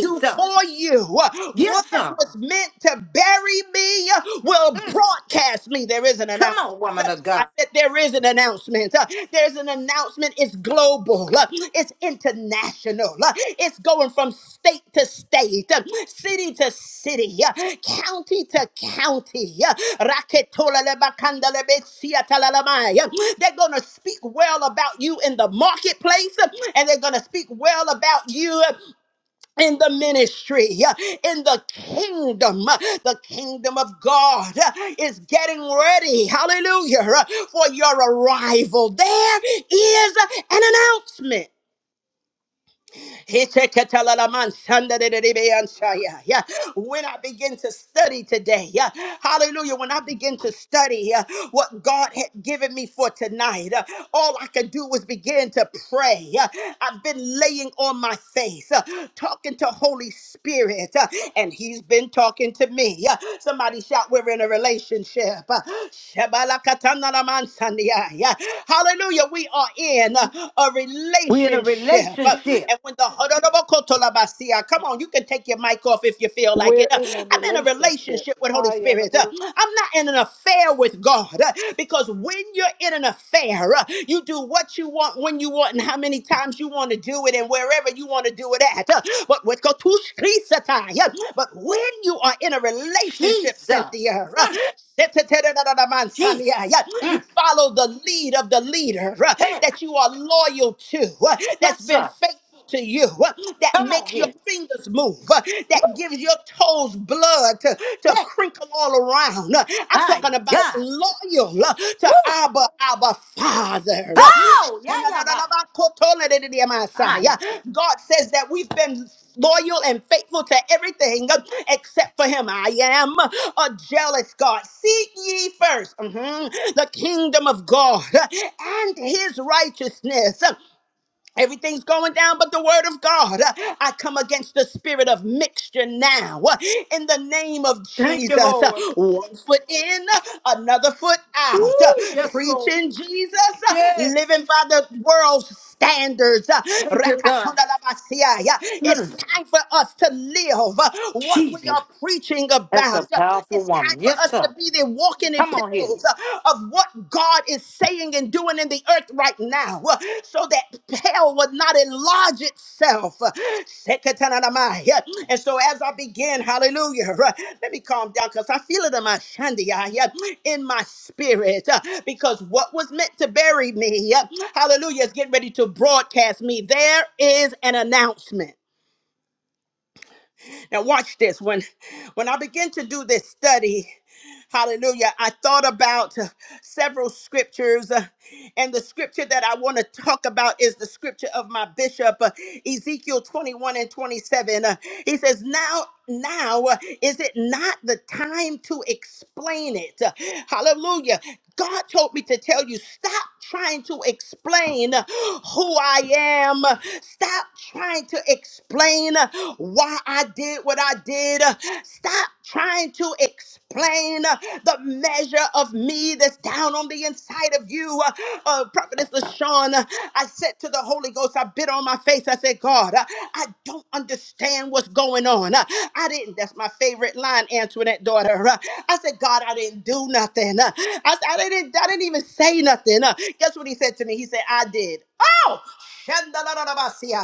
[SPEAKER 1] Do for you. Uh,
[SPEAKER 7] Yes,
[SPEAKER 1] What
[SPEAKER 7] sir.
[SPEAKER 1] was meant to bury me uh, will
[SPEAKER 7] Mm.
[SPEAKER 1] broadcast me. There is an
[SPEAKER 7] Come
[SPEAKER 1] announcement.
[SPEAKER 7] on, woman of
[SPEAKER 1] I
[SPEAKER 7] God.
[SPEAKER 1] said there is an announcement. Uh, There's an announcement. It's global. Uh, It's international. Uh, It's going from state to state, uh, city to city, uh, county to county. Uh, raketolalebakandalebesiatalalabaya. They're going to speak well about you in the marketplace, uh, and they're going to speak well about you uh, in the ministry, uh, in the kingdom. uh, The kingdom of God uh, is getting ready, hallelujah, uh, for your arrival. There is an announcement. He said, "Katalalaman sanda de de de Yeah. When I begin to study today, yeah, hallelujah, when I begin to study yeah, what God had given me for tonight, uh, all I could do was begin to pray. yeah. I've been laying on my face, uh, talking to Holy Spirit, uh, and He's been talking to me. yeah. Somebody shout, We're in a relationship. Uh, Shabalakatanalaman Yeah. Hallelujah, we are in uh, a
[SPEAKER 7] We're in a
[SPEAKER 1] relationship. Uh, up.
[SPEAKER 7] relationship.
[SPEAKER 1] And when the Hodorobokotolabasia, come on, you can take your mic off if you feel like it.
[SPEAKER 2] We're
[SPEAKER 1] Uh,
[SPEAKER 2] in a
[SPEAKER 1] I'm in a
[SPEAKER 2] relationship.
[SPEAKER 1] relationship with Holy
[SPEAKER 2] Hi,
[SPEAKER 1] Spirit. Uh, I'm not in an affair with God uh, because when you're in an affair, uh, you do what you want when you want and how many times you want to do it and wherever you want to do it at. Uh, But with Kotushkrisatai, uh, but when you are in a relationship,
[SPEAKER 7] Jesus.
[SPEAKER 1] Cynthia, uh,
[SPEAKER 7] Mm, Jesus.
[SPEAKER 1] you
[SPEAKER 7] Mm.
[SPEAKER 1] follow the lead of the leader uh,
[SPEAKER 7] Hey,
[SPEAKER 1] that you are loyal to that's
[SPEAKER 7] yes,
[SPEAKER 1] been
[SPEAKER 7] sir.
[SPEAKER 1] faithful to you uh, that
[SPEAKER 7] Come on
[SPEAKER 1] makes your
[SPEAKER 7] here.
[SPEAKER 1] fingers move, uh, that gives your toes blood to, to
[SPEAKER 7] Hey,
[SPEAKER 1] crinkle all around. Uh, I'm
[SPEAKER 7] my
[SPEAKER 1] talking about
[SPEAKER 7] God.
[SPEAKER 1] loyal uh, to
[SPEAKER 7] Woo!
[SPEAKER 1] Abba, Abba Father. Uh,
[SPEAKER 7] Bow, yeah, yeah, bow. I
[SPEAKER 1] God says that we've been loyal and faithful to everything uh, except for Him. I am a jealous God. Seek ye 1st the kingdom of God uh, and His righteousness. Everything's going down but the word of God. Uh, I come against the spirit of mixture now uh, in the name of
[SPEAKER 7] thank you,
[SPEAKER 1] Jesus. Uh,
[SPEAKER 7] Lord.
[SPEAKER 1] One foot in, uh, another foot
[SPEAKER 7] Woo!
[SPEAKER 1] out. Uh,
[SPEAKER 7] Yes, Lord.
[SPEAKER 1] Preaching Jesus, uh,
[SPEAKER 7] Yes.
[SPEAKER 1] living by the world's standards. Uh,
[SPEAKER 7] Thank you, God.
[SPEAKER 1] Rakatondalabasia. Yeah, It's
[SPEAKER 7] Mm,
[SPEAKER 1] time for us to live uh, what we
[SPEAKER 7] Jesus.
[SPEAKER 1] are preaching
[SPEAKER 7] That's a
[SPEAKER 1] about. Uh,
[SPEAKER 7] powerful
[SPEAKER 1] It's time
[SPEAKER 7] woman.
[SPEAKER 1] for
[SPEAKER 7] Yes,
[SPEAKER 1] us to
[SPEAKER 7] sir.
[SPEAKER 1] be the walking
[SPEAKER 7] Come on here.
[SPEAKER 1] epistles uh, of what God is saying and doing in the earth right now uh, so that hell would not enlarge itself. Uh, Sekatanadamai. Yeah. And so as I begin, hallelujah, right, let me calm down because I feel it in my shandia, yeah, in my spirit, uh, because what was meant to bury me, yeah, hallelujah, is getting ready to broadcast me. There is an announcement. Now watch this. When when I began to do this study, hallelujah, I thought about uh, several scriptures. uh, and the scripture that I want to talk about is the scripture of my bishop, uh, Ezekiel 21 and 27. Uh, he says, Now, now uh, is it not the time to explain it? Uh, hallelujah. God told me to tell you, stop trying to explain who I am. Stop trying to explain why why I did what I did. Stop trying to explain uh, the measure of me that's down on the inside of you. Uh, uh, Prophetess LaShawn, uh, I said to the Holy Ghost, I bit on my face. I said, God, uh, I don't understand what's going on. Uh, I didn't, that's my favorite line, Antoinette daughter. Uh, I said, God, I didn't do nothing. Uh, I, I, didn't, I didn't even say nothing. Uh, Guess what he said to me? He said, I did. Oh,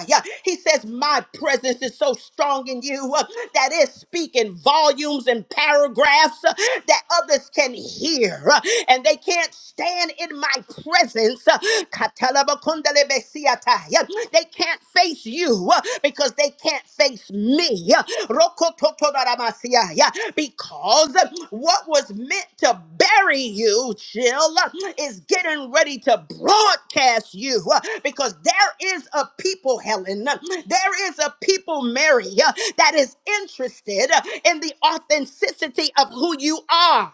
[SPEAKER 1] yeah. He says, My presence is so strong in you uh, that it's speaking volumes and paragraphs uh, that others can hear uh, and they can't stand in my presence. uh, Katalabakundalebesiata. Yeah. They can't face you uh, because they can't face me. uh, ya. Rokototoramasia, ya. Because what was meant to bury you, chill, is getting ready to broadcast you. Because there is a people, Helen, there is a people, Mary, that is interested in the authenticity of who you are.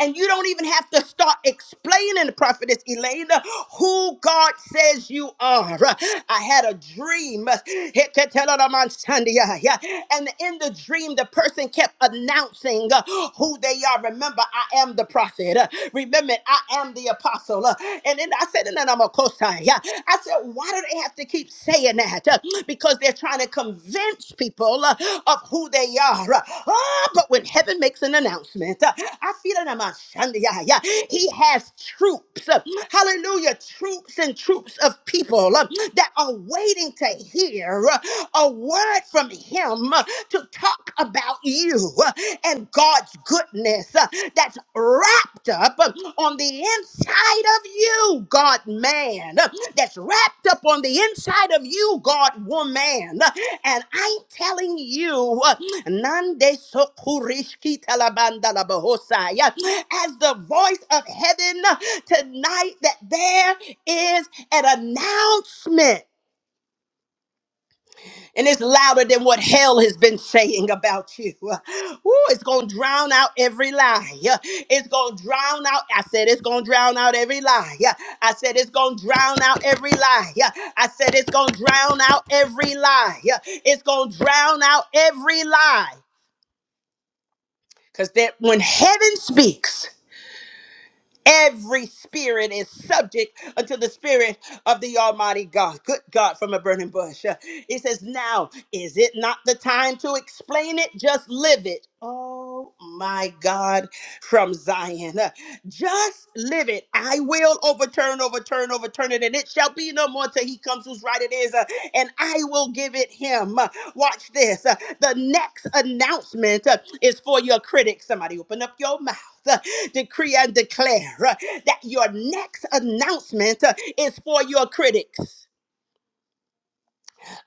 [SPEAKER 1] And you don't even have to start explaining, Prophetess Elena, who God says you are. I had a dream. And in the dream, the person kept announcing uh, who they are. Remember, I am the prophet. Uh, Remember, I am the apostle. Uh, And then I said, and then I'm a cosign. Yeah. I said, why do they have to keep saying that? saying that uh, because they're trying to convince people uh, of who they are. Uh, ah, but when heaven makes an announcement, uh, I feel it in my Sunday. eye, uh, He has troops, uh, hallelujah, troops and troops of people uh, that are waiting to hear uh, a word from Him uh, to talk about you uh, and God's goodness uh, that's wrapped up uh, on the inside of you, God man, uh, that's wrapped up on the inside of you, God woman. Uh, And I'm telling you, uh, Nande sokurishki talabanda labahosai, uh, as the voice of heaven uh, tonight, that there is an announcement and it's louder than what hell has been saying about you. Ooh, it's going to drown out every lie. Yeah. It's going to drown out. I said it's going to drown out every lie. Yeah. I said it's going to drown out every lie. Yeah. I said it's going to drown out every lie. Yeah. It's going to drown out every lie. Because that when heaven speaks, Every spirit is subject unto the spirit of the Almighty God. Good God from a burning bush. Uh, He says, Now is it not the time to explain it? Just live it. Oh my God from Zion. Uh, Just live it. I will overturn, overturn, overturn it, and it shall be no more till he comes whose right it is, uh, and I will give it him. Uh, Watch this. Uh, The next announcement uh, is for your critics. Somebody open up your mouth uh, decree and declare uh, that your next announcement uh, is for your critics.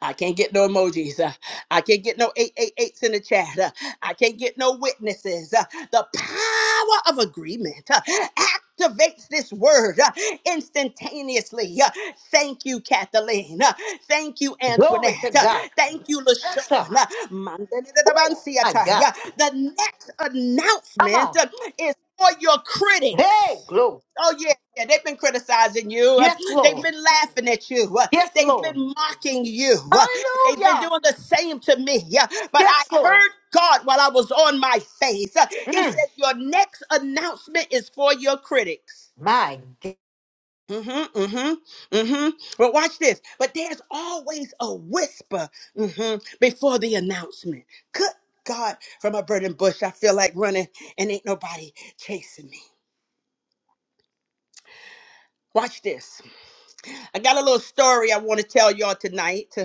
[SPEAKER 1] I can't get no emojis. Uh, I can't get no eight eight eights in the chat. Uh, I can't get no witnesses. Uh, The power of agreement uh, activates this word uh, instantaneously. Uh, Thank you, Kathleen. Uh, Thank you,
[SPEAKER 7] Glory to
[SPEAKER 1] Antoinette. Uh,
[SPEAKER 7] God.
[SPEAKER 1] Thank you,
[SPEAKER 7] Yes, sir.
[SPEAKER 1] LaShawn. Uh,
[SPEAKER 7] Woo! My
[SPEAKER 1] Mandelidadabansiata.
[SPEAKER 7] God.
[SPEAKER 1] Yeah, The next
[SPEAKER 7] Come
[SPEAKER 1] announcement
[SPEAKER 7] on.
[SPEAKER 1] uh, is for your
[SPEAKER 7] Hey,
[SPEAKER 1] critics.
[SPEAKER 7] glory.
[SPEAKER 1] Oh yeah. Yeah, they've been criticizing you. Uh,
[SPEAKER 7] Yes,
[SPEAKER 1] They've
[SPEAKER 7] Lord.
[SPEAKER 1] been laughing at you. Uh,
[SPEAKER 7] Yes,
[SPEAKER 1] They've
[SPEAKER 7] Lord.
[SPEAKER 1] been mocking you. Uh, They've been
[SPEAKER 7] Hallelujah.
[SPEAKER 1] doing the same to me. Uh, But I
[SPEAKER 7] Yes, Lord.
[SPEAKER 1] heard God while I was on my face. Uh, He
[SPEAKER 7] Mm,
[SPEAKER 1] said, Your next announcement is for your critics.
[SPEAKER 7] my God,
[SPEAKER 1] Mm-hmm, mm-hmm, mm-hmm. But watch this. But there's always a whisper hmm before the announcement. Good God, from a burning bush, I feel like running and ain't nobody chasing me. Watch this. I got a little story I want to tell y'all tonight.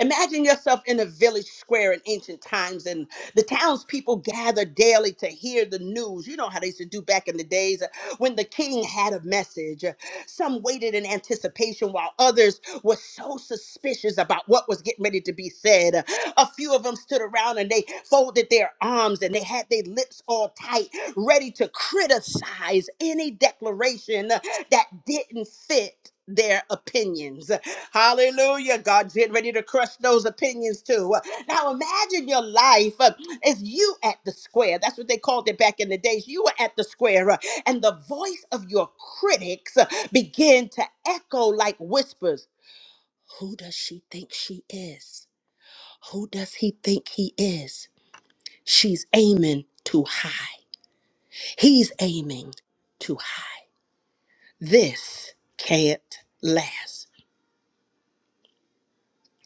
[SPEAKER 1] Imagine yourself in a village square in ancient times, and the townspeople gathered daily to hear the news. You know how they used to do back in the days uh, when the king had a message. Uh, Some waited in anticipation, while others were so suspicious about what was getting ready to be said. Uh, A few of them stood around and they folded their arms and they had their lips all tight, ready to criticize any declaration that didn't fit their opinions. Hallelujah. God's getting ready to crush those opinions too. Now imagine your life uh, is you at the square. That's what they called it back in the days. You were at the square, uh, and the voice of your critics uh, began to echo like whispers. Who does she think she is? Who does he think he is? She's aiming too high. He's aiming too high. This can't last.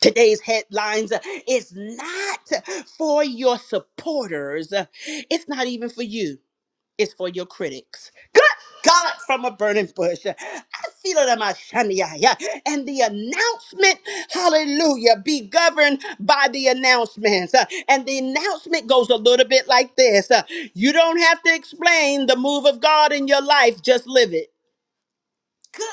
[SPEAKER 1] Today's headlines uh, is not for your supporters. Uh, It's not even for you. It's for your critics. Good God from a burning bush. Uh, I feel it in my shania. yeah. And the announcement, hallelujah, be governed by the announcements. Uh, And the announcement goes a little bit like this. Uh, You don't have to explain the move of God in your life, just live it. Good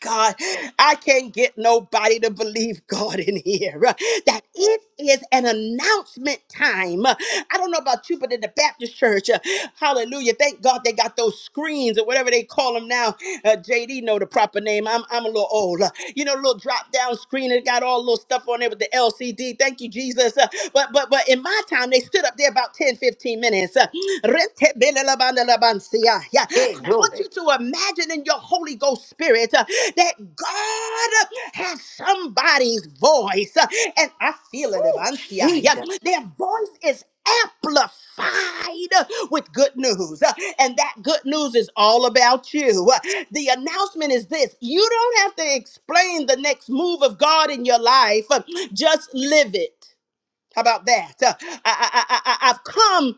[SPEAKER 1] God, I can't get nobody to believe God in here. uh, That it is an announcement time. Uh, I don't know about you, but in the Baptist church, uh, hallelujah. Thank God they got those screens or whatever they call them now. Uh, JD know the proper name. I'm, I'm a little old. Uh, you know, little drop down screen. It got all little stuff on there with the LCD. Thank you, Jesus. Uh, but but but in my time, they stood up there about 10 15 minutes. Uh, yeah.
[SPEAKER 7] Hey,
[SPEAKER 1] I want
[SPEAKER 7] glory.
[SPEAKER 1] you to imagine in your Holy Ghost spirit uh, that God has somebody's voice, uh, and I feel it, Abanshia. Yeah,
[SPEAKER 7] Jesus.
[SPEAKER 1] their voice is amplified uh, with good news, uh, and that good news is all about you. Uh, The announcement is this: you don't have to explain the next move of God in your life; uh, just live it. How about that? Uh, I, I, I, I- I've come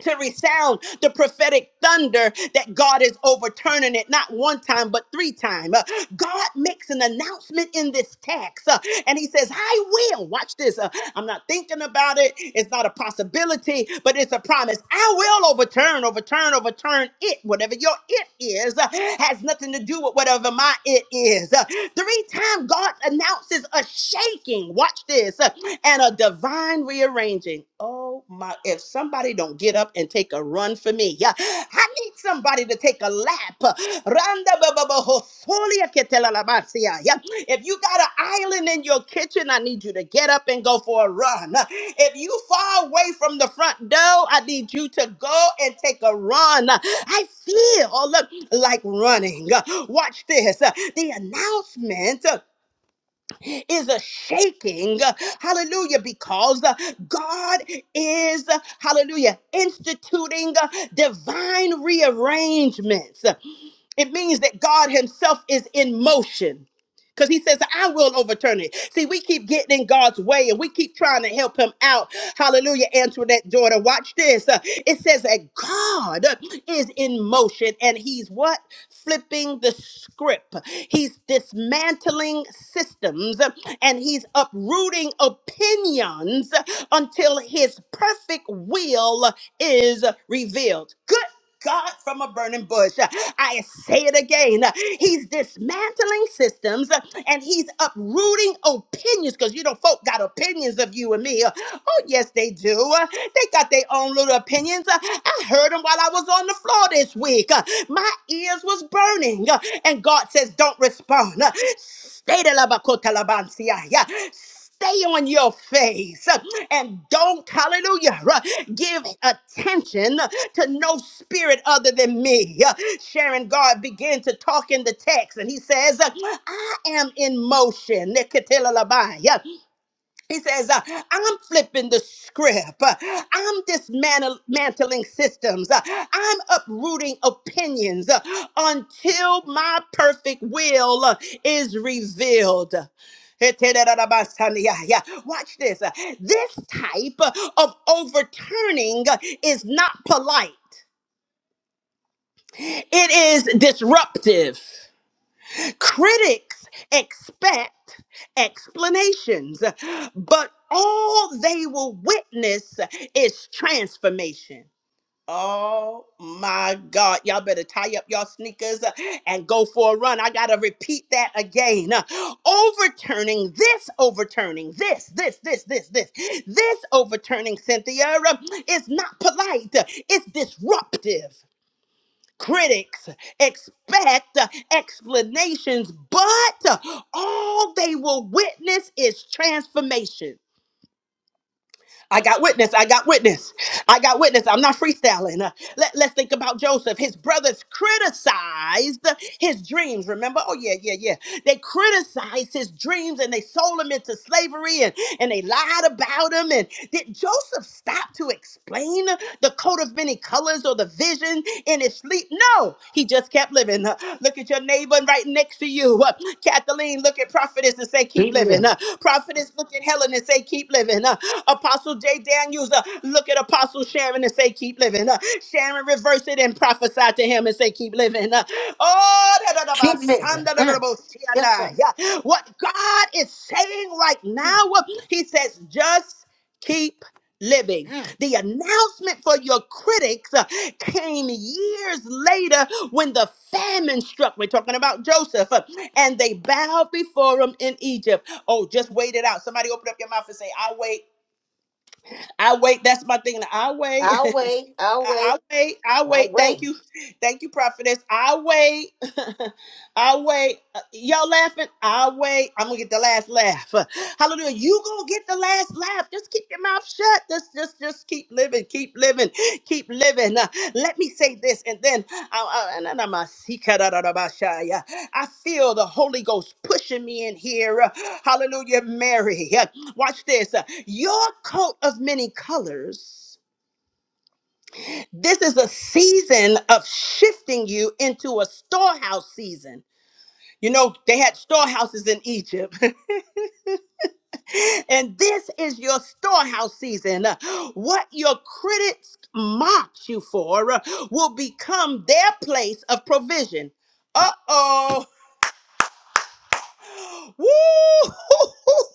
[SPEAKER 1] to resound the prophetic thunder that God is overturning it not one time but three times. God makes an announcement in this text uh, and he says, "I will." Watch this. uh, I'm not thinking about it. It's not a possibility, but it's a promise. I will overturn, overturn, overturn it. Whatever your it is uh, has nothing to do with whatever my it is. Uh, Three times God announces a shaking. Watch this. uh, And a divine rearranging. Oh. Oh my, if somebody don't get up and take a run for me, yeah, I need somebody to take a lap. Randa ba ba ba ho solia ke te la la ba sia, Yeah. If you got an island in your kitchen, I need you to get up and go for a run. If you far away from the front door, I need you to go and take a run. I feel like running. Watch this. The announcement is a shaking. Hallelujah. Because uh, God is, uh, hallelujah, instituting uh, divine rearrangements. It means that God Himself is in motion. Because he says, I will overturn it. See, we keep getting in God's way and we keep trying to help him out. Hallelujah, Antoinette daughter. Watch this. Uh, It says that God is in motion and he's what? flipping the script. He's dismantling systems and he's uprooting opinions until his perfect will is revealed. Good God from a burning bush. I say it again. He's dismantling systems and he's uprooting opinions because you know folk got opinions of you and me. Oh yes, they do. They got their own little opinions. I heard them while I was on the floor this week. My ears was burning, and God says, "Don't respond." Stay the labacote labansia. Stay on your face uh, and don't, hallelujah, uh, give attention to no spirit other than me. Uh, Sharon God began to talk in the text and he says, I am in motion. Nikatilalabaya. He says, uh, I'm flipping the script. Uh, I'm dismantling systems. Uh, I'm uprooting opinions uh, until my perfect will uh, is revealed. Yeah. Watch this. Uh, This type uh, of overturning uh, is not polite, it is disruptive. Critics expect explanations, but all they will witness is transformation. Oh my God. Y'all better tie up y'all sneakers uh, and go for a run. I got to repeat that again. Uh, Overturning this, overturning this, this, this, this, this, this overturning, Cynthia, uh, is not polite. It's disruptive. Critics expect uh, explanations, but all they will witness is transformation. I got witness. I got witness. I got witness. I'm not freestyling. Uh, let, let's think about Joseph. His brothers criticized his dreams. Remember? Oh, yeah, yeah, yeah. They criticized his dreams and they sold him into slavery and, and they lied about him. And did Joseph stop to explain the coat of many colors or the vision in his sleep? No, he just kept living. Uh, Look at your neighbor right next to you. Uh, Kathleen, look at prophetess and say, keep
[SPEAKER 7] Keep
[SPEAKER 1] living.
[SPEAKER 7] living.
[SPEAKER 1] Uh, Prophetess, look at Helen and say, keep living. Uh, Apostle J. Daniels, uh, look at Apostle Sharon and say, keep living. Uh, Sharon, reverse it and prophesy to him and say, keep living. Uh, oh, da, da, da, ba,
[SPEAKER 7] Keep
[SPEAKER 1] san,
[SPEAKER 7] living.
[SPEAKER 1] da, da, da, da,
[SPEAKER 7] Mm,
[SPEAKER 1] bo, si, ah,
[SPEAKER 7] yes, sir.
[SPEAKER 1] nah. Yeah. what God is saying right
[SPEAKER 7] Mm,
[SPEAKER 1] now, uh, he says, just keep living.
[SPEAKER 7] mm.
[SPEAKER 1] The announcement for your critics uh, came years later when the famine struck. We're talking about Joseph, uh, and they bowed before him in Egypt. Oh, just wait it out. Somebody open up your mouth and say, I wait. I wait. That's my thing. I wait.
[SPEAKER 7] I'll wait. I'll
[SPEAKER 1] I,
[SPEAKER 7] wait.
[SPEAKER 1] I wait. I
[SPEAKER 7] I'll
[SPEAKER 1] wait. Thank
[SPEAKER 7] wait.
[SPEAKER 1] you. Thank you, prophetess. I wait. I wait. Uh, Y'all laughing? I wait. I'm gonna get the last laugh. Uh, Hallelujah. You gonna get the last laugh. Just keep your mouth shut. Just just just keep living. Keep living. Keep living. Uh, let me say this and then I, I, and then I'm a seeker, da, da, da, ba, sha, yeah. I feel the Holy Ghost pushing me in here. Uh, Hallelujah, Mary. Uh, Watch this. Uh, Your coat of many colors this is a season of shifting you into a storehouse season. You know, they had storehouses in Egypt. and this is your storehouse season. Uh, What your critics mocked you for uh, will become their place of provision. Uh oh. Woo!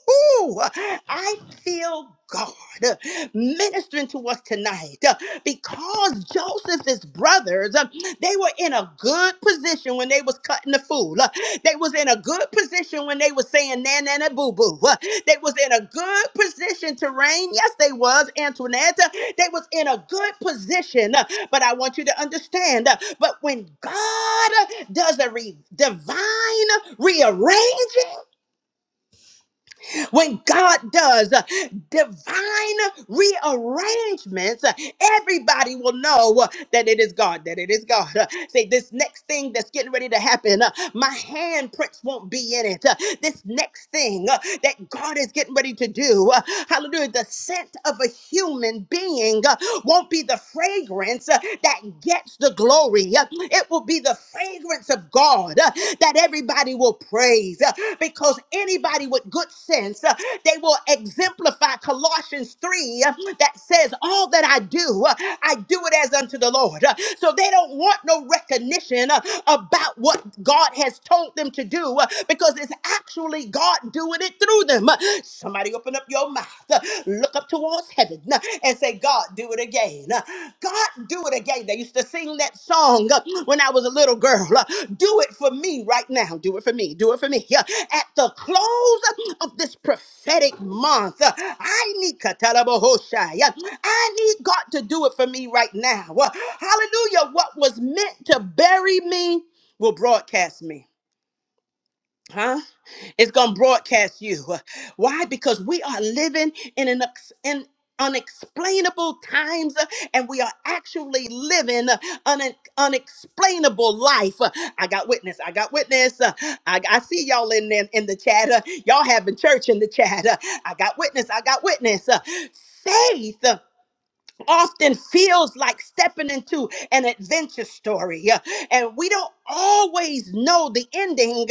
[SPEAKER 1] I feel God uh, ministering to us tonight uh, because Joseph's brothers. uh, They were in a good position when they was cutting the fool. Uh, They was in a good position when they was saying na na na boo boo. Uh, They was in a good position to reign. Yes, they was Antoinette. Uh, They was in a good position. Uh, But I want you to understand. uh, But when God uh, does a re- divine rearranging, when God does uh, divine rearrangements, uh, everybody will know uh, that it is God, that it is God. Uh, Say, this next thing that's getting ready to happen, uh, my handprints won't be in it. Uh, This next thing uh, that God is getting ready to do, uh, hallelujah, the scent of a human being uh, won't be the fragrance uh, that gets the glory. uh, uh, It will be the fragrance of God uh, that everybody will praise uh, because anybody with good sense, uh, they will exemplify Colossians 3 uh, that says, All that I do, uh, I do it as unto the Lord. Uh, So they don't want no recognition uh, about what God has told them to do uh, because it's actually God doing it through them. Uh, Somebody open up your mouth mouth, uh, look up towards heaven, uh, and say, God, do it again. Uh, God, do it again. They used to sing that song uh, when I was a little girl. uh, Do it for me right now. Do it for me. Do it for me. Uh, At the close of this prophetic month, uh, I need Katalabahoshai. I need God to do it for me right now. Uh, Hallelujah. What was meant to bury me will broadcast me huh it's gonna broadcast you why because we are living in an ex- in unexplainable times uh, and we are actually living uh, an unexplainable life Uh, i got witness i got witness Uh, i, I see y'all in, in in the chat Uh, y'all having church in the chat Uh, i got witness i got witness Uh, faith uh, often feels like stepping into an adventure story uh, and we don't always know the ending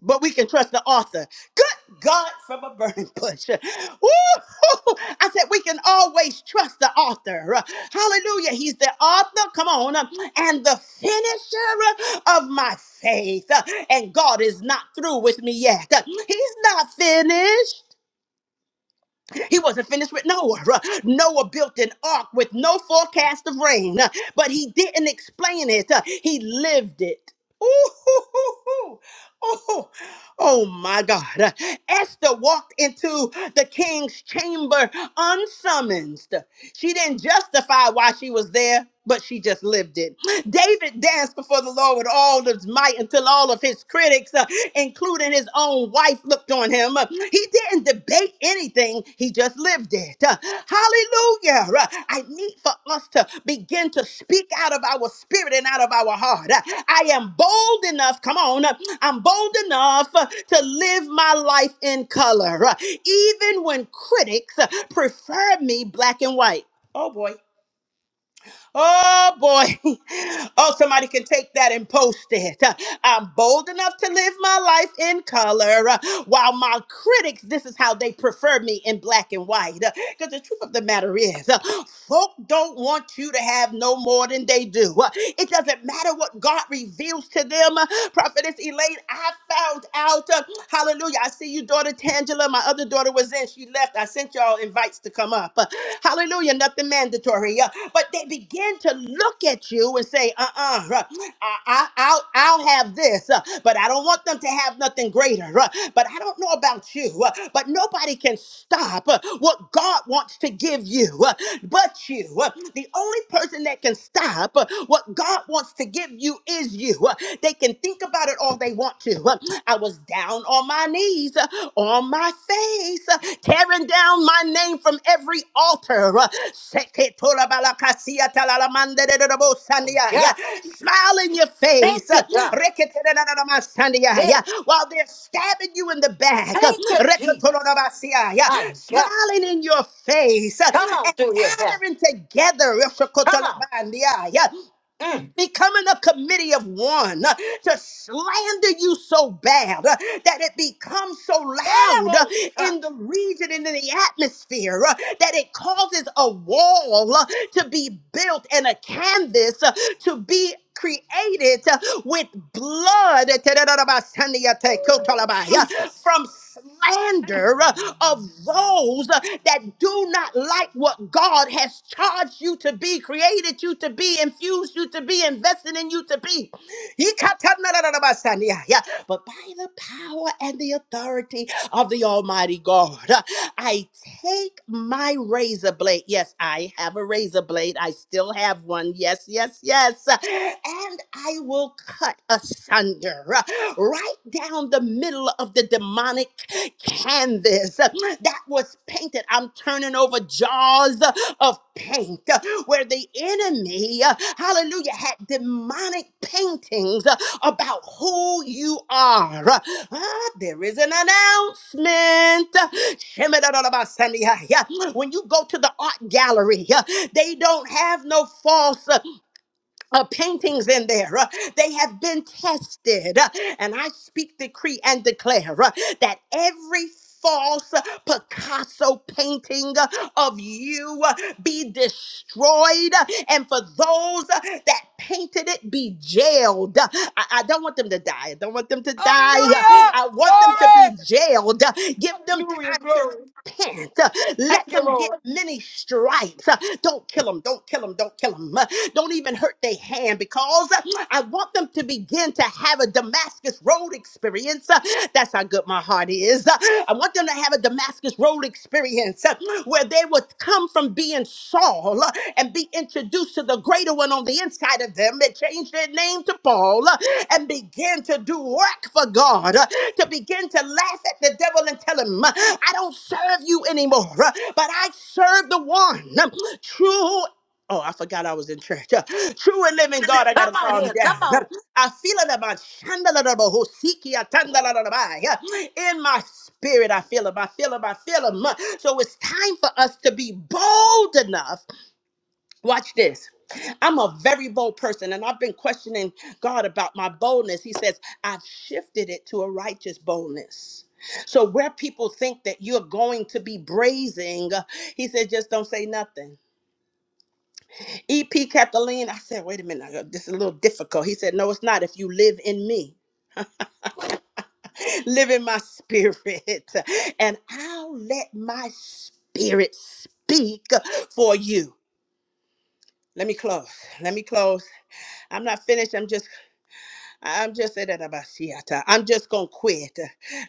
[SPEAKER 1] but we can trust the author. Good God from a burning bush. Woo! I said we can always trust the author. Hallelujah. He's the author, come on, and the finisher of my faith. And God is not through with me yet. He's not finished. He wasn't finished with Noah. Noah built an ark with no forecast of rain, but he didn't explain it. He lived it. Ooh, hoo, hoo, hoo. Oh, oh my God. Esther walked into the king's chamber unsummoned. She didn't justify why she was there, but she just lived it. David danced before the Lord with all his might until all of his critics, uh, including his own wife, looked on him. He didn't debate anything, he just lived it. Uh, Hallelujah. Uh, I need for us to begin to speak out of our spirit and out of our heart. Uh, I am bold enough, come on, uh, I'm bold enough uh, to live my life in color, uh, even when critics uh, prefer me black and white. Oh boy. Oh boy. Oh, somebody can take that and post it. Uh, I'm bold enough to live my life in color. uh, While my critics, this is how they prefer me in black and white. Because the truth of the matter is, uh, folk don't want you to have no more than they do. Uh, It doesn't matter what God reveals to them. Uh, Prophetess Elaine, I found out. uh, Hallelujah. I see you, daughter Tangela. My other daughter was in. She left. I sent y'all invites to come up. Uh, Hallelujah. Nothing mandatory. Uh, But they begin to look at you and say, uh uh-uh, uh, I, I, I'll, I'll have this, uh, but I don't want them to have nothing greater. uh, But I don't know about you, uh, but nobody can stop uh, what God wants to give you uh, but you. Uh, The only person that can stop uh, what God wants to give you is you. Uh, They can think about it all they want to. uh, you. I was down on my knees, uh, on my face, uh, tearing down my name from every altar. Smile
[SPEAKER 7] God,
[SPEAKER 1] in your
[SPEAKER 7] thank
[SPEAKER 1] face
[SPEAKER 7] you, God. Hey,
[SPEAKER 1] while they're stabbing you in the back.
[SPEAKER 7] thank you, Jesus. I God.
[SPEAKER 1] Smiling in your face uh,
[SPEAKER 7] Come on through here, Pastor.
[SPEAKER 1] and gathering together
[SPEAKER 7] Come on. Mm.
[SPEAKER 1] becoming a committee of one uh, to slander you so bad uh, that it becomes so loud uh,
[SPEAKER 7] Edible, son.
[SPEAKER 1] in the region and in the atmosphere uh, that it causes a wall uh, to be built and a canvas uh, to be created with blood
[SPEAKER 7] Jesus.
[SPEAKER 1] from slander of those that do not like what God has charged you to be, created you to be, infused you to be, invested in you to be. But by the power and the authority of the Almighty God. I take my razor blade. Yes, I have a razor blade. I still have one. Yes, yes, yes. And I will cut asunder uh, right down the middle of the demonic canvas uh, that was painted. I'm turning over jaws of paint uh, where the enemy, uh, hallelujah, had demonic paintings uh, about who you are. Ah, there is an announcement. Shemidadadabasani, ah, yeah. When you go to the art gallery, uh, they don't have no false. uh, uh, paintings in there. uh, they have been tested. uh, and I speak, decree, and declare uh, that every false uh, Picasso painting uh, of you uh, be destroyed. uh, And for those uh, that painted it, be jailed. Uh, I, I don't want them to die. I don't want them to die. Uh,
[SPEAKER 7] Hallelujah.
[SPEAKER 1] I want them to
[SPEAKER 7] Glory.
[SPEAKER 1] be jailed. Uh, Give them
[SPEAKER 7] Hallelujah.
[SPEAKER 1] time to
[SPEAKER 7] Glory.
[SPEAKER 1] repent. Uh,
[SPEAKER 7] Thank
[SPEAKER 1] Let
[SPEAKER 7] you,
[SPEAKER 1] them get
[SPEAKER 7] Lord.
[SPEAKER 1] many stripes. Uh, Don't kill them. Don't kill them. Don't kill them. Don't even hurt their hand because uh, I want them to begin to have a Damascus Road experience. Uh, That's how good my heart is. Uh, I want them to have a Damascus Road experience uh, where they will come from being Saul uh, and be introduced to the greater one on the inside of them They changed their name to Paul uh, and began to do work for God, uh, to begin to laugh at the devil and tell him, uh, I don't serve you anymore, uh, but I serve the one um, true. Oh, I forgot I was in church. Uh, True and living God, I got
[SPEAKER 7] Come
[SPEAKER 1] to
[SPEAKER 7] on
[SPEAKER 1] calm
[SPEAKER 7] here. Come
[SPEAKER 1] down.
[SPEAKER 7] on.
[SPEAKER 1] I feel it about shandaladaba, hosiki, atandaladabai. in my spirit. I feel him. I feel him. I feel him. So it's time for us to be bold enough. Watch this. I'm a very bold person, and I've been questioning God about my boldness. He says, I've shifted it to a righteous boldness. So, where people think that you're going to be brazen, he said, just don't say nothing. EP Kathleen, I said, wait a minute, this is a little difficult. He said, no, it's not if you live in me. live in my spirit, and I'll let my spirit speak for you. Let me close. Let me close. I'm not finished. I'm just, I'm just I'm just gonna quit.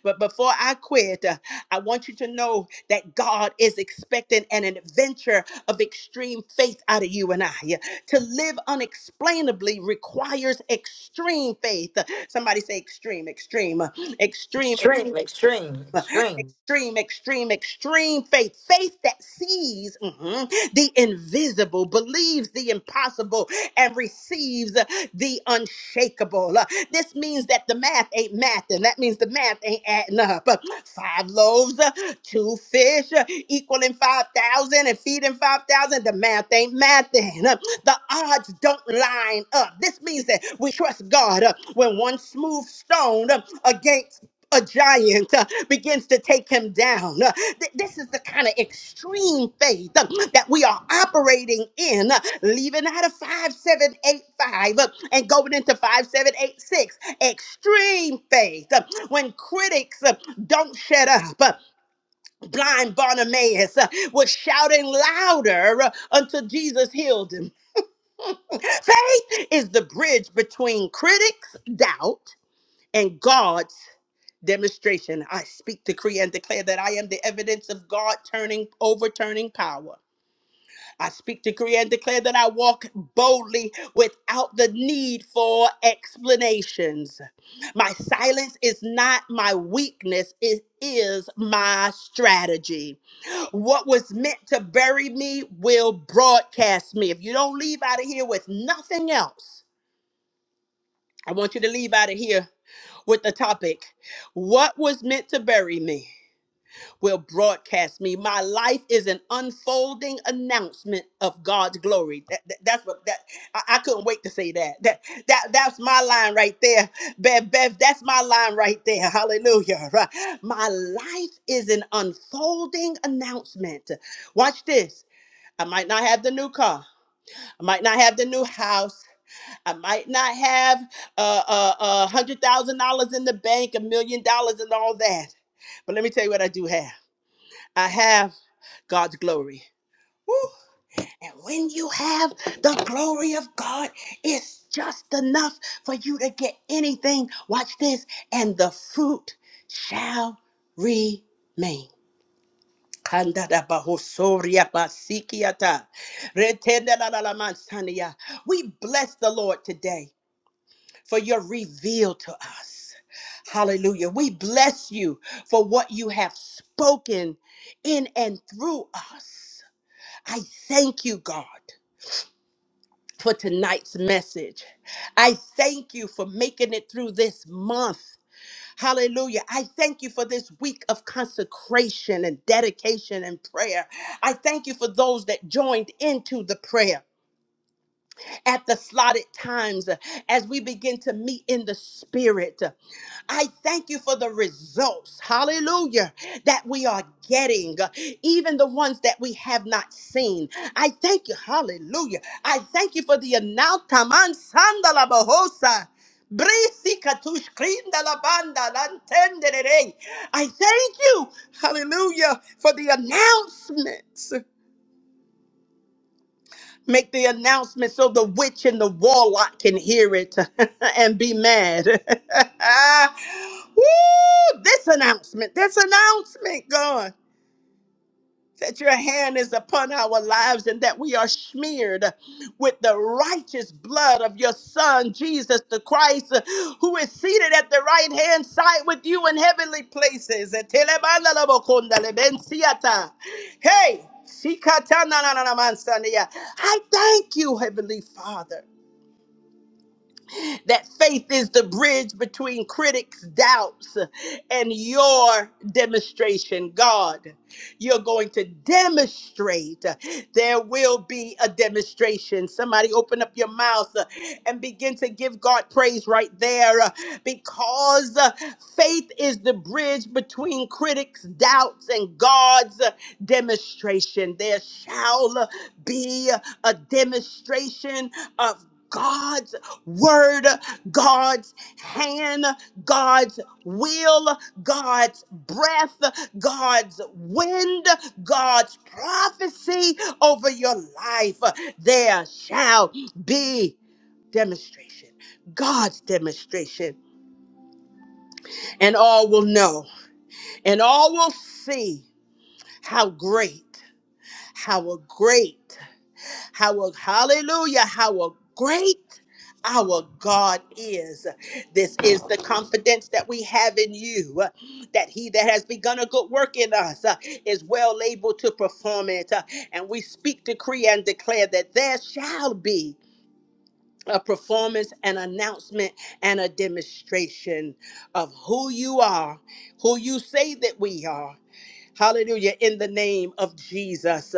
[SPEAKER 1] But before I quit, uh, I want you to know that God is expecting an adventure of extreme faith out of you and I. Yeah. To live unexplainably requires extreme faith. Somebody say extreme, extreme, extreme,
[SPEAKER 7] Extreme, extreme, extreme.
[SPEAKER 1] Extreme, extreme, extreme faith. Faith that sees mhm, the invisible, believes the impossible, and receives uh, the unshakable. Uh, This means that the math ain't mathing. That means the math ain't adding up. Uh, Five loaves, uh, two fish, uh, equaling 5,000 and feeding 5,000. The math ain't mathing. Uh, the odds don't line up. This means that we trust God uh, when one smooth stone uh, against a giant uh, begins to take him down. Uh, th- this is the kind of extreme faith uh, that we are operating in, uh, leaving out of 5785 uh, and going into 5786. Extreme faith. uh, when critics uh, don't shut up, uh, blind Bartimaeus uh, was shouting louder uh, until Jesus healed him. Faith is the bridge between critics' doubt and God's demonstration. I speak, decree, and declare that I am the evidence of God turning, overturning power. I speak, decree, and declare that I walk boldly without the need for explanations. My silence is not my weakness, it is my strategy. What was meant to bury me will broadcast me. If you don't leave out of here with nothing else, I want you to leave out of here with the topic What was meant to bury me? will broadcast me. My life is an unfolding announcement of God's glory. That, that- that's what that I, I couldn't wait to say that. That that that's my line right there. Bev, Bev, that's my line right there. Hallelujah. Right. My life is an unfolding announcement. Watch this. I might not have the new car. I might not have the new house. I might not have uh, uh, uh, $100,000 in the bank, a million dollars, and all that. But let me tell you what I do have. I have God's glory. Woo. And when you have the glory of God, it's just enough for you to get anything. Watch this, and the fruit shall remain. Kandadabahosoriabasikiata. Retendelalamansandia. We bless the Lord today for your reveal to us. Hallelujah. We bless you for what you have spoken in and through us. I thank you, God, for tonight's message. I thank you for making it through this month. Hallelujah. I thank you for this week of consecration and dedication and prayer. I thank you for those that joined into the prayer at the slotted times uh, as we begin to meet in the spirit. I thank you for the results, hallelujah, that we are getting, uh, even the ones that we have not seen. I thank you, hallelujah. I thank you for the announcement. Sandala Brisi katush krinda lantenderere. I thank you, hallelujah, for the announcements Make the announcement so the witch and the warlock can hear it and be mad. Woo! This announcement, this announcement, God that your hand is upon our lives and that we are smeared with the righteous blood of your son Jesus the Christ uh, who is seated at the right hand side with you in heavenly places hey I thank you heavenly father that faith is the bridge between critics' doubts and your demonstration. God, you're going to demonstrate. There will be a demonstration. Somebody open up your mouth uh, and begin to give God praise right there uh, because uh, faith is the bridge between critics' doubts and God's uh, demonstration. There shall uh, be a demonstration of. God's word, God's hand, God's will, God's breath, God's wind, God's prophecy over your life. There shall be demonstration, God's demonstration, and all will know and all will see how great, how great. How hallelujah, how great our God is. This is the confidence that we have in you uh, that he that has begun a good work in us uh, is well able to perform it. Uh, And we speak, decree, and declare that there shall be a performance, an announcement, and a demonstration of who you are, who you say that we are. Hallelujah, in the name of Jesus.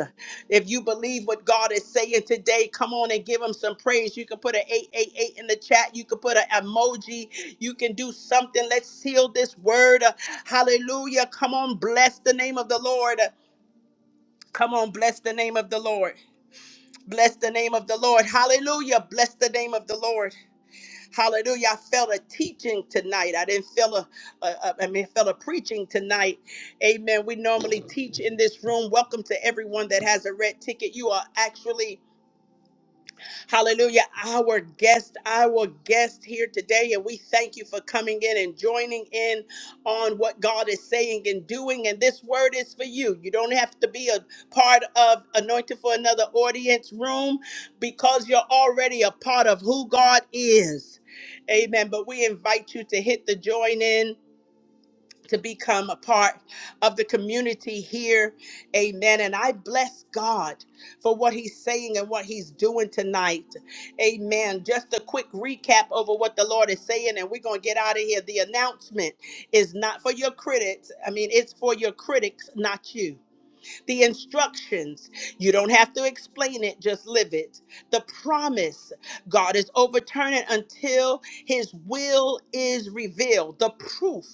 [SPEAKER 1] If you believe what God is saying today, come on and give him some praise. You can put an 888 in the chat. You can put an emoji. You can do something. Let's seal this word. Hallelujah. Come on, bless the name of the Lord. Come on, bless the name of the Lord. Bless the name of the Lord. Hallelujah. Bless the name of the Lord. Hallelujah. I felt a teaching tonight. I didn't feel a, a, a I mean, felt a preaching tonight. Amen. We normally teach in this room. Welcome to everyone that has a red ticket. You are actually Hallelujah. Our guest, our guest here today. And we thank you for coming in and joining in on what God is saying and doing. And this word is for you. You don't have to be a part of Anointed for Another Audience Room because you're already a part of who God is. Amen. But we invite you to hit the join in to become a part of the community here. Amen. And I bless God for what he's saying and what he's doing tonight. Amen. Just a quick recap over what the Lord is saying, and we're going to get out of here. The announcement is not for your critics. I mean, it's for your critics, not you. The instructions, you don't have to explain it, just live it. The promise, God is overturning until his will is revealed. The proof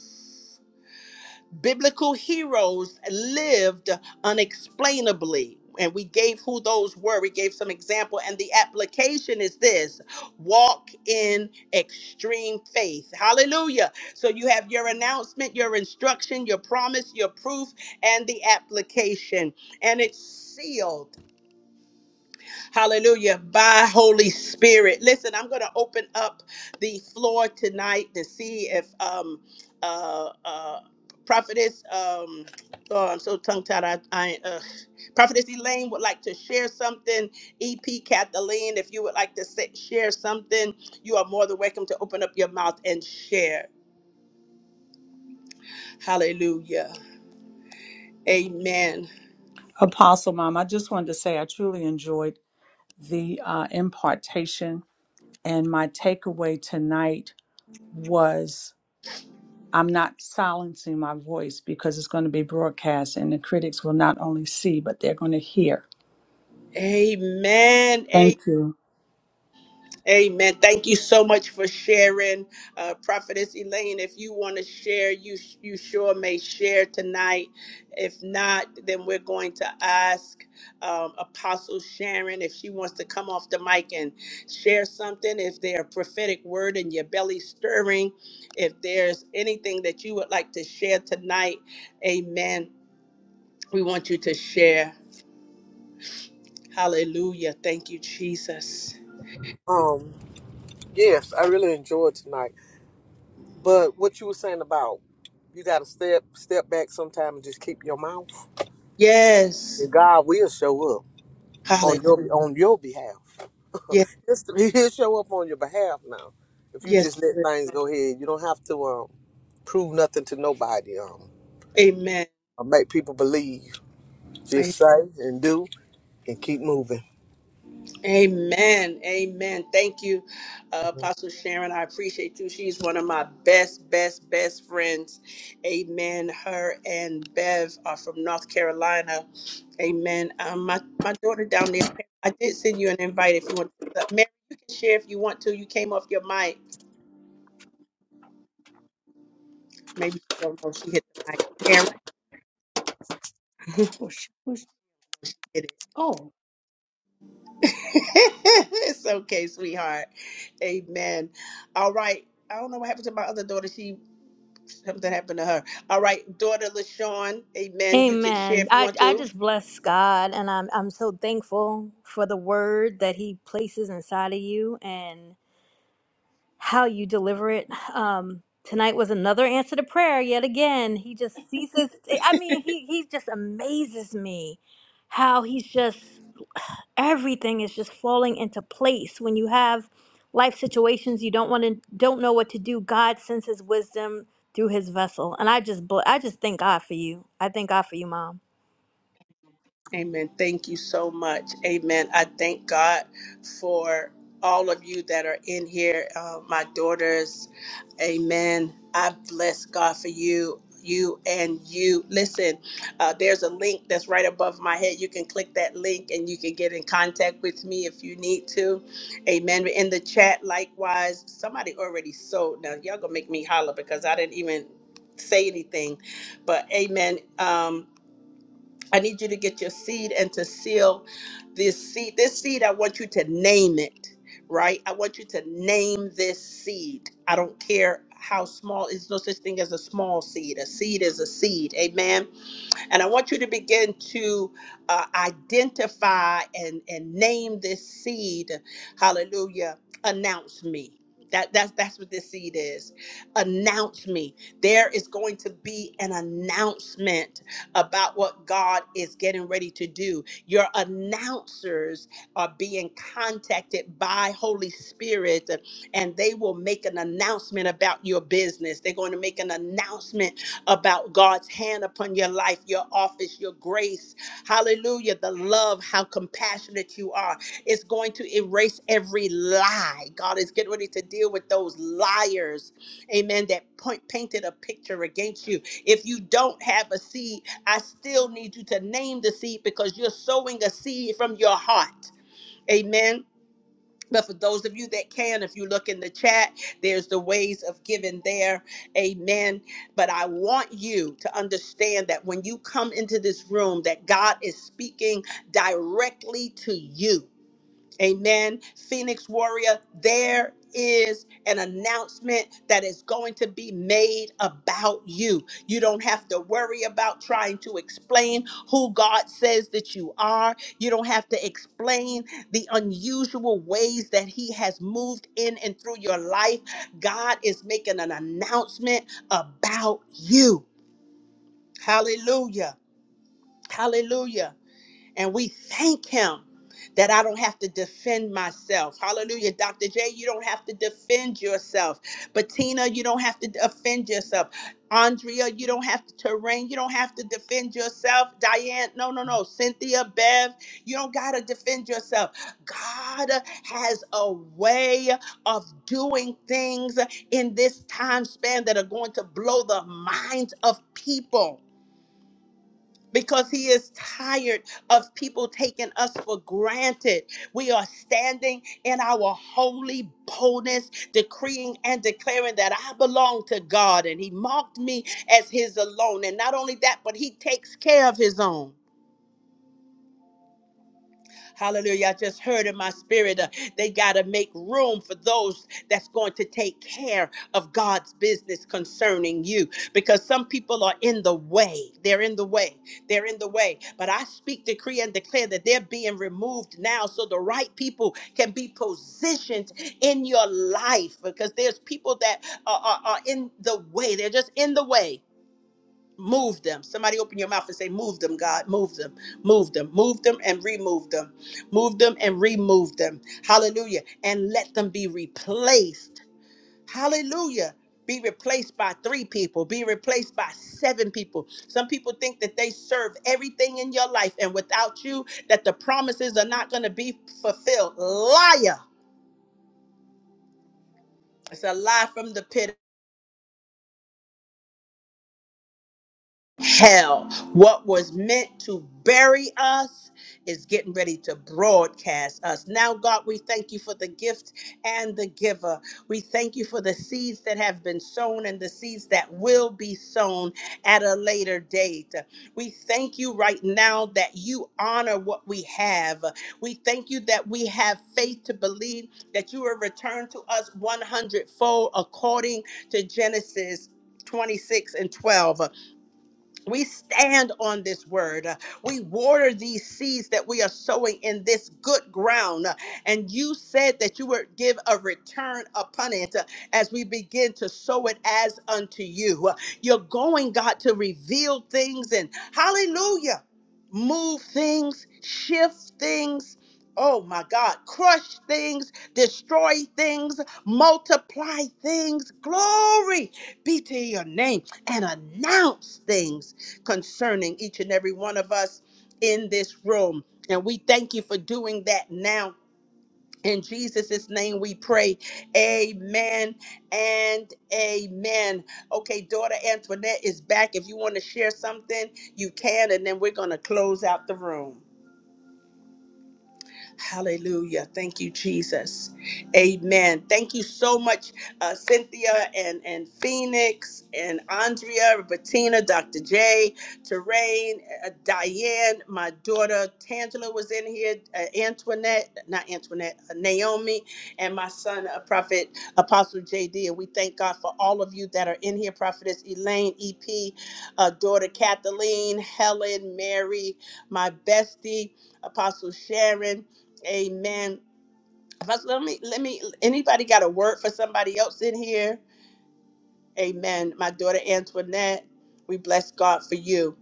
[SPEAKER 1] biblical heroes lived unexplainably. And we gave who those were. We gave some example. And the application is this walk in extreme faith. Hallelujah. So you have your announcement, your instruction, your promise, your proof, and the application. And it's sealed. Hallelujah. By Holy Spirit. Listen, I'm going to open up the floor tonight to see if um uh uh prophetess um oh I'm so tongue tied I, I uh prophetess Elaine would like to share something. EP Kathleen, if you would like to say, share something, you are more than welcome to open up your mouth and share. Hallelujah. Amen.
[SPEAKER 8] Apostle Mom, I just wanted to say I truly enjoyed the uh, impartation, and my takeaway tonight was I'm not silencing my voice because it's going to be broadcast, and the critics will not only see, but they're going to hear.
[SPEAKER 1] Amen.
[SPEAKER 8] Thank you.
[SPEAKER 1] Amen. Thank you so much for sharing, uh, Prophetess Elaine. If you want to share, you you sure may share tonight. If not, then we're going to ask um, Apostle Sharon if she wants to come off the mic and share something. If there's a prophetic word in your belly stirring, if there's anything that you would like to share tonight, Amen. We want you to share. Hallelujah. Thank you, Jesus.
[SPEAKER 4] Um, yes, I really enjoyed tonight. But what you were saying about you got to step step back sometime and just keep your mouth.
[SPEAKER 1] Yes.
[SPEAKER 4] And God will show up on
[SPEAKER 1] Hallelujah.
[SPEAKER 4] your on your behalf. Just- He'll show up on your behalf now. If you
[SPEAKER 1] Yes.
[SPEAKER 4] just let
[SPEAKER 1] Lord.
[SPEAKER 4] things go ahead, you don't have to um, prove nothing to nobody. Um,
[SPEAKER 1] Amen.
[SPEAKER 4] or make people believe. Just say and do and keep moving.
[SPEAKER 1] Amen. Amen. Thank you, uh, Apostle Sharon. I appreciate you. She's one of my best, best, best friends. Amen. Her and Bev are from North Carolina. Amen. Um, my, my daughter down there, I did send you an invite if you want to. Mary, you can share if you want to. You came off your mic. Maybe she don't know she hit the mic. Mary.
[SPEAKER 6] Push, push. Oh,
[SPEAKER 1] it's okay, sweetheart. Amen. All right. I don't know what happened to my other daughter. She something happened to her. All right, daughter LaShawn. Amen. You can share
[SPEAKER 5] Amen.
[SPEAKER 1] if you
[SPEAKER 5] I,
[SPEAKER 1] want
[SPEAKER 5] I
[SPEAKER 1] to.
[SPEAKER 5] just bless God and I'm I'm so thankful for the word that he places inside of you and how you deliver it. Um tonight was another answer to prayer yet again. He just ceases I mean he he just amazes me how he's just everything is just falling into place when you have life situations you don't want to don't know what to do. God sends his wisdom through his vessel. And I just bl- I just thank God for you. I thank God for you, mom.
[SPEAKER 1] Amen. Thank you so much. Amen. I thank God for all of you that are in here, uh, my daughters. Amen. I bless God for you. You and you. Listen, uh, there's a link that's right above my head. You can click that link and you can get in contact with me if you need to. Amen. In the chat, likewise, somebody already sold. Now, y'all gonna make me holler because I didn't even say anything. But amen. Um, I need you to get your seed and to seal this seed. This seed, I want you to name it, right? I want you to name this seed. I don't care how small, it's no such thing as a small seed. A seed is a seed. Amen. And I want you to begin to uh, identify and, and name this seed. Hallelujah. Announce me. That, that's that's what this seed is. Announce me. There is going to be an announcement about what God is getting ready to do. Your announcers are being contacted by Holy Spirit, and they will make an announcement about your business. They're going to make an announcement about God's hand upon your life, your office, your grace. Hallelujah. The love, how compassionate you are. It's going to erase every lie. God is getting ready to deal with those liars. Amen. That point painted a picture against you. If you don't have a seed, I still need you to name the seed because you're sowing a seed from your heart. Amen but for those of you that can, if you look in the chat, there's the ways of giving there. Amen. But I want you to understand that when you come into this room, that God is speaking directly to you Amen. Phoenix Warrior, there is an announcement that is going to be made about you. You don't have to worry about trying to explain who God says that you are. You don't have to explain the unusual ways that He has moved in and through your life. God is making an announcement about you. Hallelujah. Hallelujah. And we thank him that I don't have to defend myself. Hallelujah. Dr. J, you don't have to defend yourself. Bettina, you don't have to defend yourself. Andrea, you don't have to terrain. You don't have to defend yourself. Diane, no, no, no. Cynthia, Bev, you don't got to defend yourself. God has a way of doing things in this time span that are going to blow the minds of people because he is tired of people taking us for granted. We are standing in our holy boldness, decreeing and declaring that I belong to God and he marked me as his alone. And not only that, but he takes care of his own. Hallelujah. I just heard in my spirit, uh, they got to make room for those that's going to take care of God's business concerning you because some people are in the way. They're in the way. They're in the way. But I speak, decree, and declare that they're being removed now so the right people can be positioned in your life because there's people that are, are, are in the way. They're just in the way Move them. Somebody open your mouth and say, Move them, God. Move them. Move them. Move them and remove them. Move them and remove them. Hallelujah. And let them be replaced. Hallelujah. Be replaced by three people. Be replaced by seven people. Some people think that they serve everything in your life, and without you, that the promises are not going to be fulfilled. Liar. It's a lie from the pit. hell. What was meant to bury us is getting ready to broadcast us. Now, God, we thank you for the gift and the giver. We thank you for the seeds that have been sown and the seeds that will be sown at a later date. We thank you right now that you honor what we have. We thank you that we have faith to believe that you will return to us one hundredfold, according to Genesis 26 and 12. We stand on this word. We water these seeds that we are sowing in this good ground. And you said that you would give a return upon it as we begin to sow it as unto you. You're going, God, to reveal things and hallelujah, move things, shift things. Oh my God, crush things, destroy things, multiply things. Glory be to your name and announce things concerning each and every one of us in this room. And we thank you for doing that now. In Jesus' name we pray. Amen and amen. Okay, daughter Antoinette is back. If you want to share something, you can, and then we're going to close out the room. Hallelujah. Thank you, Jesus. Amen. Thank you so much, uh, Cynthia and, and Phoenix and Andrea, Bettina, Dr. J, Terrain, uh, Diane, my daughter Tangela was in here, uh, Antoinette, not Antoinette, uh, Naomi, and my son, uh, Prophet Apostle JD. And we thank God for all of you that are in here, Prophetess Elaine, EP, uh, daughter Kathleen, Helen, Mary, my bestie, Apostle Sharon. Amen. Pastor, let me let me anybody got a word for somebody else in here? Amen. My daughter Antoinette, we bless God for you.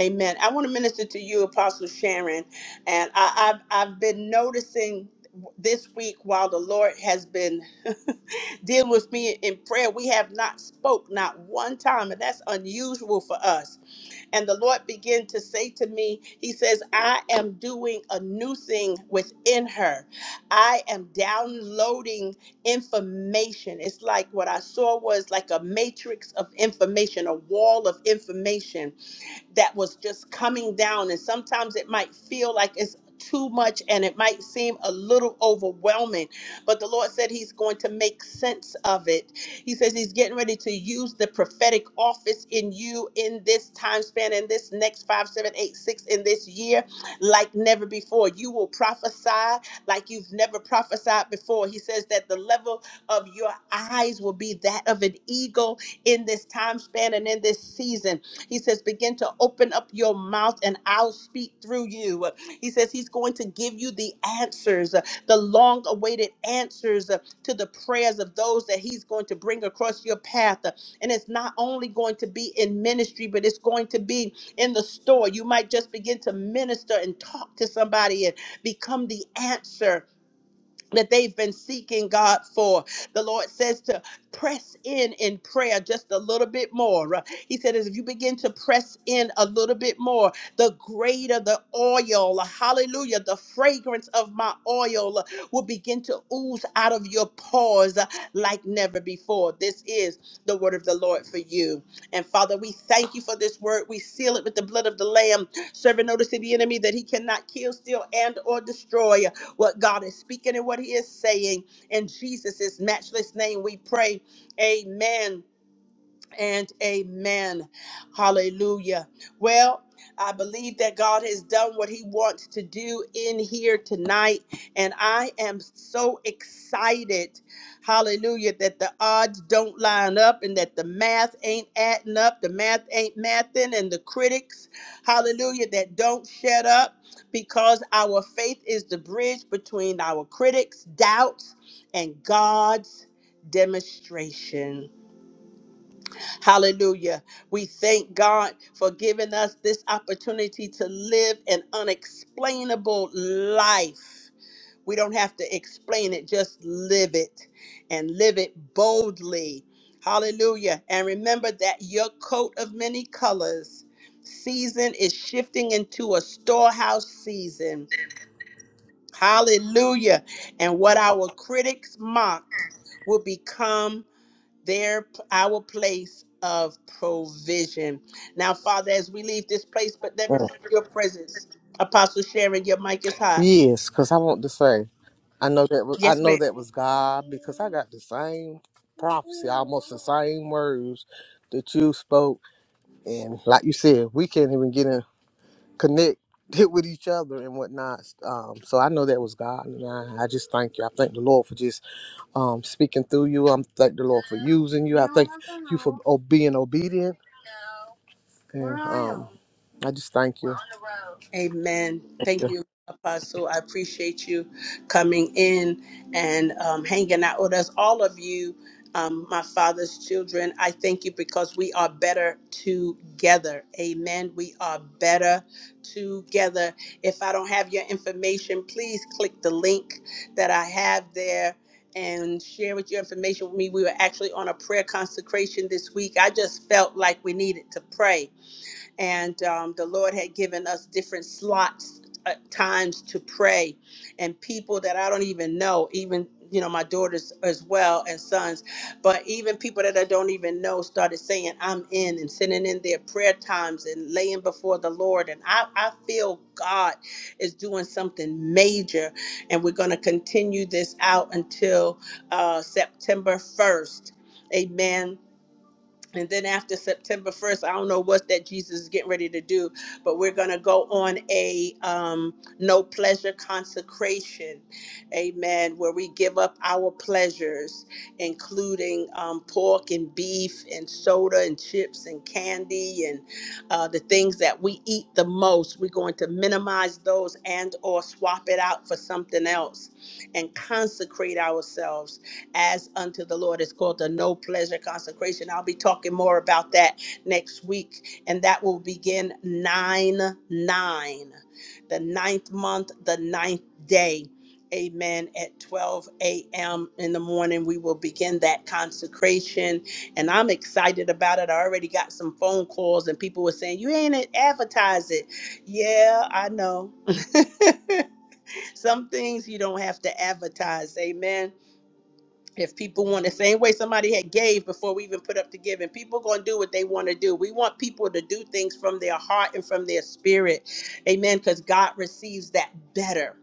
[SPEAKER 1] Amen. I want to minister to you, Apostle Sharon, and I, I've I've been noticing this week while the Lord has been dealing with me in prayer, we have not spoke not one time, and that's unusual for us. And the Lord began to say to me, He says, I am doing a new thing within her. I am downloading information. It's like what I saw was like a matrix of information, a wall of information that was just coming down. And sometimes it might feel like it's too much and it might seem a little overwhelming, but the Lord said He's going to make sense of it. He says He's getting ready to use the prophetic office in you in this time span, in this next five, seven, eight, six, in this year, like never before. You will prophesy like you've never prophesied before. He says that the level of your eyes will be that of an eagle in this time span and in this season he says, begin to open up your mouth and I'll speak through you. He says, He's going to give you the answers, uh, the long awaited answers uh, to the prayers of those that He's going to bring across your path. Uh, And it's not only going to be in ministry, but it's going to be in the store. You might just begin to minister and talk to somebody and become the answer that they've been seeking God for. The Lord says to press in in prayer just a little bit more. Uh, He said, as if you begin to press in a little bit more, the greater the oil, hallelujah, the fragrance of my oil uh, will begin to ooze out of your pores uh, like never before. This is the word of the Lord for you. And Father, we thank you for this word. We seal it with the blood of the Lamb, serving notice to the enemy that he cannot kill, steal, and or destroy what God is speaking and what He is saying. In Jesus' matchless name, we pray. Amen and amen. Hallelujah. Well, I believe that God has done what he wants to do in here tonight. And I am so excited. Hallelujah. That the odds don't line up and that the math ain't adding up. The math ain't mathing. And the critics, hallelujah, that don't shut up because our faith is the bridge between our critics' doubts and God's demonstration. Hallelujah. We thank God for giving us this opportunity to live an unexplainable life. We don't have to explain it, just live it and live it boldly. Hallelujah. And remember that your coat of many colors season is shifting into a storehouse season. Hallelujah. And what our critics mocked will become their our place of provision. Now, Father, as we leave this place, but never
[SPEAKER 4] Mm.
[SPEAKER 1] from your presence, Apostle Sharon, your mic is hot.
[SPEAKER 4] Yes, because I want to say, I know that was I
[SPEAKER 1] Yes, ma'am.
[SPEAKER 4] know that was God because I got the same prophecy, almost the same words that you spoke. And like you said, we can't even get in. connect hit with each other and whatnot. Um, so I know that was God, and I, I just thank you. I thank the Lord for just um, speaking through you. I am thank the Lord for using you. I thank you for oh, being obedient, and um, I just thank you.
[SPEAKER 1] Amen. Thank you, Apostle. I appreciate you coming in and um, hanging out with us, all of you, um, my father's children. I thank you because we are better together. Amen. We are better together. If I don't have your information, please click the link that I have there. And share with your information with me. We were actually on a prayer consecration this week. I just felt like we needed to pray and um, the Lord had given us different slots, uh, times to pray, and people that I don't even know, even you know my daughters as well and sons, but even people that I don't even know started saying I'm in and sending in their prayer times and laying before the Lord, and I I feel God is doing something major, and we're going to continue this out until uh, September first. Amen and then after September 1st, I don't know what that Jesus is getting ready to do, but we're going to go on a um, no pleasure consecration. Amen. Where we give up our pleasures, including um, pork and beef and soda and chips and candy and uh, the things that we eat the most. We're going to minimize those and or swap it out for something else and consecrate ourselves as unto the Lord. It's called the No Pleasure Consecration. I'll be talking more about that next week, and that will begin 9 9, the ninth month, the ninth day. Amen. At 12 a.m. in the morning, we will begin that consecration. And I'm excited about it. I already got some phone calls, and people were saying, You ain't advertise it. Yeah, I know. some things you don't have to advertise. Amen if people want the same way somebody had gave before we even put up to giving people going to do what they want to do we want people to do things from their heart and from their spirit amen because god receives that better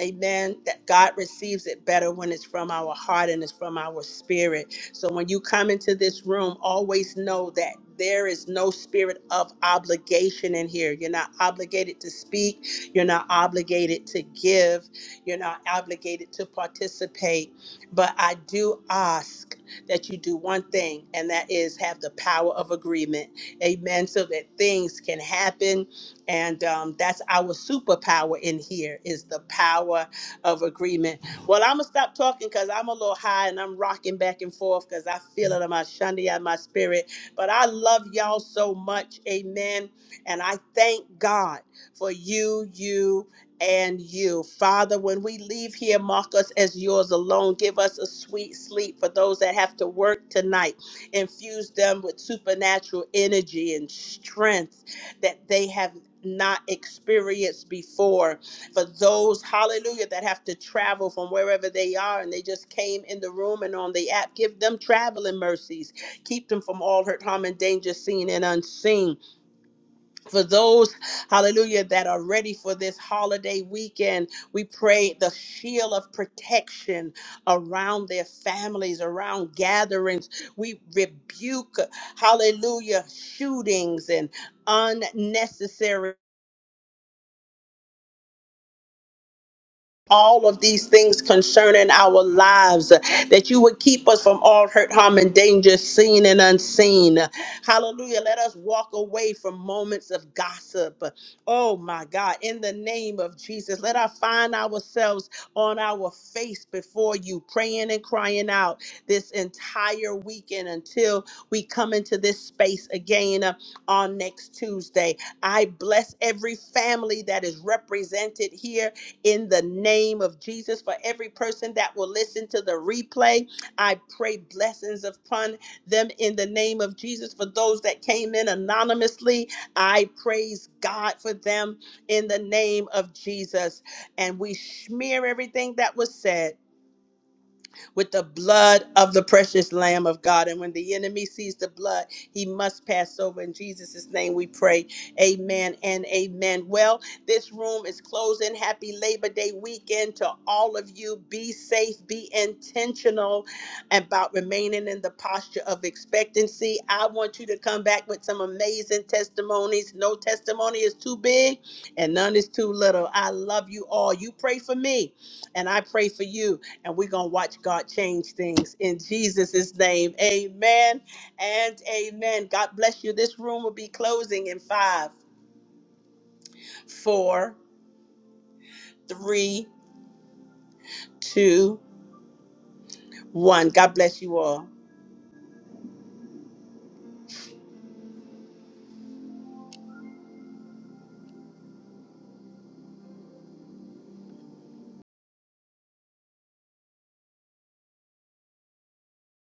[SPEAKER 1] Amen. That God receives it better when it's from our heart and it's from our spirit. So when you come into this room, always know that there is no spirit of obligation in here. You're not obligated to speak, you're not obligated to give, you're not obligated to participate. But I do ask that you do one thing, and that is have the power of agreement. Amen. So that things can happen and um, that's our superpower in here is the power of agreement. Well, I'm gonna stop talking because I'm a little high and I'm rocking back and forth because I feel it in my shandy and my spirit. But I love y'all so much, Amen. And I thank God for you, you. And you, Father, when we leave here, mark us as yours alone. Give us a sweet sleep for those that have to work tonight. Infuse them with supernatural energy and strength that they have not experienced before. For those, hallelujah, that have to travel from wherever they are and they just came in the room and on the app, give them traveling mercies. Keep them from all hurt, harm, and danger, seen and unseen. For those, hallelujah, that are ready for this holiday weekend, we pray the shield of protection around their families, around gatherings. We rebuke, hallelujah, shootings and unnecessary. all of these things concerning our lives, uh, that you would keep us from all hurt, harm, and danger, seen and unseen. Hallelujah. Let us walk away from moments of gossip. Oh my God. In the name of Jesus, let us find ourselves on our face before you, praying and crying out this entire weekend until we come into this space again uh, on next Tuesday. I bless every family that is represented here in the name of Jesus. For every person that will listen to the replay, I pray blessings upon them in the name of Jesus. For those that came in anonymously, I praise God for them in the name of Jesus. And we smear everything that was said with the blood of the precious Lamb of God. And when the enemy sees the blood, he must pass over. In Jesus' name we pray. Amen and amen. Well, this room is closing. Happy Labor Day weekend to all of you. Be safe, be intentional about remaining in the posture of expectancy. I want you to come back with some amazing testimonies. No testimony is too big and none is too little. I love you all. You pray for me and I pray for you and we're going to watch God change things in Jesus' name. Amen and amen. God bless you. This room will be closing in five, four, three, two, one. God bless you all.